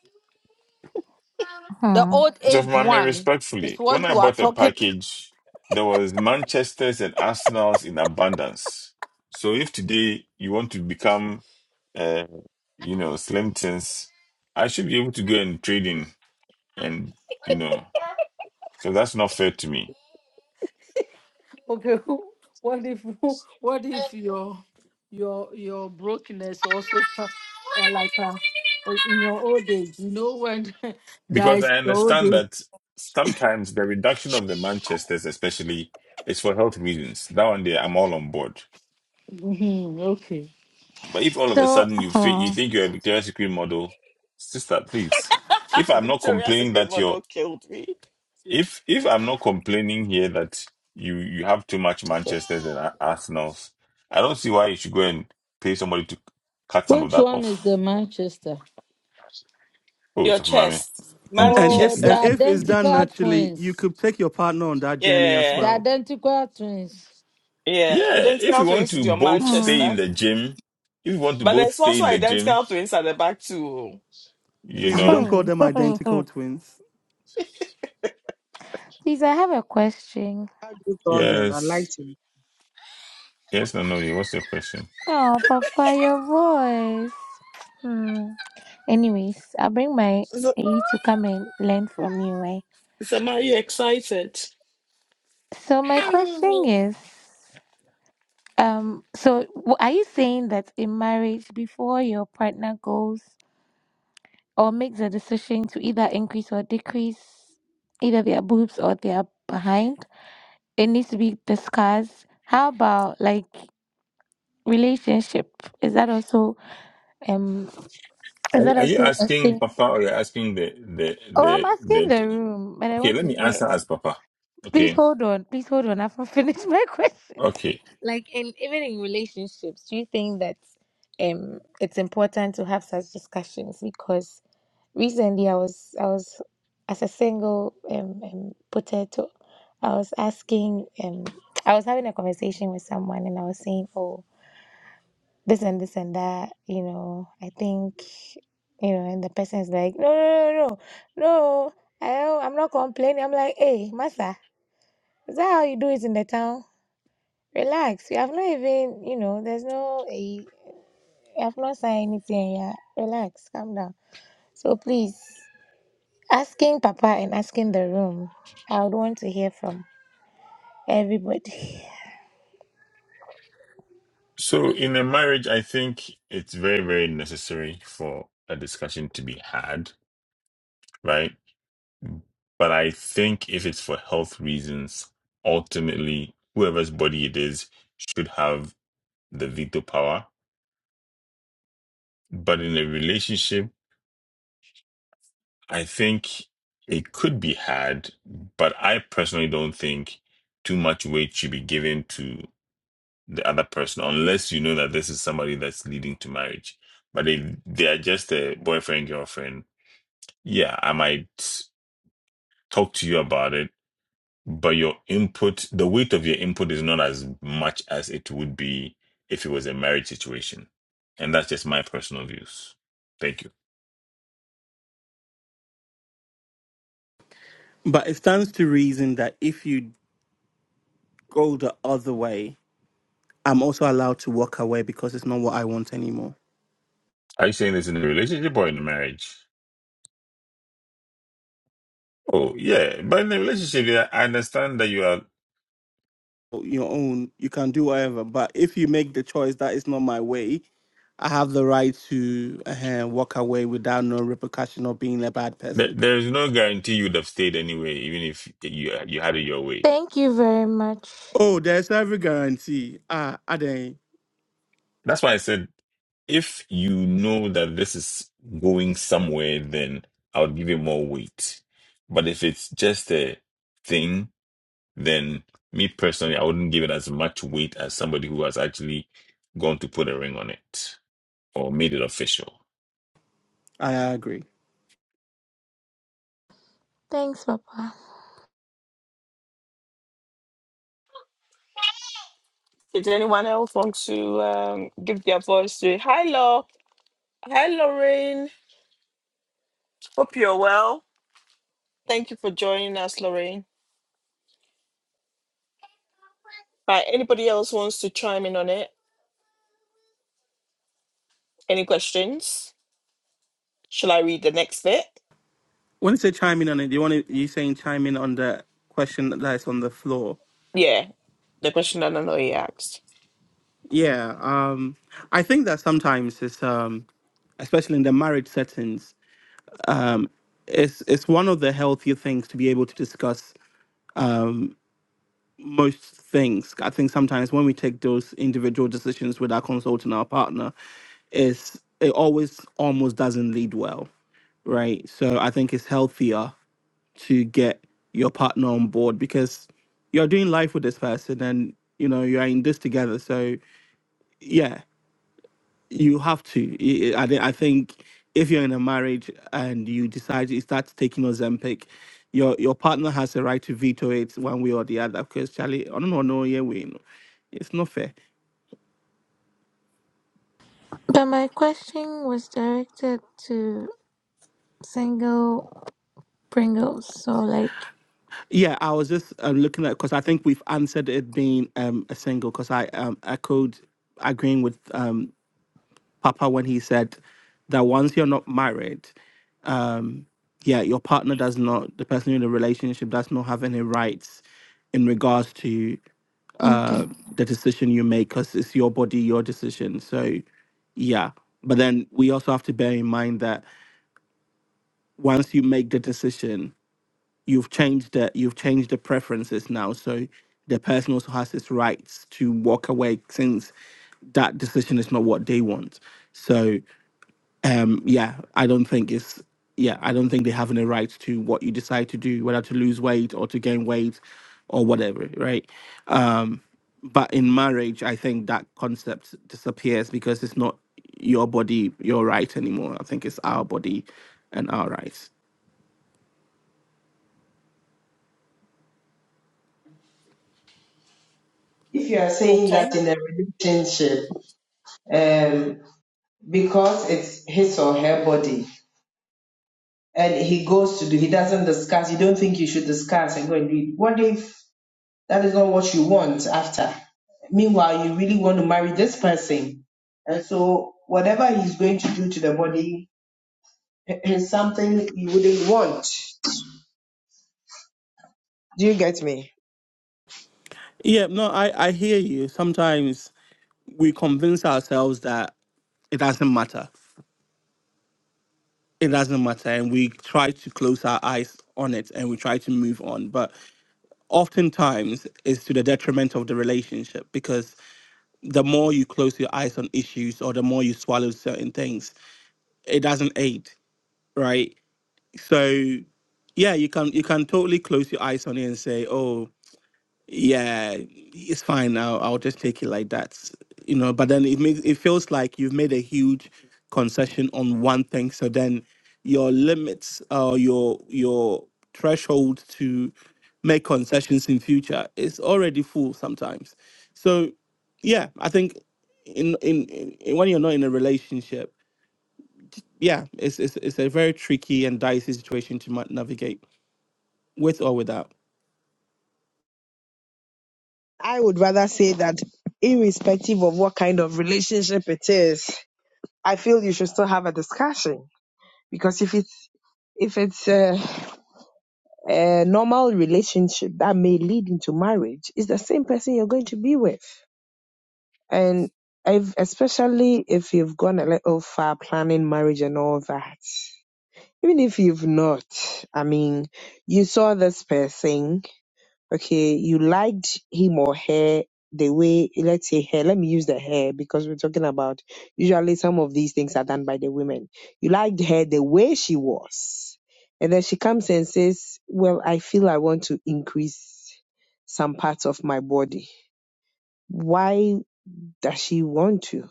The hmm. old So, age for one is respectfully, when what I you are bought the talking. [LAUGHS] package, there was Manchester's and Arsenal's in abundance. So, if today you want to become, uh, you know, Slimton's, I should be able to go and trade in, and you know, because that's not fair to me. Okay, [LAUGHS] who- what if who- what if your your your brokenness also tra- or like uh, or in your old age? You know when [LAUGHS] Because I guys your old understand age. that sometimes the reduction of the Manchester's, especially, is for health reasons. That one day, I'm all on board. Mhm, okay. But if all of a so, sudden you [LAUGHS] think you hmm, think you're a Victoria's Secret model, sister, please. If [LAUGHS] I'm not Victoria's complaining Secret that you're, model killed me. if if I'm not complaining here that you you have too much Manchester's and Ar- Arsenal's, I don't see why you should go and pay somebody to cut some of Which that one is the off. Manchester? Oh, Your of mommy. chest, And Oh, if the Manchester. and if it's done identical naturally, you twins. could take your partner on that journey as Yeah. The well. identical twins. Yeah, Yeah, if we identical want twins to is your both hmm, stay in Manchester. the gym, if we want to But both there's stay also in the gym, identical twins at the back too. oh. you Please, we don't know, call hmm, them [LAUGHS] identical twins. please, I have a question. I do all them. I yes, liked him. yes, no, no. yeah, What's your question? Oh, Papa, your voice. Hmm. Anyways, I'll bring my So, A to come and learn from you, eh? so are you excited? So my question is, um, so w- are you saying that in marriage, before your partner goes or makes a decision to either increase or decrease either their boobs or their behind, it needs to be discussed? How about like relationship? Is that also um is Are, that are you also a asking thing? Papa or you're asking the the Oh, I'm the asking the the room, but I Okay, want let to me hear. answer as Papa. Please Okay, hold on. Please hold on. I've not finished my [LAUGHS] question. okay. Like, in even in relationships, do you think that um it's important to have such discussions? Because recently, I was I was as a single um, um potato, I was asking um I was having a conversation with someone, and I was saying, oh, this and this and that. You know, I think you know, and the person is like, no, no, no, no, no. I, I'm not complaining. I'm like, hey, massa. Is that how you do it in the town? Relax. You have not even, you know, there's no, eh, you have not signed anything. Yeah. Relax. Calm down. So please, asking Papa and asking the room, I would want to hear from everybody. So in a marriage, I think it's very, very necessary for a discussion to be had, right? But I think if it's for health reasons, ultimately, whoever's body it is should have the veto power. But in a relationship, I think it could be had, but I personally don't think too much weight should be given to. the other person unless you know that this is somebody that's leading to marriage. But if they are just a boyfriend, girlfriend, yeah, I might talk to you about it, but your input, the weight of your input is not as much as it would be if it was a marriage situation. And that's just my personal views. Thank you. But it stands to reason that if you go the other way, I'm also allowed to walk away because it's not what I want anymore. Are you saying this in a relationship or in a marriage? Oh, yeah. But in a relationship, yeah, I understand that you are, Your own, you can do whatever. But if you make the choice that it's not my way, I have the right to uh, walk away without no repercussion or being a bad there, person. there is no guarantee you'd have stayed anyway, even if you, you had it your [LAUGHS] way Thank you very much. Oh, there's every guarantee. Ah, I, I, That's why I said if you know that this is going somewhere, then I'll give it more weight. But if it's just a thing, then me personally, I wouldn't give it as much weight as somebody who has actually gone to put a ring on it or made it official. I agree. Thanks, Papa. Did anyone else want to um, give their voice to it? Hi, Law. Hi, Lorraine. Hope you're well. Thank you for joining us, Lorraine. Right, anybody else wants to chime in on it? Any questions? Shall I read the next bit? When you say chime in on it, do you want to, you saying chime in on the question that's on the floor? Yeah, the question that Nanoye asked. Yeah, um, I think that sometimes it's, um, especially in the marriage settings, um, it's it's one of the healthier things to be able to discuss um, most things. I think sometimes when we take those individual decisions with our consultant, our partner, Is it always almost doesn't lead well, right? So I think it's healthier to get your partner on board because you're doing life with this person and you know you're in this together so yeah you have to i, I thi- I think if you're in a marriage and you decide you start taking ozempic your your partner has a right to veto it one way or the other because charlie i don't know no yeah we it's not fair But my question was directed to single Pringles. So, like, Yeah, I was just um, looking at because I think we've answered it being um, a single because I um, echoed agreeing with um, Papa when he said that once you're not married, um, yeah, your partner does not, the person in the relationship does not have any rights in regards to okay. uh, the decision you make because it's your body, your decision. So, yeah. But then we also have to bear in mind that once you make the decision, you've changed the you've changed the preferences now so the person also has his rights to walk away since that decision is not what they want so um yeah i don't think it's yeah i don't think they have any rights to what you decide to do whether to lose weight or to gain weight or whatever right um but in marriage i think that concept disappears because it's not your body your right anymore i think it's our body and our rights If you are saying that Okay, in a relationship, um, because it's his or her body, and he goes to do, he doesn't discuss, you don't think you should discuss and go and do it. What if That is not what you want after. Meanwhile, you really want to marry this person. And so, whatever he's going to do to the body [LAUGHS] is something you wouldn't want. Do you get me? Yeah, no, I, I hear you. Sometimes we convince ourselves that it doesn't matter. It doesn't matter. And we try to close our eyes on it and we try to move on. But oftentimes it's to the detriment of the relationship because the more you close your eyes on issues or the more you swallow certain things, it doesn't aid, right? So yeah, you can you can totally close your eyes on it and say, "Oh, yeah, it's fine. I'll, I'll just take it like that, you know. But then it makes it feels like you've made a huge concession on one thing. So then your limits or your your threshold to make concessions in future is already full sometimes. So yeah, I think in in, in in- when you're not in a relationship, yeah, it's it's it's a very tricky and dicey situation to ma- navigate with or without I would rather say that, irrespective of what kind of relationship it is, I feel you should still have a discussion. Because if it's if it's a, a normal relationship that may lead into marriage, it's the same person you're going to be with. And if, especially if you've gone a little far planning marriage and all that, even if you've not, I mean, you saw this person, okay, you liked him or her the way, let's say hair, let me use the hair because we're talking about usually some of these things are done by the women. You liked her the way she was. And then she comes and says, Well, I feel I want to increase some parts of my body. Why does she want to?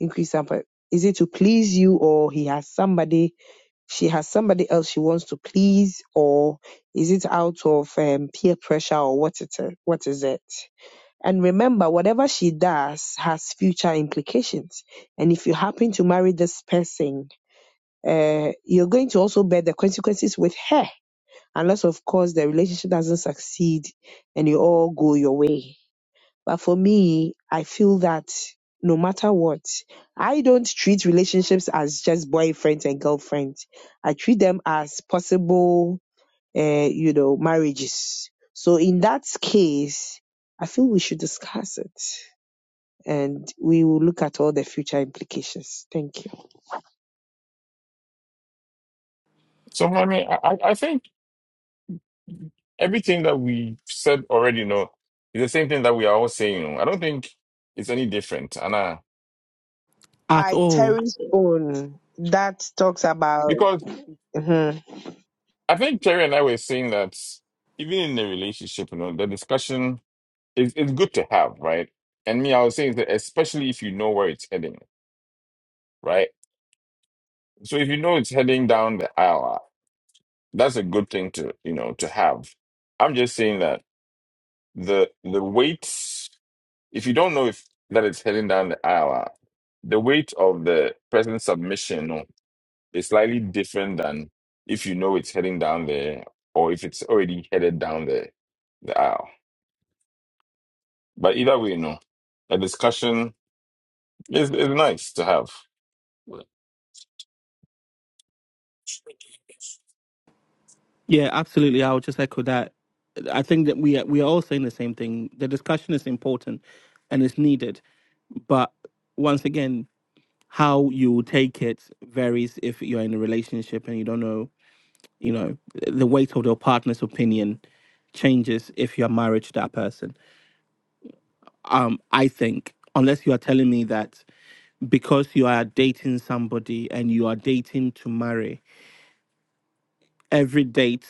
increase up. uh, Is it to please you or he has somebody, she has somebody else she wants to please or is it out of um, peer pressure or what it, uh, what is it? And remember, whatever she does has future implications. And if you happen to marry this person, uh, you're going to also bear the consequences with her, unless of course the relationship doesn't succeed and you all go your way. But for me, I feel that no matter what, I don't treat relationships as just boyfriends and girlfriends. I treat them as possible, uh, you know, marriages. So in that case, I feel we should discuss it and we will look at all the future implications. Thank you. So, I mean, I, I I think everything that we said already, you know, is the same thing that we are all saying. you know. I don't think it's any different. And, uh, at Like all. Terry's own that talks about because mhm, I think Terry and I were saying that even in a relationship, you know, the discussion is it's good to have, right? And me, I was saying that especially if you know where it's heading, right? So if you know it's heading down the aisle, that's a good thing to, you know, to have. I'm just saying that the the weight, if you don't know if that it's heading down the aisle, the weight of the present submission you know, is slightly different than if you know it's heading down there or if it's already headed down the, the aisle. But either way, no, a discussion is, is nice to have. Yeah, absolutely. I would just echo that. I think that we are, we are all saying the same thing. The discussion is important and it's needed, but once again, how you take it varies if you're in a relationship and you don't know, you know, the weight of your partner's opinion changes if you're married to that person. Um, I think unless you are telling me that because you are dating somebody and you are dating to marry, every date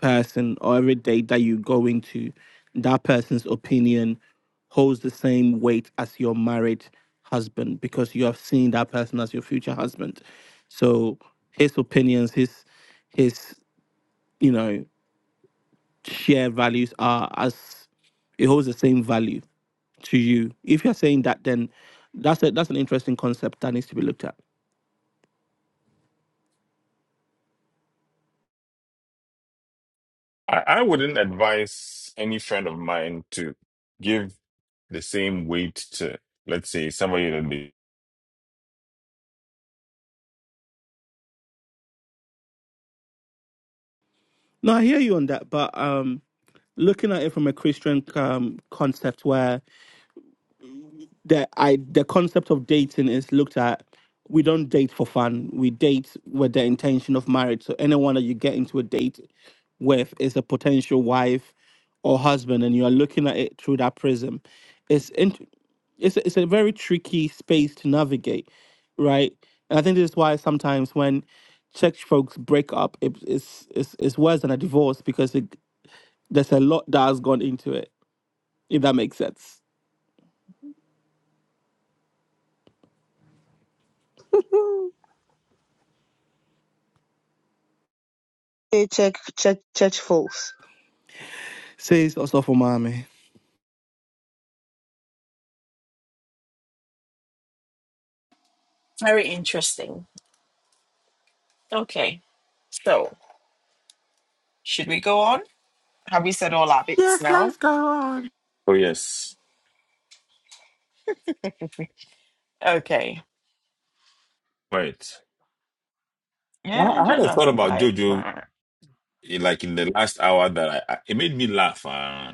person or every date that you go into, that person's opinion holds the same weight as your married husband because you have seen that person as your future husband. So his opinions, his his you know shared values are as it holds the same value to you. If you're saying that, then that's a, that's an interesting concept that needs to be looked at. I, I wouldn't advise any friend of mine to give the same weight to, let's say, somebody that they. No, I hear you on that, but um, looking at it from a Christian um, concept where the I the concept of dating is looked at. We don't date for fun. We date with the intention of marriage. So anyone that you get into a date with is a potential wife or husband, and you are looking at it through that prism. It's int- it's a- it's a very tricky space to navigate, right? And I think this is why sometimes when church folks break up, it, it's, it's it's worse than a divorce because it, there's a lot that has gone into it. If that makes sense. [LAUGHS] eh, church, church, church folks. Says also for mommy. very interesting. Okay, so should we go on? Have we said all our bits Yes, now? let's go on. Oh, yes. [LAUGHS] okay. Right. I, Yeah, I had a Jojo's thought been about quiet. JoJo for- eh, like in the last hour that I, I it made me laugh. Uh,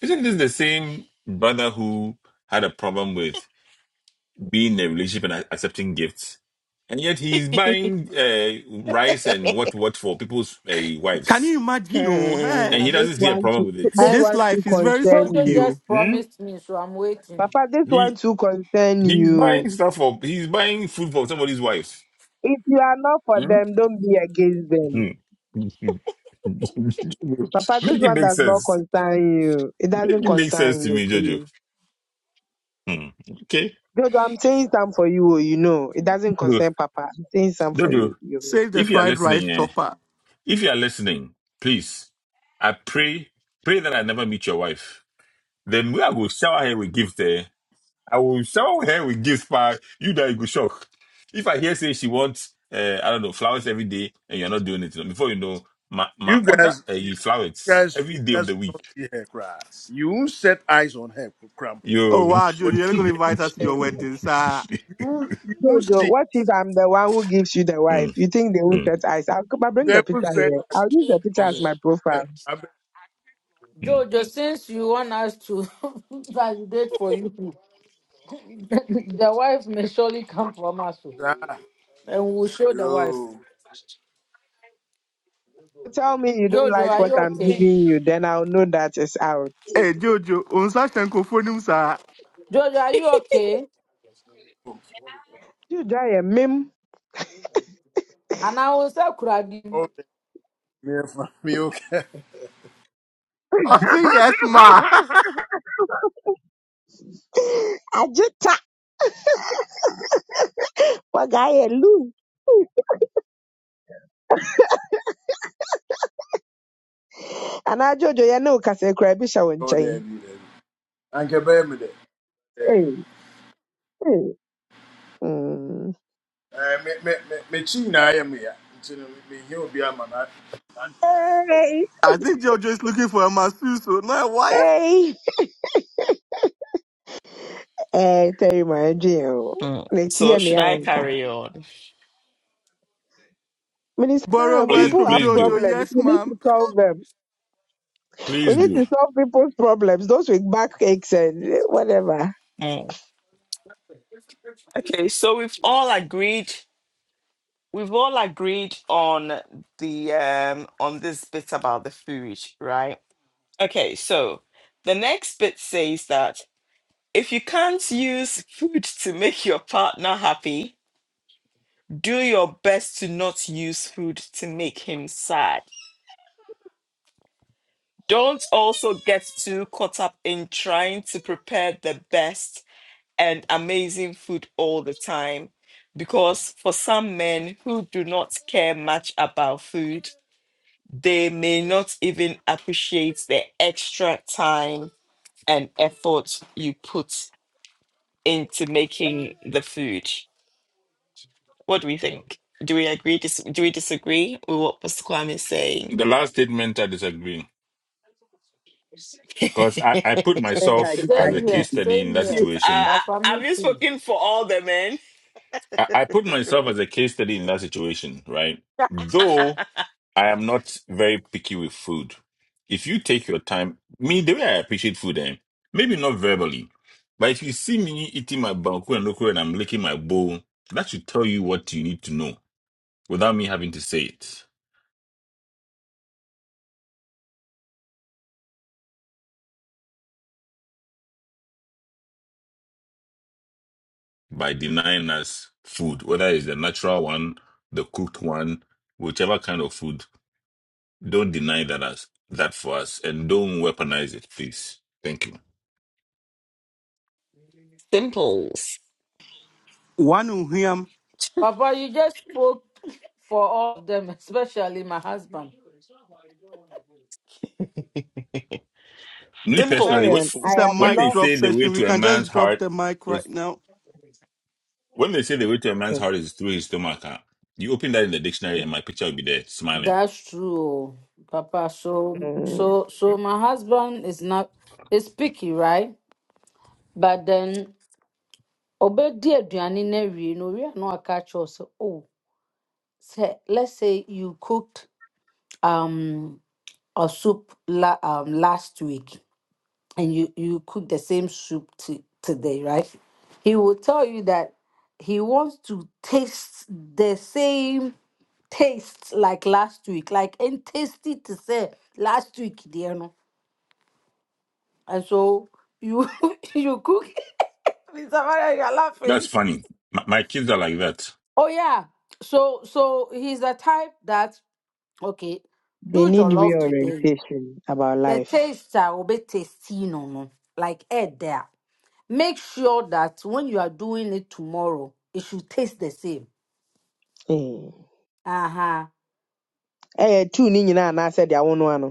isn't this the same brother who had a problem with being in a relationship and a- accepting gifts? And yet he's [LAUGHS] buying uh, rice and what what for people's uh, Can wives. you imagine? Oh, hey, and Hmm. he But this doesn't see a one, problem with it. this And this one should life is very concern Jojo spooky. you. Oh, just Hmm? promised me, so I'm waiting. Papa, this one He too concern he's you. buying stuff for he's buying food for somebody's wife. If you are not for Hmm? them, don't be against them. Jojo, [LAUGHS] Papa, this make it one make does not sense. concern you. It Make doesn't it make sense concern to you, me, Jojo. please. Hmm. Okay, Jojo, I'm saying some for you, oh, you know. It doesn't Jojo, concern Papa. I'm saying some for Jojo, you. you save the if you are fried rice listening, eh, chopper. if you are listening, please, I pray pray that I never meet your wife. Then we I will shower her with gifts. I will shower her with gifts, pa. You that you go shock. If I hear say she wants, uh, I don't know, flowers every day, and you're not doing it, before you know, my my You order uh, guys. flowers guys, every you day of guys the will week. not see her cry. You won't set eyes on her for crumple. Oh Yo, [LAUGHS] wow, Jojo, But you're not gonna you say invite us to know. Eh. your wedding, sir. you won't- you won't Jojo, see. what if I'm the one who gives you the wife? Mm, You think they won't mm, set eyes? I'll, I'll bring They the will picture set here. I'll use the picture on as it. my profile. Hey, I bet mm. Jojo, since you want us to [LAUGHS] validate for you, [LAUGHS] the wife may surely come from us. so. that. and we will show the wife. Yo. Tell me you don't Jojo, like are what you I'm okay? giving you, then I'll know that it's out. Hey, Jojo, unsa shenko phonim, sir. Jojo, are you okay? You die a meme. And I will say, Kuradi, Oh, me and fa- me okay. I say yes, ma. [LAUGHS] [GASPS] [LAUGHS] Ajita, wagaya anaa Jojo yɛ ne wo kasa yi koraa wo Oh, nkyɛn there be there. Anke bear me there. There be. Ei, ei, mm. Eh, Me me me me chi na ya me ya. Nti no, me he obi ama na. Ei, I think Jojo is looking for a masuso, not a wife. ei. Eh, Terry, my dear. Mm. N'ekyi yɛ So should nea I ɔnka. carry on? Minister Borrow Marion, words please, people from have please do, Jojo, problems. yes, We need ma'am. to solve them. We please need do. to solve people's problems. Those with backaches, and eh, whatever. Mm. Okay, so we've all agreed. We've all agreed on the um on this bit about the food, right? Okay, so the next bit says that if you can't use food to make your partner happy, do your best to not use food to make him sad. Don't also get too caught up in trying to prepare the best and amazing food all the time. Because for some men who do not care much about food, they may not even appreciate the extra time and effort you put into making the food. What do we think? Do we agree? Dis- do we disagree with what Pastor Kwame is saying? The last statement I disagree [LAUGHS] because I I put Yes, I myself as a same disagree. here, case study in same that here. you, uh, situation. But for have me you too. spoken for all the men? I, I put myself as a case study in that situation, right? [LAUGHS] Though I am not very picky with food. If you take your time, me, the way I appreciate food, eh, maybe not verbally, but if you see me eating my banku and okra and I'm licking my bowl, that should tell you what you need to know without me having to say it. By denying us food, whether it's the natural one, the cooked one, whichever kind of food Don't deny that us that for us, and don't weaponize it, please. Thank you. Simples. One who him. Papa, you just spoke for all of them, especially my husband. Me Minister personally, what, Marion, Simples. I It's a am when mic they not. drop say the way session. We to a can man's just drop heart the mic right is now. when they say the way to a man's heart is through his stomach, ah, you open that in the dictionary, and my picture will be there, smiling. That's true, oh. Papa. So, Mm, so, so my husband is not, is picky, right? But then, obedi aduane na wie no, we are not catch us. Oh, say, let's say you cooked. um or soup la, um, last week and you you cook the same soup to, today right he will tell you that he wants to taste the same taste like last week like and taste it to say last week dear no and so you [LAUGHS] you cook [LAUGHS] Mr. Maria, you're [LAUGHS] That's laughing funny. My, my kids are like that. oh yeah so so he's the type that okay they do need your love today reorientation about the life. taste a wobɛtesti no no like air there make sure that when you are doing it tomorrow it should taste the same Mm. aha Eh, two ni nyinaa said they are one ano.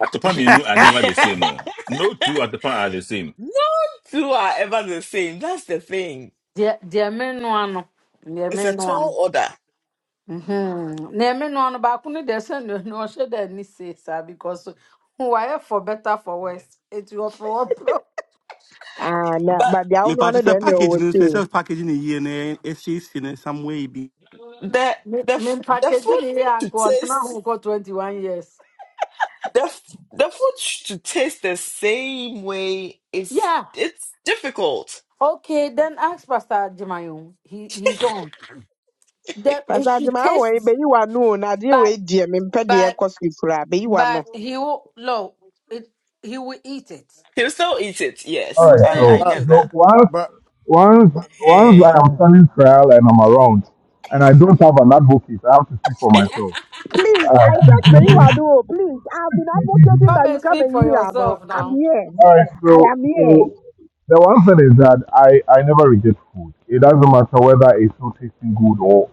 At the point you know, are never [LAUGHS] the same. Oh. No two at the point are the same. Not two are ever the same. That's the thing. deɛ the me noa no The It's a me one. no tall order. mhm. The me one. But baako no deɛ sɛ no no ɔhyɛ dɛ ani see saa because why for better for worse eti wɔpɛwɔpɛ Ah, na But but the Me only one ano purchase a deɛ ɛna ɔwɔ package news. It's sei. a package in a year. and It's in some way. the me the me f- the mpakeji food ne yɛ to anko taste ɔntena got 21 years the f- the food sh- to taste the same way is yeah it's difficult. okay then ask pastor jimayo he he's on the it Pastor should Adwuma awɔ yi, taste beyi w'ano o, na adeɛ But wei deɛ mempɛ but cause ɛkɔ cry. yi you are no. but he will no. It he will eat it. He'll still eat it. All He Yes, will right, I still I so, eat Ah, get it. that. so once, but once, once Eh. I am standing trial and I'm around and I don't have an advocate, I have to speak for [LAUGHS] myself. Please, I said be you All are no. please. I've been right. [LAUGHS] advocating Come that you and come speak and for hear no. yourself I'm now. here. All right, I so am here. so the one thing is that I I never reject food. It doesn't matter whether it's not tasting good or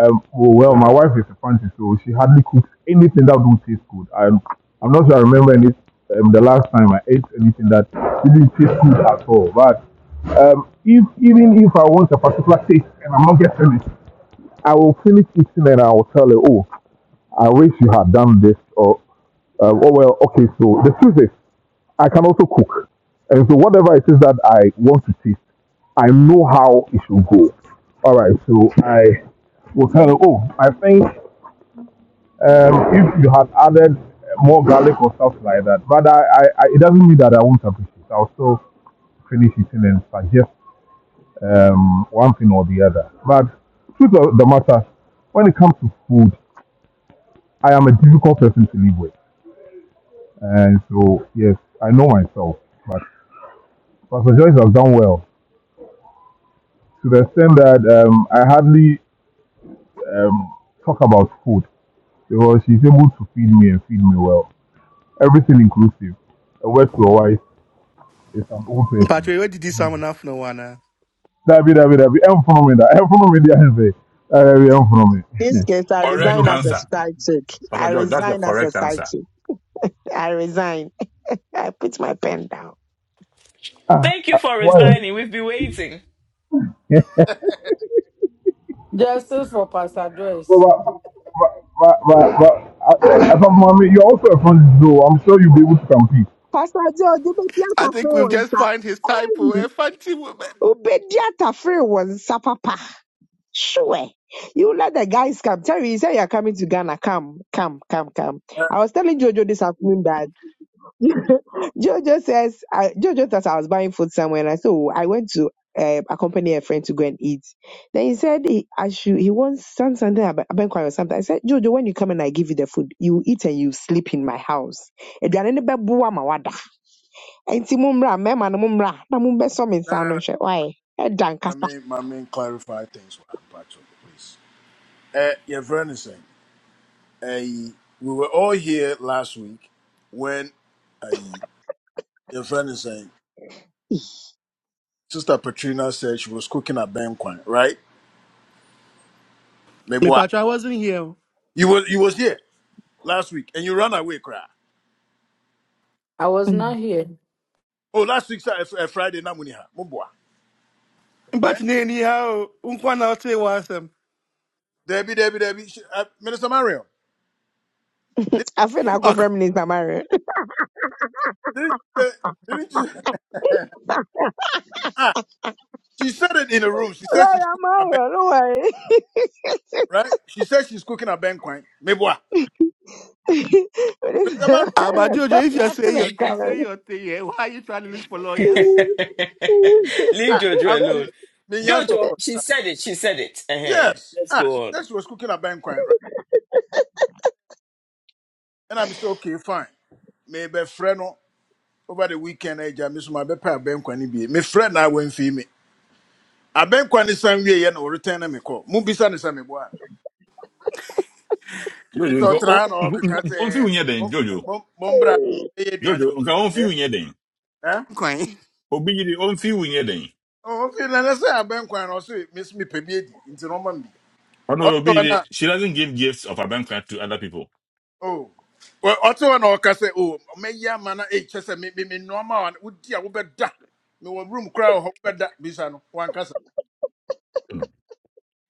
um well, well, my wife is a fancy, so she hardly cooks anything that don't taste good. I'm I'm not sure I remember any um, the last time I ate anything that didn't taste good at all. But um, if even if I want a particular taste and I'm not getting it, I will finish eating and I will tell her, oh, I wish you had done this or um, oh well okay so the truth is I can also cook and so whatever it is that I want to taste I know how it should go all right so I will tell her oh I think um, if you had added more garlic or stuff like that but I, I, I it doesn't mean that I won't appreciate I'll still finish eating and suggest um, one thing or the other but truth of the matter when it comes to food I am a difficult person to live with And so, yes, I know myself. But Pastor Joyce has done well to the extent that um, I hardly um, talk about food because she's able to feed me and feed me well. Everything inclusive. A word to a wife is an old person. Patrick, where did this someone have no one? ah? That be, that be, that be. I'm from me, I'm from me, I'm from This me. case, I Correct resign as a answer, psychic. Pastor I George. That's the resign as a correct answer. psychic. I resign. [LAUGHS] I put my pen down. Thank you for Why? resigning. We've been waiting. Justice for Pastor Joyce. Well, but, but, but, but, but, I, mommy, you're also a friend, though. I'm sure you'll be able to compete. Pastor Joe, you be I theater free think we've one, just found his sir. type of Hey, a fancy woman. you be theater free one, sir, papa. Sure. You let the guys come. Tell me, you say you're coming to Ghana. Come, come, come, come. eh, I was telling Jojo this afternoon that [LAUGHS] Jojo says, I, Jojo thought I was buying food somewhere. And I said, oh, I went to uh, accompany a friend to go and eat. Then he said, he, I should, he wants some- something, about abenquai or something. I said, Jojo, when you come and I give you the food, you eat and you sleep in my house. Aduane no bɛboa ma woada. Enti mommra, mmarima no mommra, na mommɛsɔ me no nsa no ano no. nhwɛ. Why? Ɛda My nkasa. main my main clarify things. Patro, please. Eh, your friend is saying. a we were all here last week when a your friend is saying Sister Patrina said she was cooking a banquet, right? Maybe Me, why Patrick, I wasn't here. you was you was here last week and you ran away, cry. I was Mm. not here. Oh, last week sir, a, a Friday na muniha, mubwa. But But anyway, anyhow, unkwana say was um. Debbie, Debbie, Debbie, she, uh, Minister Marion, did, Afei na akɔfrɛ Minister Mario. did, uh, didn't you? [LAUGHS] Ah, she said it in the room. She said Like she's cooking I'm a out banquet, don't worry. right? She said she's cooking a banquet. Maybe why? [LAUGHS] But Minister Marion, Ah, but it's- [LAUGHS] Jojo, Stop if you say laughing your and thing, say coming. your thing, yeah. Why are you trying to look for [LAUGHS] Leave lawyers? ah, Jojo I'm, me, alone. me, yes, of Jojo, course. she said it. She said it. uh Yes. Let's Ah, she go on. said she was cooking a banquet, right? And I'm so okay, fine. Maybe friend no, over the weekend, I miss my bepa a banquet. Be my friend, I went for me. A banquet is some way, and return me call. Mubisa is some boy. It's Jojo, all nka- oh, oh, trying or nka- nka- nka- cacate. wo nyɛ dɛn, Jojo, Bombra, baby, Jojo, nka ɔmfi wo nyɛ dɛn. eh? Quite. Obi yiri, ɔmfi wo nyɛ dɛn. Oh, okay, then I say a banquet, and also miss me pebby into Roman. Honorable B, she doesn't give gifts of her bank card to other people. Oh. Well, ọtọ na ọka Oh, o mmeyi ama na ekyɛ sɛ me me me nneɛma a wodi a da. me wɔ room koraa wɔ hɔ wobɛda bisa no wankasa Mm.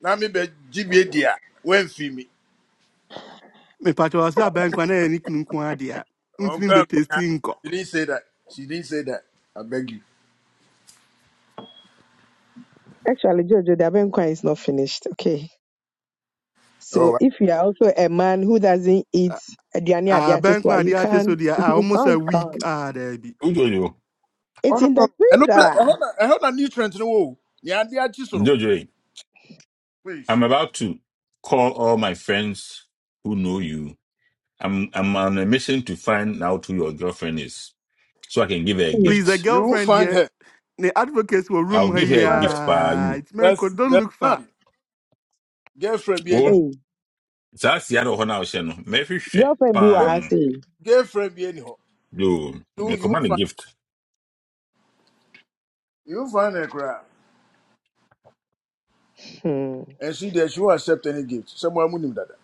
na me be GBA. di a wamfi mi Me, Patrick, I was that bank when I any kunkwa dia. Untimi be testing ko. she didn't say that she didn't say that I beg you Actually, Jojo, the abenqua is not finished. Okay. So oh I- if you are also a man who doesn't eat Ah, aduane a ade ah, akye bank so a, when you dia test can't so dia. Ah, you almost can't a week. come. Ah, there be. Ujojo, oh It's no in no the no. ɛno pɛ freezer. ɛhɔ na nutrient in the wall. Yeah, ade akyi so no Jojo, please I'm about to call all my friends who know you. I'm I'm on a mission to find out who your girlfriend is, so I can give her a Hmm. Please, the gift. you won't girlfriend find here. her The advocates were room I'll you give her won't here. a find her gift by ah, you. It's man, That's don't that's look far. none girlfriend bi ani hɔ Oh, Hey, that's the other one I was saying. Maybe she girlfriend be what I Girl- bang. say. girlfriend bi ani Yo, you me you won't command a find gift. you won't find her koraa. Hmm. and she there she won't accept any gift. Someone munim dada.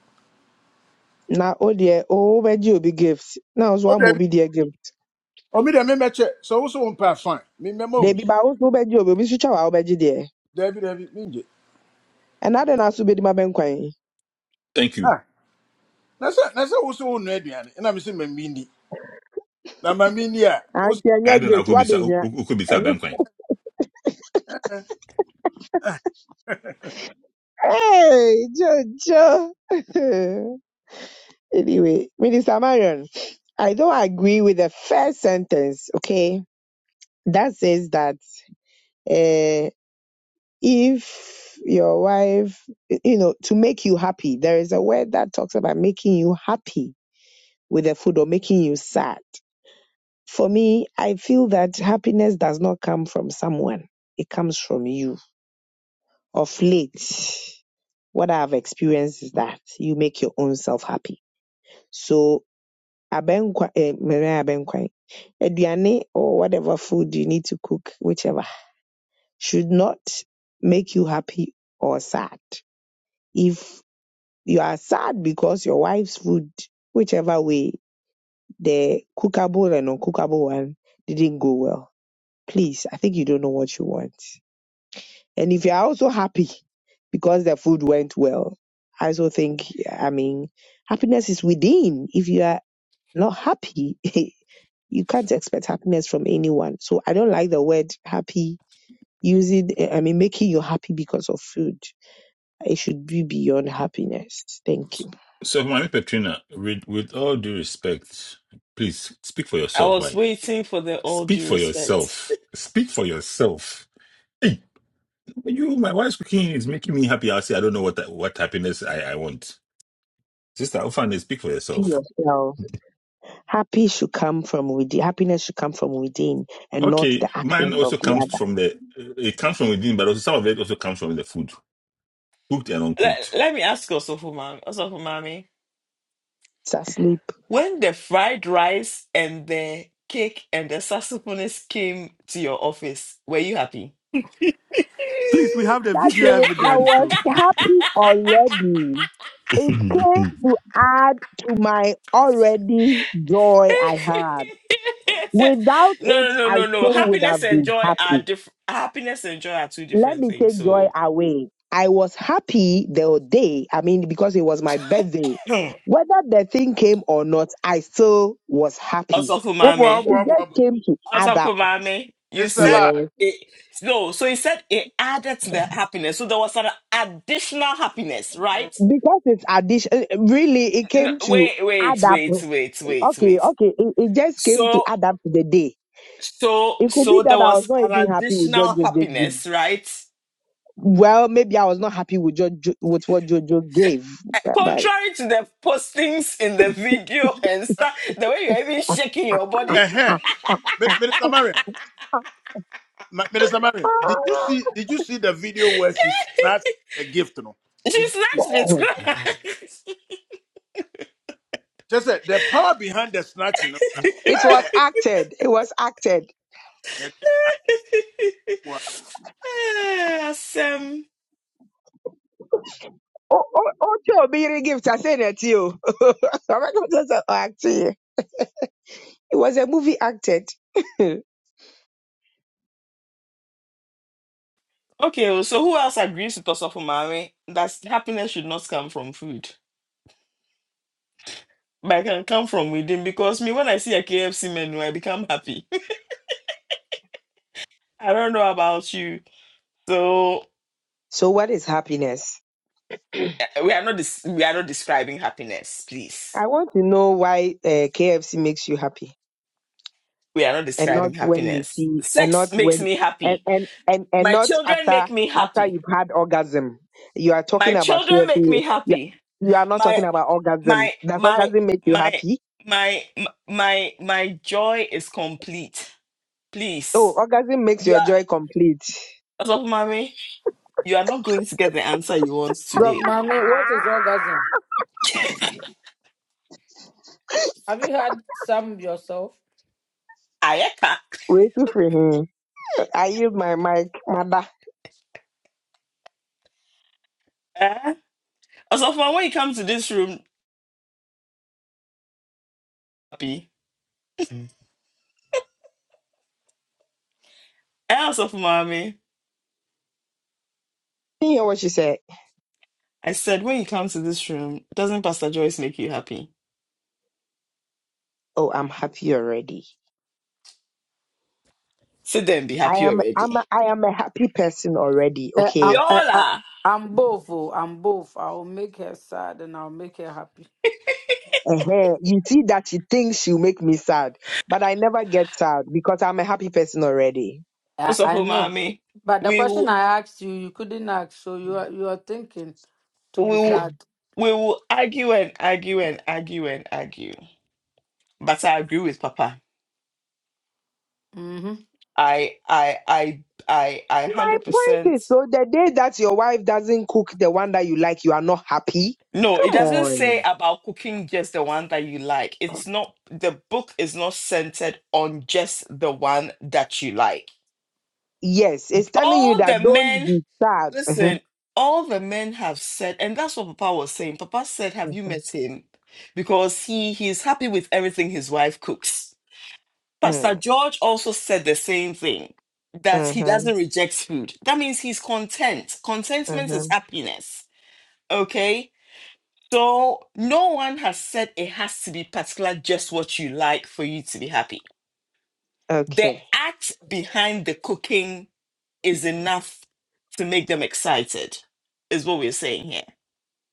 Now, oh dear, oh, Beji will be gifts. Now, so Oh I'm will David, be dear gift. oh me there me me check. So also on not fine. Me me mo They be by also Beji will be switch out, I'll be David David me nje. And I don't know, so be my benqua. Thank you. Ah, na se na se also on not no aduane. Na me se me mini. Na ma mini a. Obo Auntie, I anya don't know. gift. Could be What be sa. here? Could be sa. Hey, Jojo. [LAUGHS] anyway, Minister Marion, I don't agree with the first sentence. Okay, that says that uh, if your wife, you know, to make you happy, there is a word that talks about making you happy with the food or making you sad. For me, I feel that happiness does not come from someone; it comes from you of late, what I've experienced is that you make your own self happy. So abenkwa, eh, mere abenkwa, aduane or whatever food you need to cook, whichever, should not make you happy or sad. If you are sad because your wife's food, whichever way, the cookable and uncookable one didn't go well, please, I think you don't know what you want. And if you're also happy because the food went well, I also think, I mean, happiness is within. If you are not happy, [LAUGHS] you can't expect happiness from anyone. So I don't like the word happy using, I mean, making you happy because of food. It should be beyond happiness. Thank you. So, Mami Petrina, with, with all due respect, please speak for I yourself, was right? waiting for the all Speak due for respect. yourself. Speak for yourself. Hey, you, my wife's cooking is making me happy. i say, I don't know what what happiness I, I want. Sister Ufane, speak for Be yourself. yourself. Happy should come from within. Happiness should come from within and not Okay, the mine actions also of the comes other. from the, it comes from within, but also some of it also comes from the food, cooked and Let, uncooked. let me ask Osofumami, Osofumami, Cecily, when the fried rice and the cake and the saxophonist came to your office, were you happy? Please, we have the That day video I evidence. was So, happy already. [LAUGHS] It came so, to add to my already joy [LAUGHS] I had. Without it, no, no, no, I no, no. still would Happiness have and been joy are happy. different. Happiness and joy are two Let different me things. take joy So, away. I was happy the day, I mean, because it was my birthday. [CLEARS THROAT] Whether the thing came or not, I still was happy. Osofumami. obo It obo just obo. came to add Also, up. Pumame, you It's a said lie. Yes. it. No, so he said it added to the happiness. So there was an additional happiness, Mm. right? Because it's addition, really, it No, came to wait, add wait, up. wait, wait, wait, Okay, wait. okay. It, it just came to So, add up to the day. so, It could be so there that I was was not an even happy with what additional Jojo gave. happiness, right? Well, maybe I was not happy with Jojo, with what Jojo gave, Eh, but, but Contrary to the postings in the video and stuff, the way you're even shaking your body, [LAUGHS] Eh eh. Minister Marion, Ma- Minister Marion, did you see did you see the video where she snatched the gift no? she Did you see it? snatched it. [LAUGHS] Just said the power behind the snatching of it was that. acted. It was acted. Hey, Eh, Asem. Oh, oh, oh, Joe, be the gift. I said it to you. [LAUGHS] I'm not gonna just act to It was a movie acted. [LAUGHS] Okay, oh, so who else agrees with Osofo Mami that happiness should not come from food, but it can come from within? Because me, when I see a KFC menu, I become happy. [LAUGHS] I don't know about you. So so, what is happiness? eh, we are not dis- we are not describing happiness, please. I want to know why uh, KFC makes you happy. We are not and not describing when you happiness. see and not Sex makes when me and happy. and and, and My not children after make me after happy. you've had orgasm you are talking My about children make KFC. me You, happy. you are not My talking about orgasm my does my orgasm make you my happy my my my, my joy is complete. oh Please. orgasm makes You your are joy complete As of mommy, you are not going to get the answer you want Doc today. Mame, what is Ah! orgasm? Have you had some yourself? Ayeka. way too free hmm. i yield my mic mother Eh? As of mommy, when you come to this room, happy. Mm. Eh, As of mommy, you hear what she said I said, when you come to this room, doesn't Pastor Joyce make you happy? oh i'm happy already Sit there and be i happy am I'm already. a, i am a happy person already Uh, I, We okay I, all I, are. I'm both. Oh, I'm both. I'll make her sad and I'll make her happy. uh You see that she thinks she'll make me sad, but I never get sad because I'm a happy person already. I, As of I know. mommy, But the we question will, I asked you, you couldn't ask. So you are you are thinking to we be will, sad. we will argue and argue and argue and argue. But I agree with Papa. Mm-hmm. I, I, I, I, I, My hundred point is, percent. so the day that your wife doesn't cook the one that you like, you are not happy. No, it Come doesn't say on. about cooking just the one that you like. It's not, the book is not centered on just the one that you like. Yes, it's telling you All that the don't men, be sad. Mhm, listen, all the men have said, and that's what Papa was saying. Papa said, Have you met him? Because he he's happy with everything his wife cooks. Pastor mhm, George also said the same thing that he mhm. doesn't reject food. That means he's content. Contentment is mhm. happiness. Okay So no one has said it has to be particular just what you like for you to be happy. The Okay. act behind the cooking is enough to make them excited, is what we're saying here.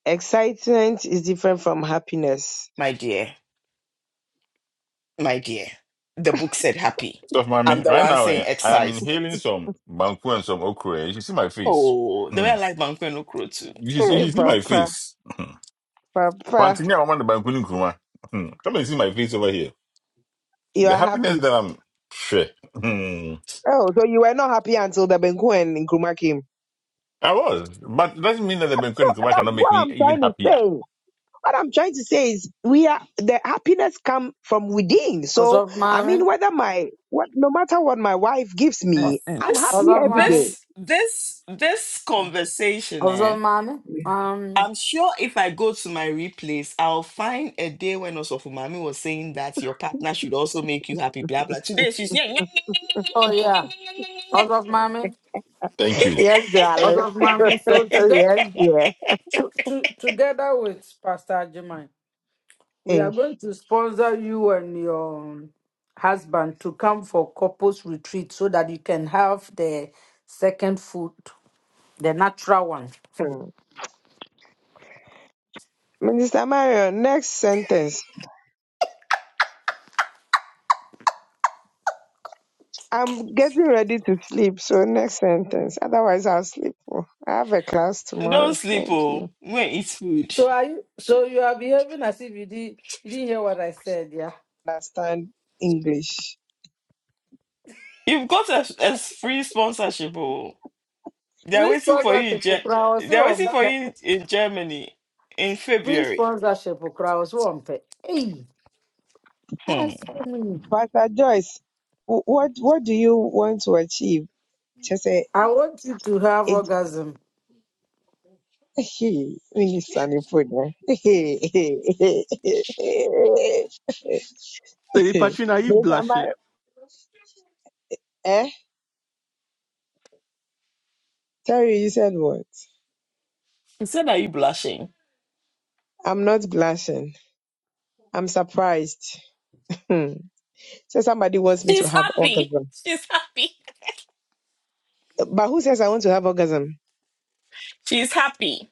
Excitement is different from happiness. My dear, my dear, the book said happy. I'm Mami, the right one now, saying eh, I am inhaling excitement. some banku and some okra. eh. You should see my face. Oh, the way I Mm. like Bankwenu Kuro too. You should Hey, you should see my Papa, face. [LAUGHS] Papa, Pantini, I want the Bankuni kuma, Hmm. Come and see my face over here. you The are happiness happy. that I'm sure. Hmm. Oh, so you were not happy until the Benku and Nkrumah came. I was, but it doesn't mean that the So Bankuni Nkrumah that's cannot make what me I'm even trying to happier. say. What I'm trying to say is we are the happiness come from within. So I mean Also, whether my what no matter what my wife gives Uh, Mm, me, mm. I'm What's This, happy up, every mommy? day. this, this, this conversation, What's eh? up, mommy? Um, I'm sure if I go to my replays, I'll find a day when Osofo Mami was saying that your partner should also make you happy, blah blah. Today she's [LAUGHS] yeah. oh yeah. What's up, mommy? Thank you. Yes, What's darling. up, mommy? [LAUGHS] So together, yes, dear. to, to, together with Pastor Jemai, we are Eh, going to sponsor you and your husband to come for couples retreat so that you can have the second food, the natural one. hmm. Minister Mario, next sentence. I'm getting ready to sleep, so next sentence. Otherwise I'll sleep. Oh, I have a class Don't tomorrow. sleep, Thank oh. you. When it's food, So are you? So you are behaving as if you did. You didn't hear what I said, yeah. Understand English. you've got a, a free sponsorship, oh. They're Please waiting for sponsor you. In people. I was Ge- they're so waiting for you in Germany in Bring February. sponsorship for crowds. One pay. Hey, Hmm. ask me. Pastor Joyce, wh- what what do you want to achieve? Just say, I want you to have eh, orgasm. [LAUGHS] hey, Minister Nipoda. Lady Patrina, you Those are blushing? my [LAUGHS] eh? Terry, you said what? Instead, are you blushing? I'm not blushing. I'm surprised. Hmm. So somebody wants me to She's have happy. orgasm. She's happy. But who says I want to have orgasm? She's happy.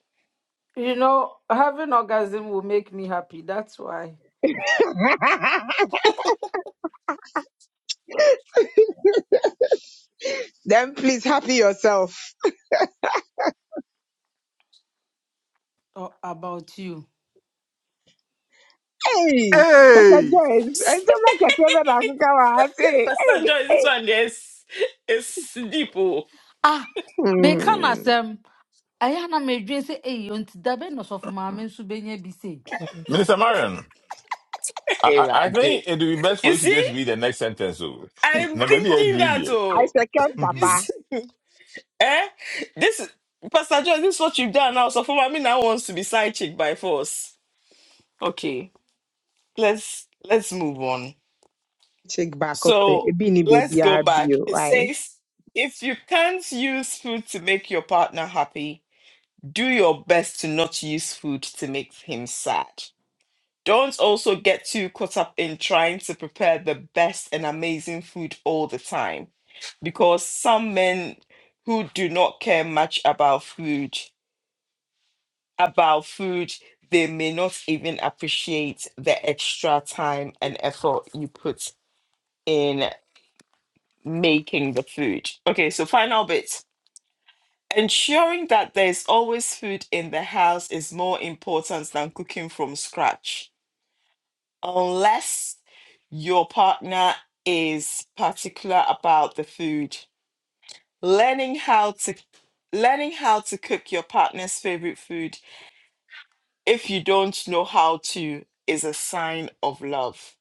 You know, having orgasm will make me happy. That's why. Then please happy yourself. Oh, about you. Hey, Pastor Hey! Joyce, I so much a favorite African Africa. Hey, Pastor hey. Joy, this hey. one is is deep. Oh. Ah, meka na Hmm. asɛm. Ɛyɛ a na medwin sɛ ei ɔnti da bɛn na ɔsɔfo maame nso Minister Marion, Hey, I, I, I man, dear. think it would be best for You you to see, just read the next sentence. So. [LAUGHS] I'm now, maybe I'd thinking read that it. I oh, second you [LAUGHS] Papa. see, [LAUGHS] eh? This Pastor Joy, this is what you've done now. So for me now wants to be side chick by force. Okay, let's let's move on. Take back up. eh, So It be ni let's baby go back. RBO. It Why? says if you can't use food to make your partner happy, do your best to not use food to make him sad. Don't also get too caught up in trying to prepare the best and amazing food all the time because some men who do not care much about food, about food, they may not even appreciate the extra time and effort you put in making the food. Okay, so final bit. Ensuring that there's always food in the house is more important than cooking from scratch unless your partner is particular about the food learning how to learning how to cook your partner's favorite food if you don't know how to is a sign of love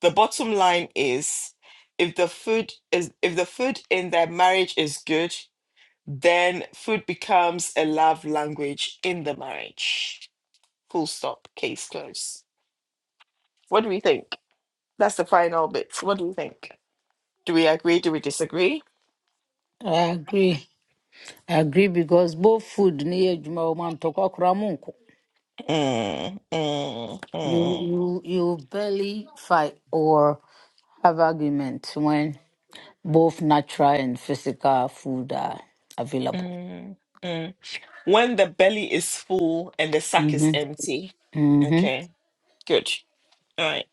the bottom line is if the food is if the food in their marriage is good then food becomes a love language in the marriage full stop case closed what do we think that's the final bit what do you think Do we agree? Do we disagree? I agree. I agree because both food near Juma woman talk kramunko. Mm, mm, You mm, you you barely fight or have argument when Both natural and physical food are available. mm, mm. When the belly is full and the sack is hmm empty. hmm Okay, good. All right,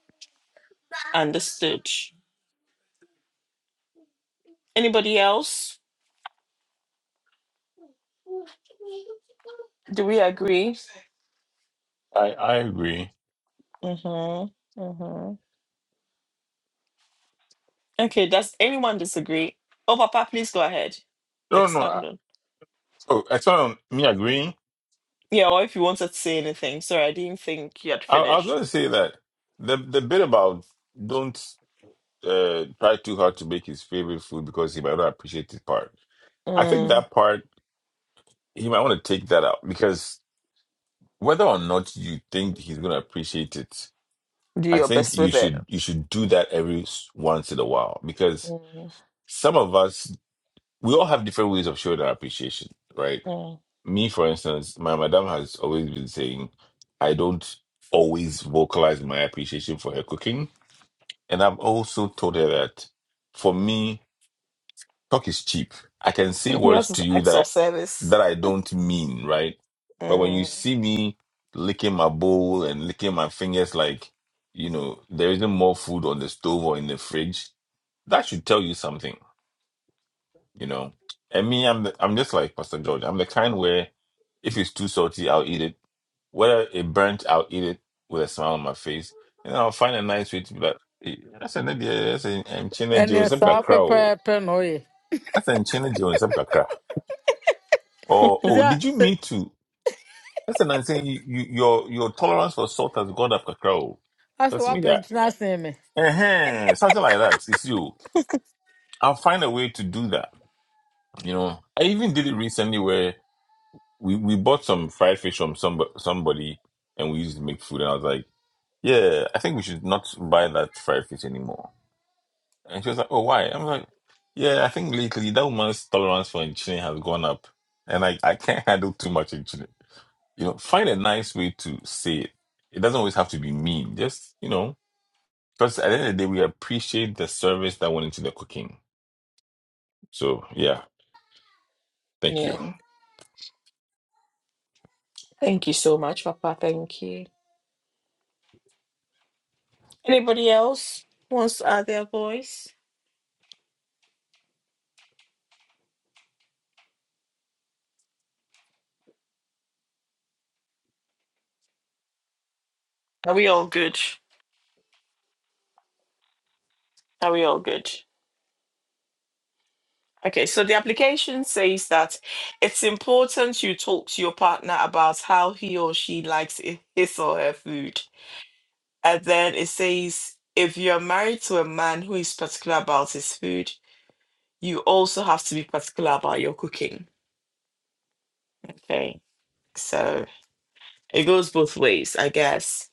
understood. Anybody else? Do we agree? I, I agree. Mm-hmm. Mm-hmm. Okay, does anyone disagree? Oh, Papa, please go ahead. No, no. I, Expand on. oh, I saw me agreeing. Yeah, or if you wanted to say anything. Sorry, I didn't think you had I, I was going finished. to say that the, the bit about don't. uh, try too hard to make his favorite food because he might not appreciate the part. I think Mm, that part he might want to take that out because whether or not you think he's gonna appreciate it, do I your think best you with it. should you should do that every s- once in a while because Mm, some of us we all have different ways of showing our appreciation, right? mm. Me, for instance, my madam has always been saying I don't always vocalize my appreciation for her cooking, and I've also told her that for me. talk is cheap. I can say [LAUGHS] words Yours is to you acts that I, of service. that I don't mean, right? But when you Mm, see me licking my bowl and licking my fingers, like you know, there isn't more food on the stove or in the fridge. That should tell you something, you know. And me, I'm the, I'm just like Pastor George. I'm the kind where if it's too salty, I'll eat it. Whether it burnt, I'll eat it with a smile on my face, and I'll find a nice way to be like, "Eh, "That's an idea. That's an china Joe. ɛne That's a saa crow. pɛpɛɛpɛ na ɔyɛ That's an china Joe. Or Sisi oh, a did you sɛ asɛ mean to? That's what I'm saying. You, you, your your tolerance for salt has gone up, Kakao. asɛ Because me, that woapɛnkyena asen me uh something like that. It's you. I'll find a way to do that. You know, I even did it recently where we, we bought some fried fish from some somebody and we used it to make food. And I was like, yeah, I think we should not buy that fried fish anymore. And she was like, oh, why? I'm like, yeah, I think lately that woman's tolerance for enchilada has gone up, and I I can't [LAUGHS] handle too much enchilada. You know, find a nice way to say it. It doesn't always have to be mean. Just, you know, because at the end of the day, we appreciate the service that went into the cooking. So, yeah, thank you. yeah. Thank you so much, Papa. Thank you. Anybody else wants to add their voice? Are we all good? Are we all good? Okay, so the application says that it's important you talk to your partner about how he or she likes i- his or her food. And then it says if you're married to a man who is particular about his food, you also have to be particular about your cooking. Okay, so it goes both ways, I guess.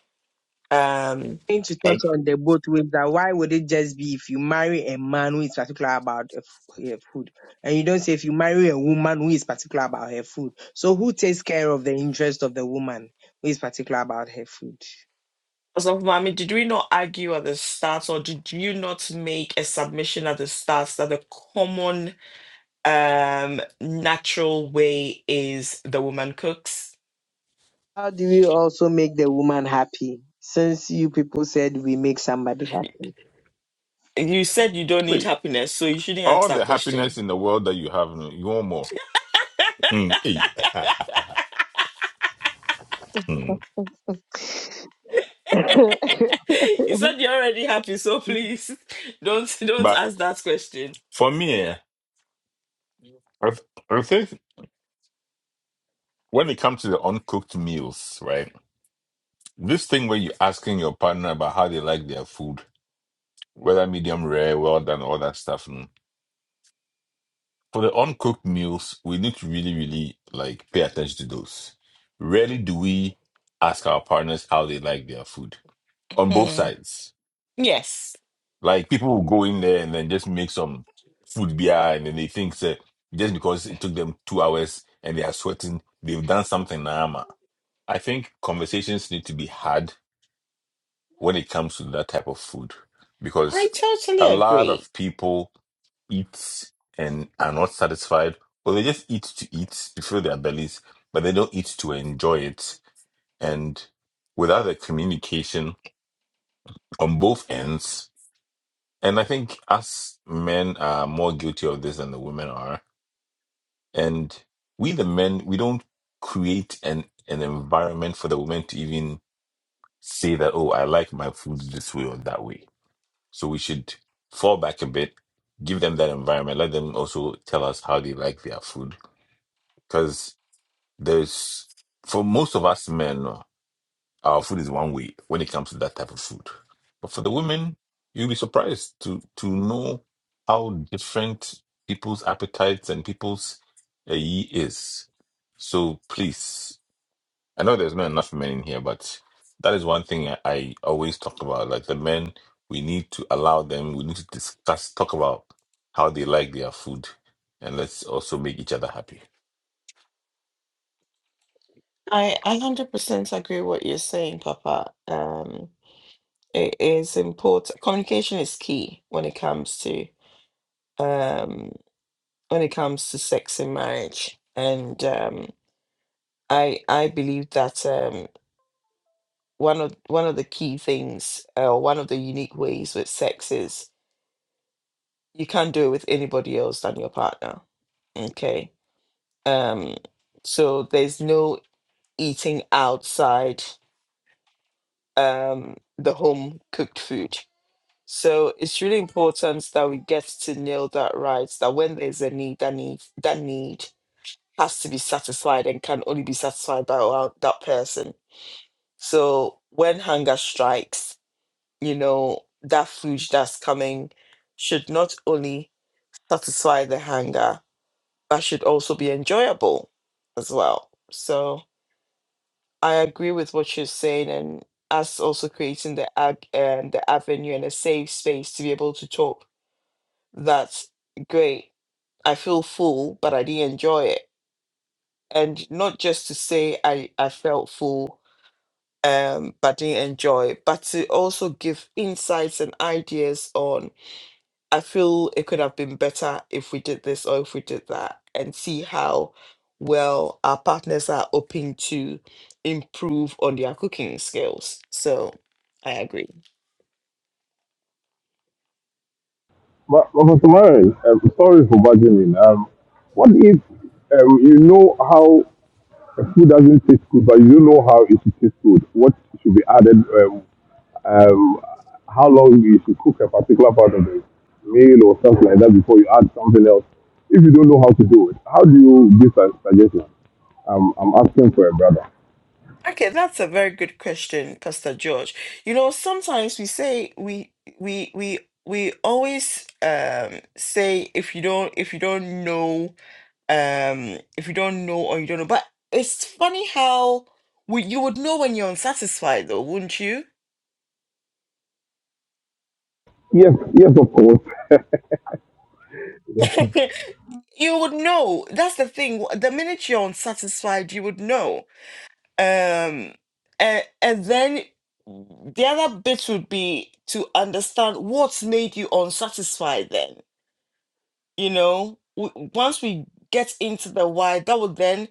Um, Going to touch like, on the both ways that why would it just be if you marry a man who is particular about the her food, and you don't say if you marry a woman who is particular about her food. So who takes care of the interest of the woman who is particular about her food? So, Mami, did we not argue at the start, or did you not make a submission at the start that the common um, natural way is the woman cooks? How do we also make the woman happy? Since you people said we make somebody happy. You said you don't need Wait, happiness, so you shouldn't ask all that the happiness question. in the world that you have, no, you want more. Mm, eh. [LAUGHS] Mm. [LAUGHS] [LAUGHS] you said you're already happy, so please [LAUGHS] don't don't But ask that question. for me, eh, I th- I think when it comes to the uncooked meals, right? This thing where you're asking your partner about how they like their food, whether medium rare, well done, all that stuff. mm, For the uncooked meals, we need to really, really like pay attention to those. Rarely do we ask our partners how they like their food on both Hmm. sides. Yes, Like people will go in there and then just make some food beer and then they think that just because it took them two hours and they are sweating, they've done something. Nama. I think conversations need to be had when it comes to that type of food I because totally a lot agree. of people eat and are not satisfied or they just eat to eat to fill their bellies but they don't eat to enjoy it and without the communication on both ends and i think us men are more guilty of this than the women are and we the men we don't create an an environment for the women to even say that oh i like my food this way or that way So we should fall back a bit, give them that environment, let them also tell us how they like their food. Because there's, for most of us men, our food is one way when it comes to that type of food. But for the women, you'll be surprised to to know how different people's appetites and people's uh, ye is. So please I know there's not enough men in here, but that is one thing I, I always talk about. Like the men, we need to allow them, we need to discuss, talk about how they like their food, and let's also make each other happy. I I hundred percent agree what you're saying, Papa. Um, it is important. Communication is key when it comes to um when it comes to sex in marriage. And um I I believe that um one of one of the key things uh, or one of the unique ways with sex is you can't do it with anybody else than your partner. Okay. Um so there's no eating outside um the home cooked food So it's really important that we get to nail that right, that when there's a need, that need that need has to be satisfied and can only be satisfied by our- that person. So when hunger strikes, you know, that food that's coming should not only satisfy the hunger, but should also be enjoyable as well. So I agree with what you're saying and us also creating the ag- um, the avenue and a safe space to be able to talk that's great. I feel full, but I didn't enjoy it. And not just to say I, I felt full, um, but didn't enjoy it, but to also give insights and ideas on I feel it could have been better if we did this or if we did that, and see how well our partners are open to improve on their cooking skills. So I agree. But, but Mr. um, sorry for barging in. Um, what if um, you know how food doesn't taste good, but you don't know how it should taste good? What should be added? Um, um, how long you should cook a particular part of the meal or something like that before you add something else? If you don't know how to do it, how do you give a suggestion? Um, I'm asking for a brother. Okay, that's a very good question, Pastor George. You know, sometimes we say we we we we always um say if you don't if you don't know um if you don't know or you don't know, but it's funny how we, you would know when you're unsatisfied though, wouldn't you? Yes, yes, of course. [LAUGHS] You would know. That's the thing. The minute you're unsatisfied, you would know. um and and then the other bit would be to understand what's made you unsatisfied then you know w- once we get into the why that would then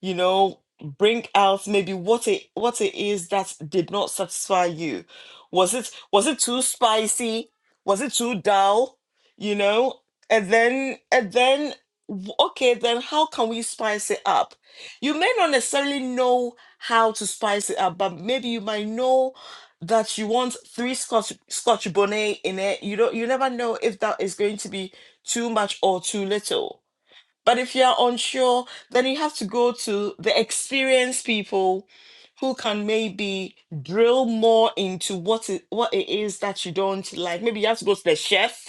you know bring out maybe what it what it is that did not satisfy you was it was it too spicy was it too dull you know and then and then w- okay then how can we spice it up you may not necessarily know how to spice it up but maybe you might know that you want three scotch scotch bonnet in it you don't you never know if that is going to be too much or too little. But if you're unsure, then you have to go to the experienced people who can maybe drill more into what it, what it is that you don't like. Maybe you have to go to the chef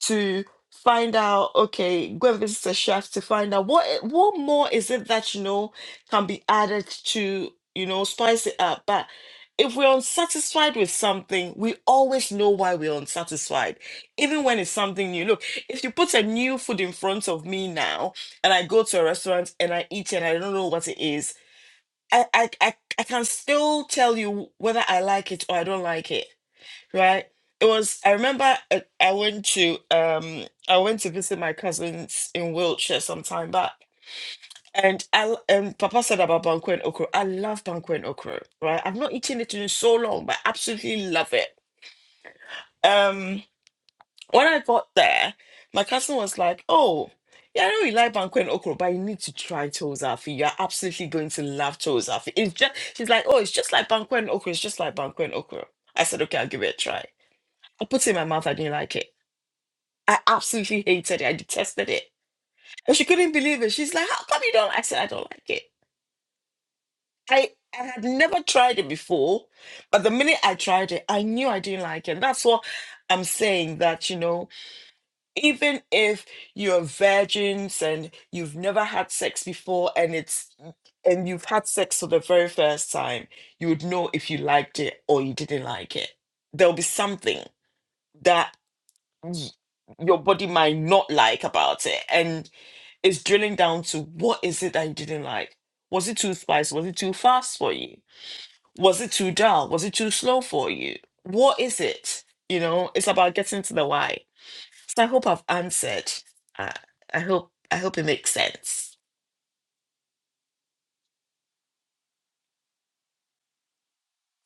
to find out okay go and visit a chef to find out what e- what more is it that you know can be added to you know spice it up but if we're unsatisfied with something we always know why we're unsatisfied even when it's something new look if you put a new food in front of me now and i go to a restaurant and i eat it and i don't know what it is i i i, I can still tell you whether i like it or i don't like it right? It was. I remember uh, I went to um I went to visit my cousins in Wiltshire some time back, and I l- and Papa said about banku and okra. I love banku and okra, right? I've not eaten it in so long, but I absolutely love it. Um, when I got there, my cousin was like, "Oh." Yeah, I know you like banku and okra, but you need to try tozafi. You're absolutely going to love tozafi. It's just she's like, oh, it's just like banku and okra. It's just like banku and okra. I said, okay, I'll give it a try. I put it in my mouth. I didn't like it. I absolutely hated it. I detested it. And she couldn't believe it. She's like, How come you don't? I said, I don't like it. I, I had never tried it before, but the minute I tried it, I knew I didn't like it. That's what I'm saying that, you know, even if you're virgins and you've never had sex before and it's and you've had sex for the very first time, you would know if you liked it or you didn't like it. There'll be something that y- your body might not like about it. And It's drilling down to what is it that you didn't like? Was it too spicy? Was it too fast for you? Was it too dull? Was it too slow for you? What is it? You know, it's about getting to the why. So I hope I've answered. Uh, I hope I hope it makes sense.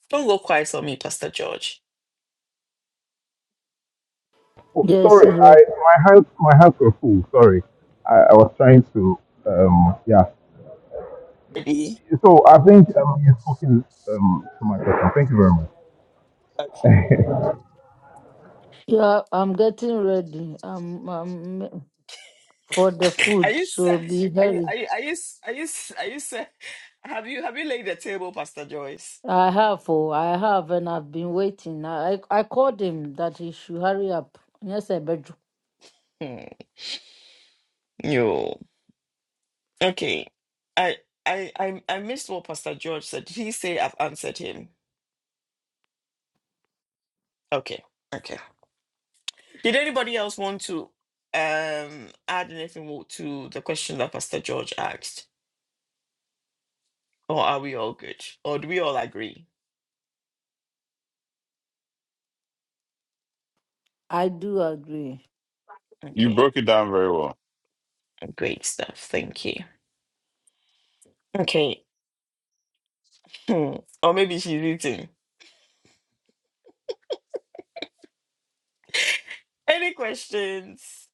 Don't go quiet on me, Pastor George. Oh, Yes, sorry, yeah. I my hands my hands were full. Sorry, I, I was trying to um yeah. Maybe. So I think um, you've spoken um, to my question. Thank you very much. Okay. Yeah, I'm getting ready. I'm, I'm for the [LAUGHS] Are food, you so set? be Are you are hurry. you are you s- are you s- are you set? Have you have you laid the table, Pastor Joyce? I have, oh, I have, and I've been waiting. I, I I called him that he should hurry up. Yes, I bet you. Hmm. No. Okay. I I I I missed what Pastor George said. Did he say I've answered him? Okay. Okay. Did anybody else want to um add anything wo- to the question that Pastor George asked? Or are we all good? Or do we all agree? I do agree. You Okay. broke it down very well. Great stuff. Thank you. Okay. Hmm. Or maybe she's eating. Any questions?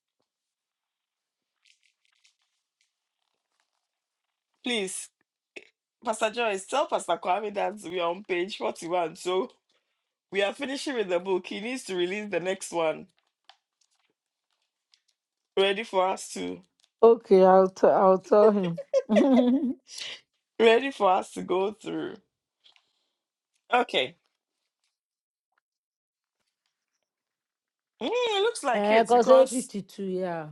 Please, Pastor Joyce, tell Pastor Kwame that we are on page 41. So we are finishing with the book. He needs to release the next one. ready for us to Okay, I'll, t- I'll tell him. [LAUGHS] ready for us to go through. Okay. Mm, it looks like Eh, it cause eight because fifty-two. Yeah.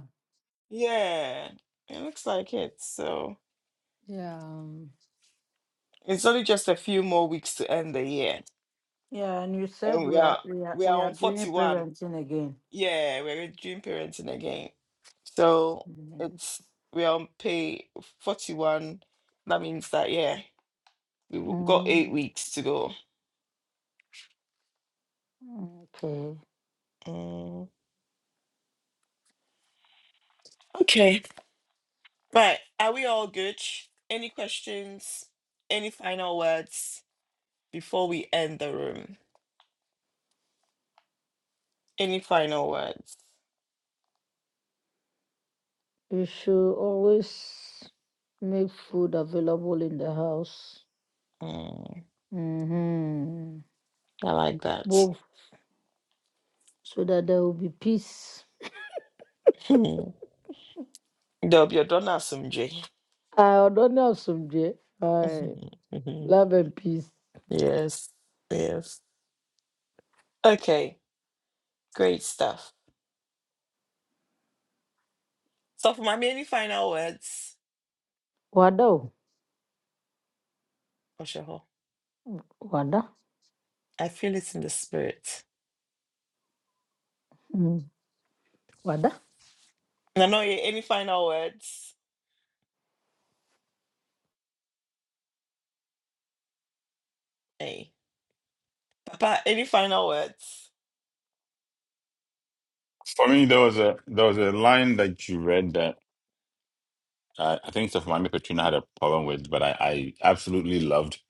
yeah, it looks like it. So Yeah. um, it's only just a few more weeks to end the year. Yeah, and you And said we we are are we are we are we are on doing 41. parenting again. Yeah, we're in dream parenting again. So Mhm. it's we are on pay 41. That means that yeah, we've got eight mm, weeks to go. okay. Mm, Okay. Right. Are we all good? Any questions? Any final words before we end the room? Any final words? You should always make food available in the house. Mm, Mm-hmm. I like that. Both so that there will be peace. [LAUGHS] Dub, you're done as some J. I don't know some day. I [LAUGHS] love and peace. Yes. Yes. Okay. Great stuff. So for mommy, any final words? Wada. o, Oshoho. Wada. I feel it in the spirit. Mm. Wada. No, no, yeah, any final words? Hey. Papa, any final words? For me, there was a there was a line that you read that uh, I think Stefani Petrina had a problem with, but I, I absolutely loved.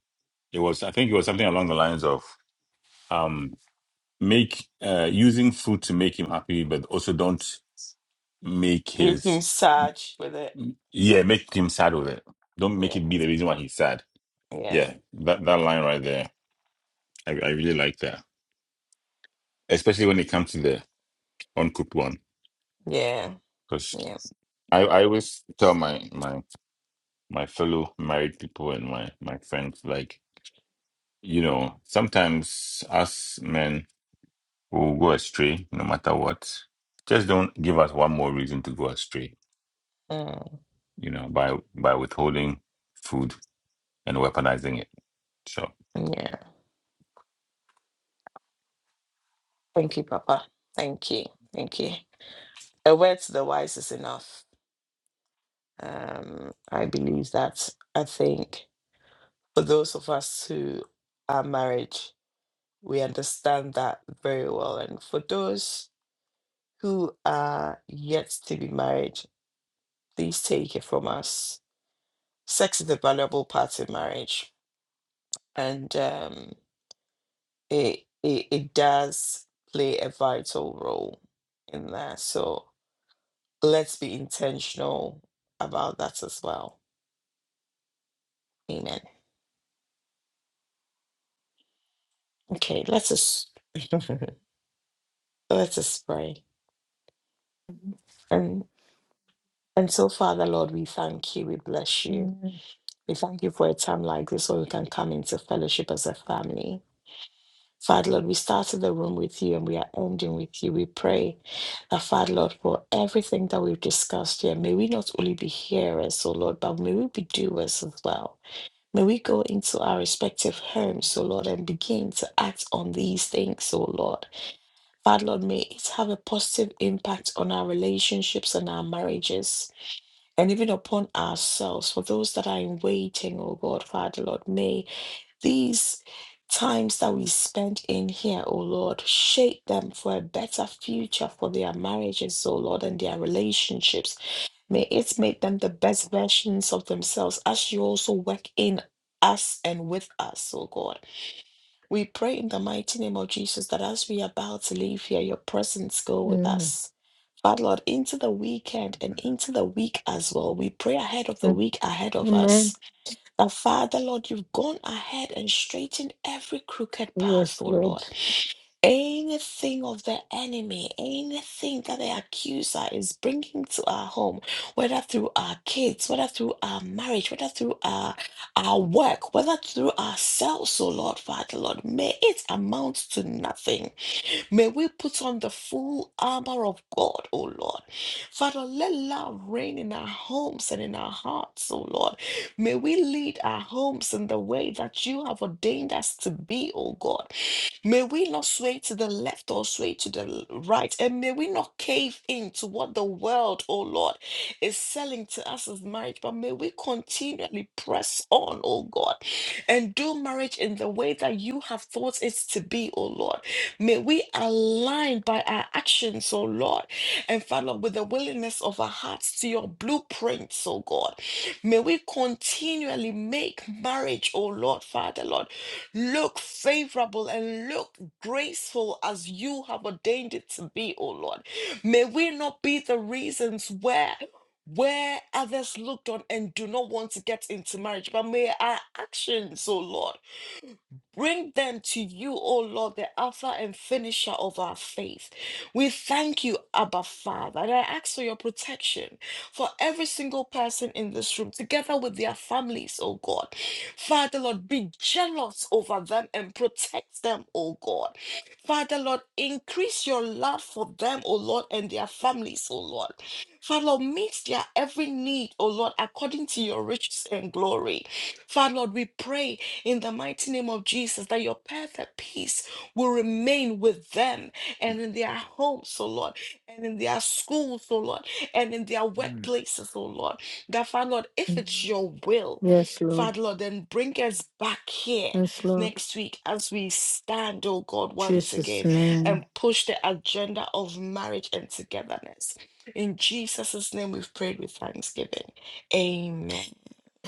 It was I think it was something along the lines of um make uh using food to make him happy, but also don't make You his can search with it. Yeah, make him sad with it. Don't Yeah. make it be the reason why he's sad. Yeah. Yeah, that that line right there, I I really like that, especially when it comes to the uncooked one. Yeah, Because yeah, I I always tell my my my fellow married people and my my friends like you know sometimes us men will go astray no matter what. Just don't give us one more reason to go astray. mm, You know by by withholding food and weaponizing it. So yeah. Thank you, Papa. Thank you, thank you. A word to the wise is enough. Um, I believe that. I think for those of us who are married, we understand that very well. And for those who are yet to be married, please take it from us. Sex is a valuable part in marriage, and um, it, it it does play a vital role in that. So. let's be intentional about that as well. Amen. Okay, let's just [LAUGHS] let's just pray. And and so, Father Lord, we thank you, we bless you. Mm. We thank you for a time like this where we can come into fellowship as a family. Father Lord, we started the room with you and we are ending with you. We pray that Father Lord for everything that we've discussed here. May we not only be hearers, oh Lord, but may we be doers as well. May we go into our respective homes, O Lord, and begin to act on these things, O Lord. Father, Lord, may it have a positive impact on our relationships and our marriages, and even upon ourselves. For those that are in waiting, O God, Father, Lord, may these times that we spend in here, O Lord, shape them for a better future for their marriages, O Lord, and their relationships. May it make them the best versions of themselves as you also work in us and with us, oh God. We pray in the mighty name of Jesus that as we are about to leave here, your presence go with Mm. us. Father Lord, into the weekend and into the week as well. We pray ahead of the Mm. week ahead of us. Amen. That Father Lord, you've gone ahead and straightened every crooked path, Yes, oh Lord. Lord. Anything of the enemy, anything that the accuser is bringing to our home, whether through our kids, whether through our marriage, whether through our, our work, whether through ourselves, oh Lord, Father, Lord, may it amount to nothing. May we put on the full armor of God, oh Lord. Father, let love reign in our homes and in our hearts, oh Lord. May we lead our homes in the way that you have ordained us to be, oh God. May we not sway to the left or sway to the l- right. And may we not cave in to what the world, oh Lord, is selling to us as marriage. But may we continually press on, oh God, and do marriage in the way that you have thought it to be, oh Lord. May we align by our actions, oh Lord, and Father, with the willingness of our hearts to your blueprints, oh God. May we continually make marriage, oh Lord, Father, Lord look favorable and look graceful as you have ordained it to be, oh Lord. May we not be the reasons where where others looked on and do not want to get into marriage, but may our actions, oh Lord. Bring them to you, O Lord, the Alpha and Finisher of our faith. We thank you, Abba Father. And I ask for your protection for every single person in this room, together with their families, O God. Father, Lord, be jealous over them and protect them, O God. Father, Lord, increase your love for them, O Lord, and their families, O Lord. Father, Lord, meet their every need, O Lord, according to your riches and glory. Father, Lord, we pray in the mighty name of Jesus, that your perfect peace will remain with them and in their homes, oh Lord, and in their schools, oh Lord, and in their workplaces, oh Lord. That, Father Lord, if it's Mm. your will, Yes, Lord. Father Lord, then bring us back here Yes, Lord. next week as we stand, oh God, once Jesus' again and name. push the agenda of marriage and togetherness. In Jesus' name, we've prayed with thanksgiving. Amen.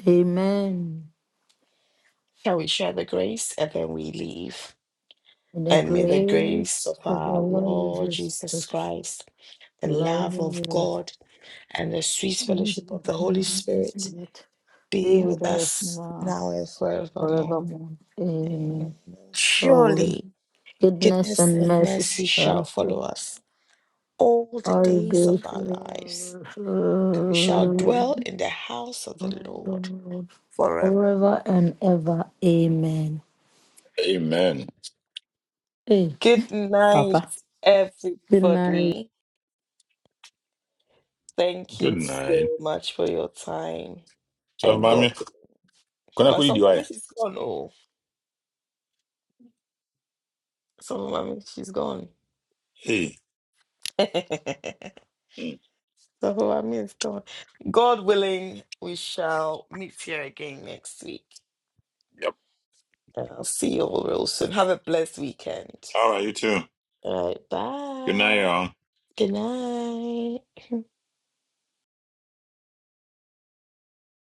Amen. Shall we share the grace and then we leave? In the And may the grace grace of of our our Lord Lord Jesus Jesus Christ, Christ, the the love love of you. God, and the sweet fellowship of the Holy Spirit Be be with with us us now, now and forevermore. forevermore. Amen. Amen. Surely, Surely goodness goodness and and mercy mercy shall shall follow follow us all the all the days of days our lives, and we shall dwell in the house of of the the Lord Lord, forever. forever and ever. Amen. amen. Hey, Good night, Papa. Good night. everybody. Thank Good you so night. much for your time and So, God Kuna My kudi DY. Sofumami, she's gone. Oh, some mommy, she's gone. Hey. [LAUGHS] Some mommy is gone. God willing, we shall meet here again next week. Yep. I'll see you all real soon. Have a blessed weekend. All right, you too. All right, Good night, bye. y'all. Good night.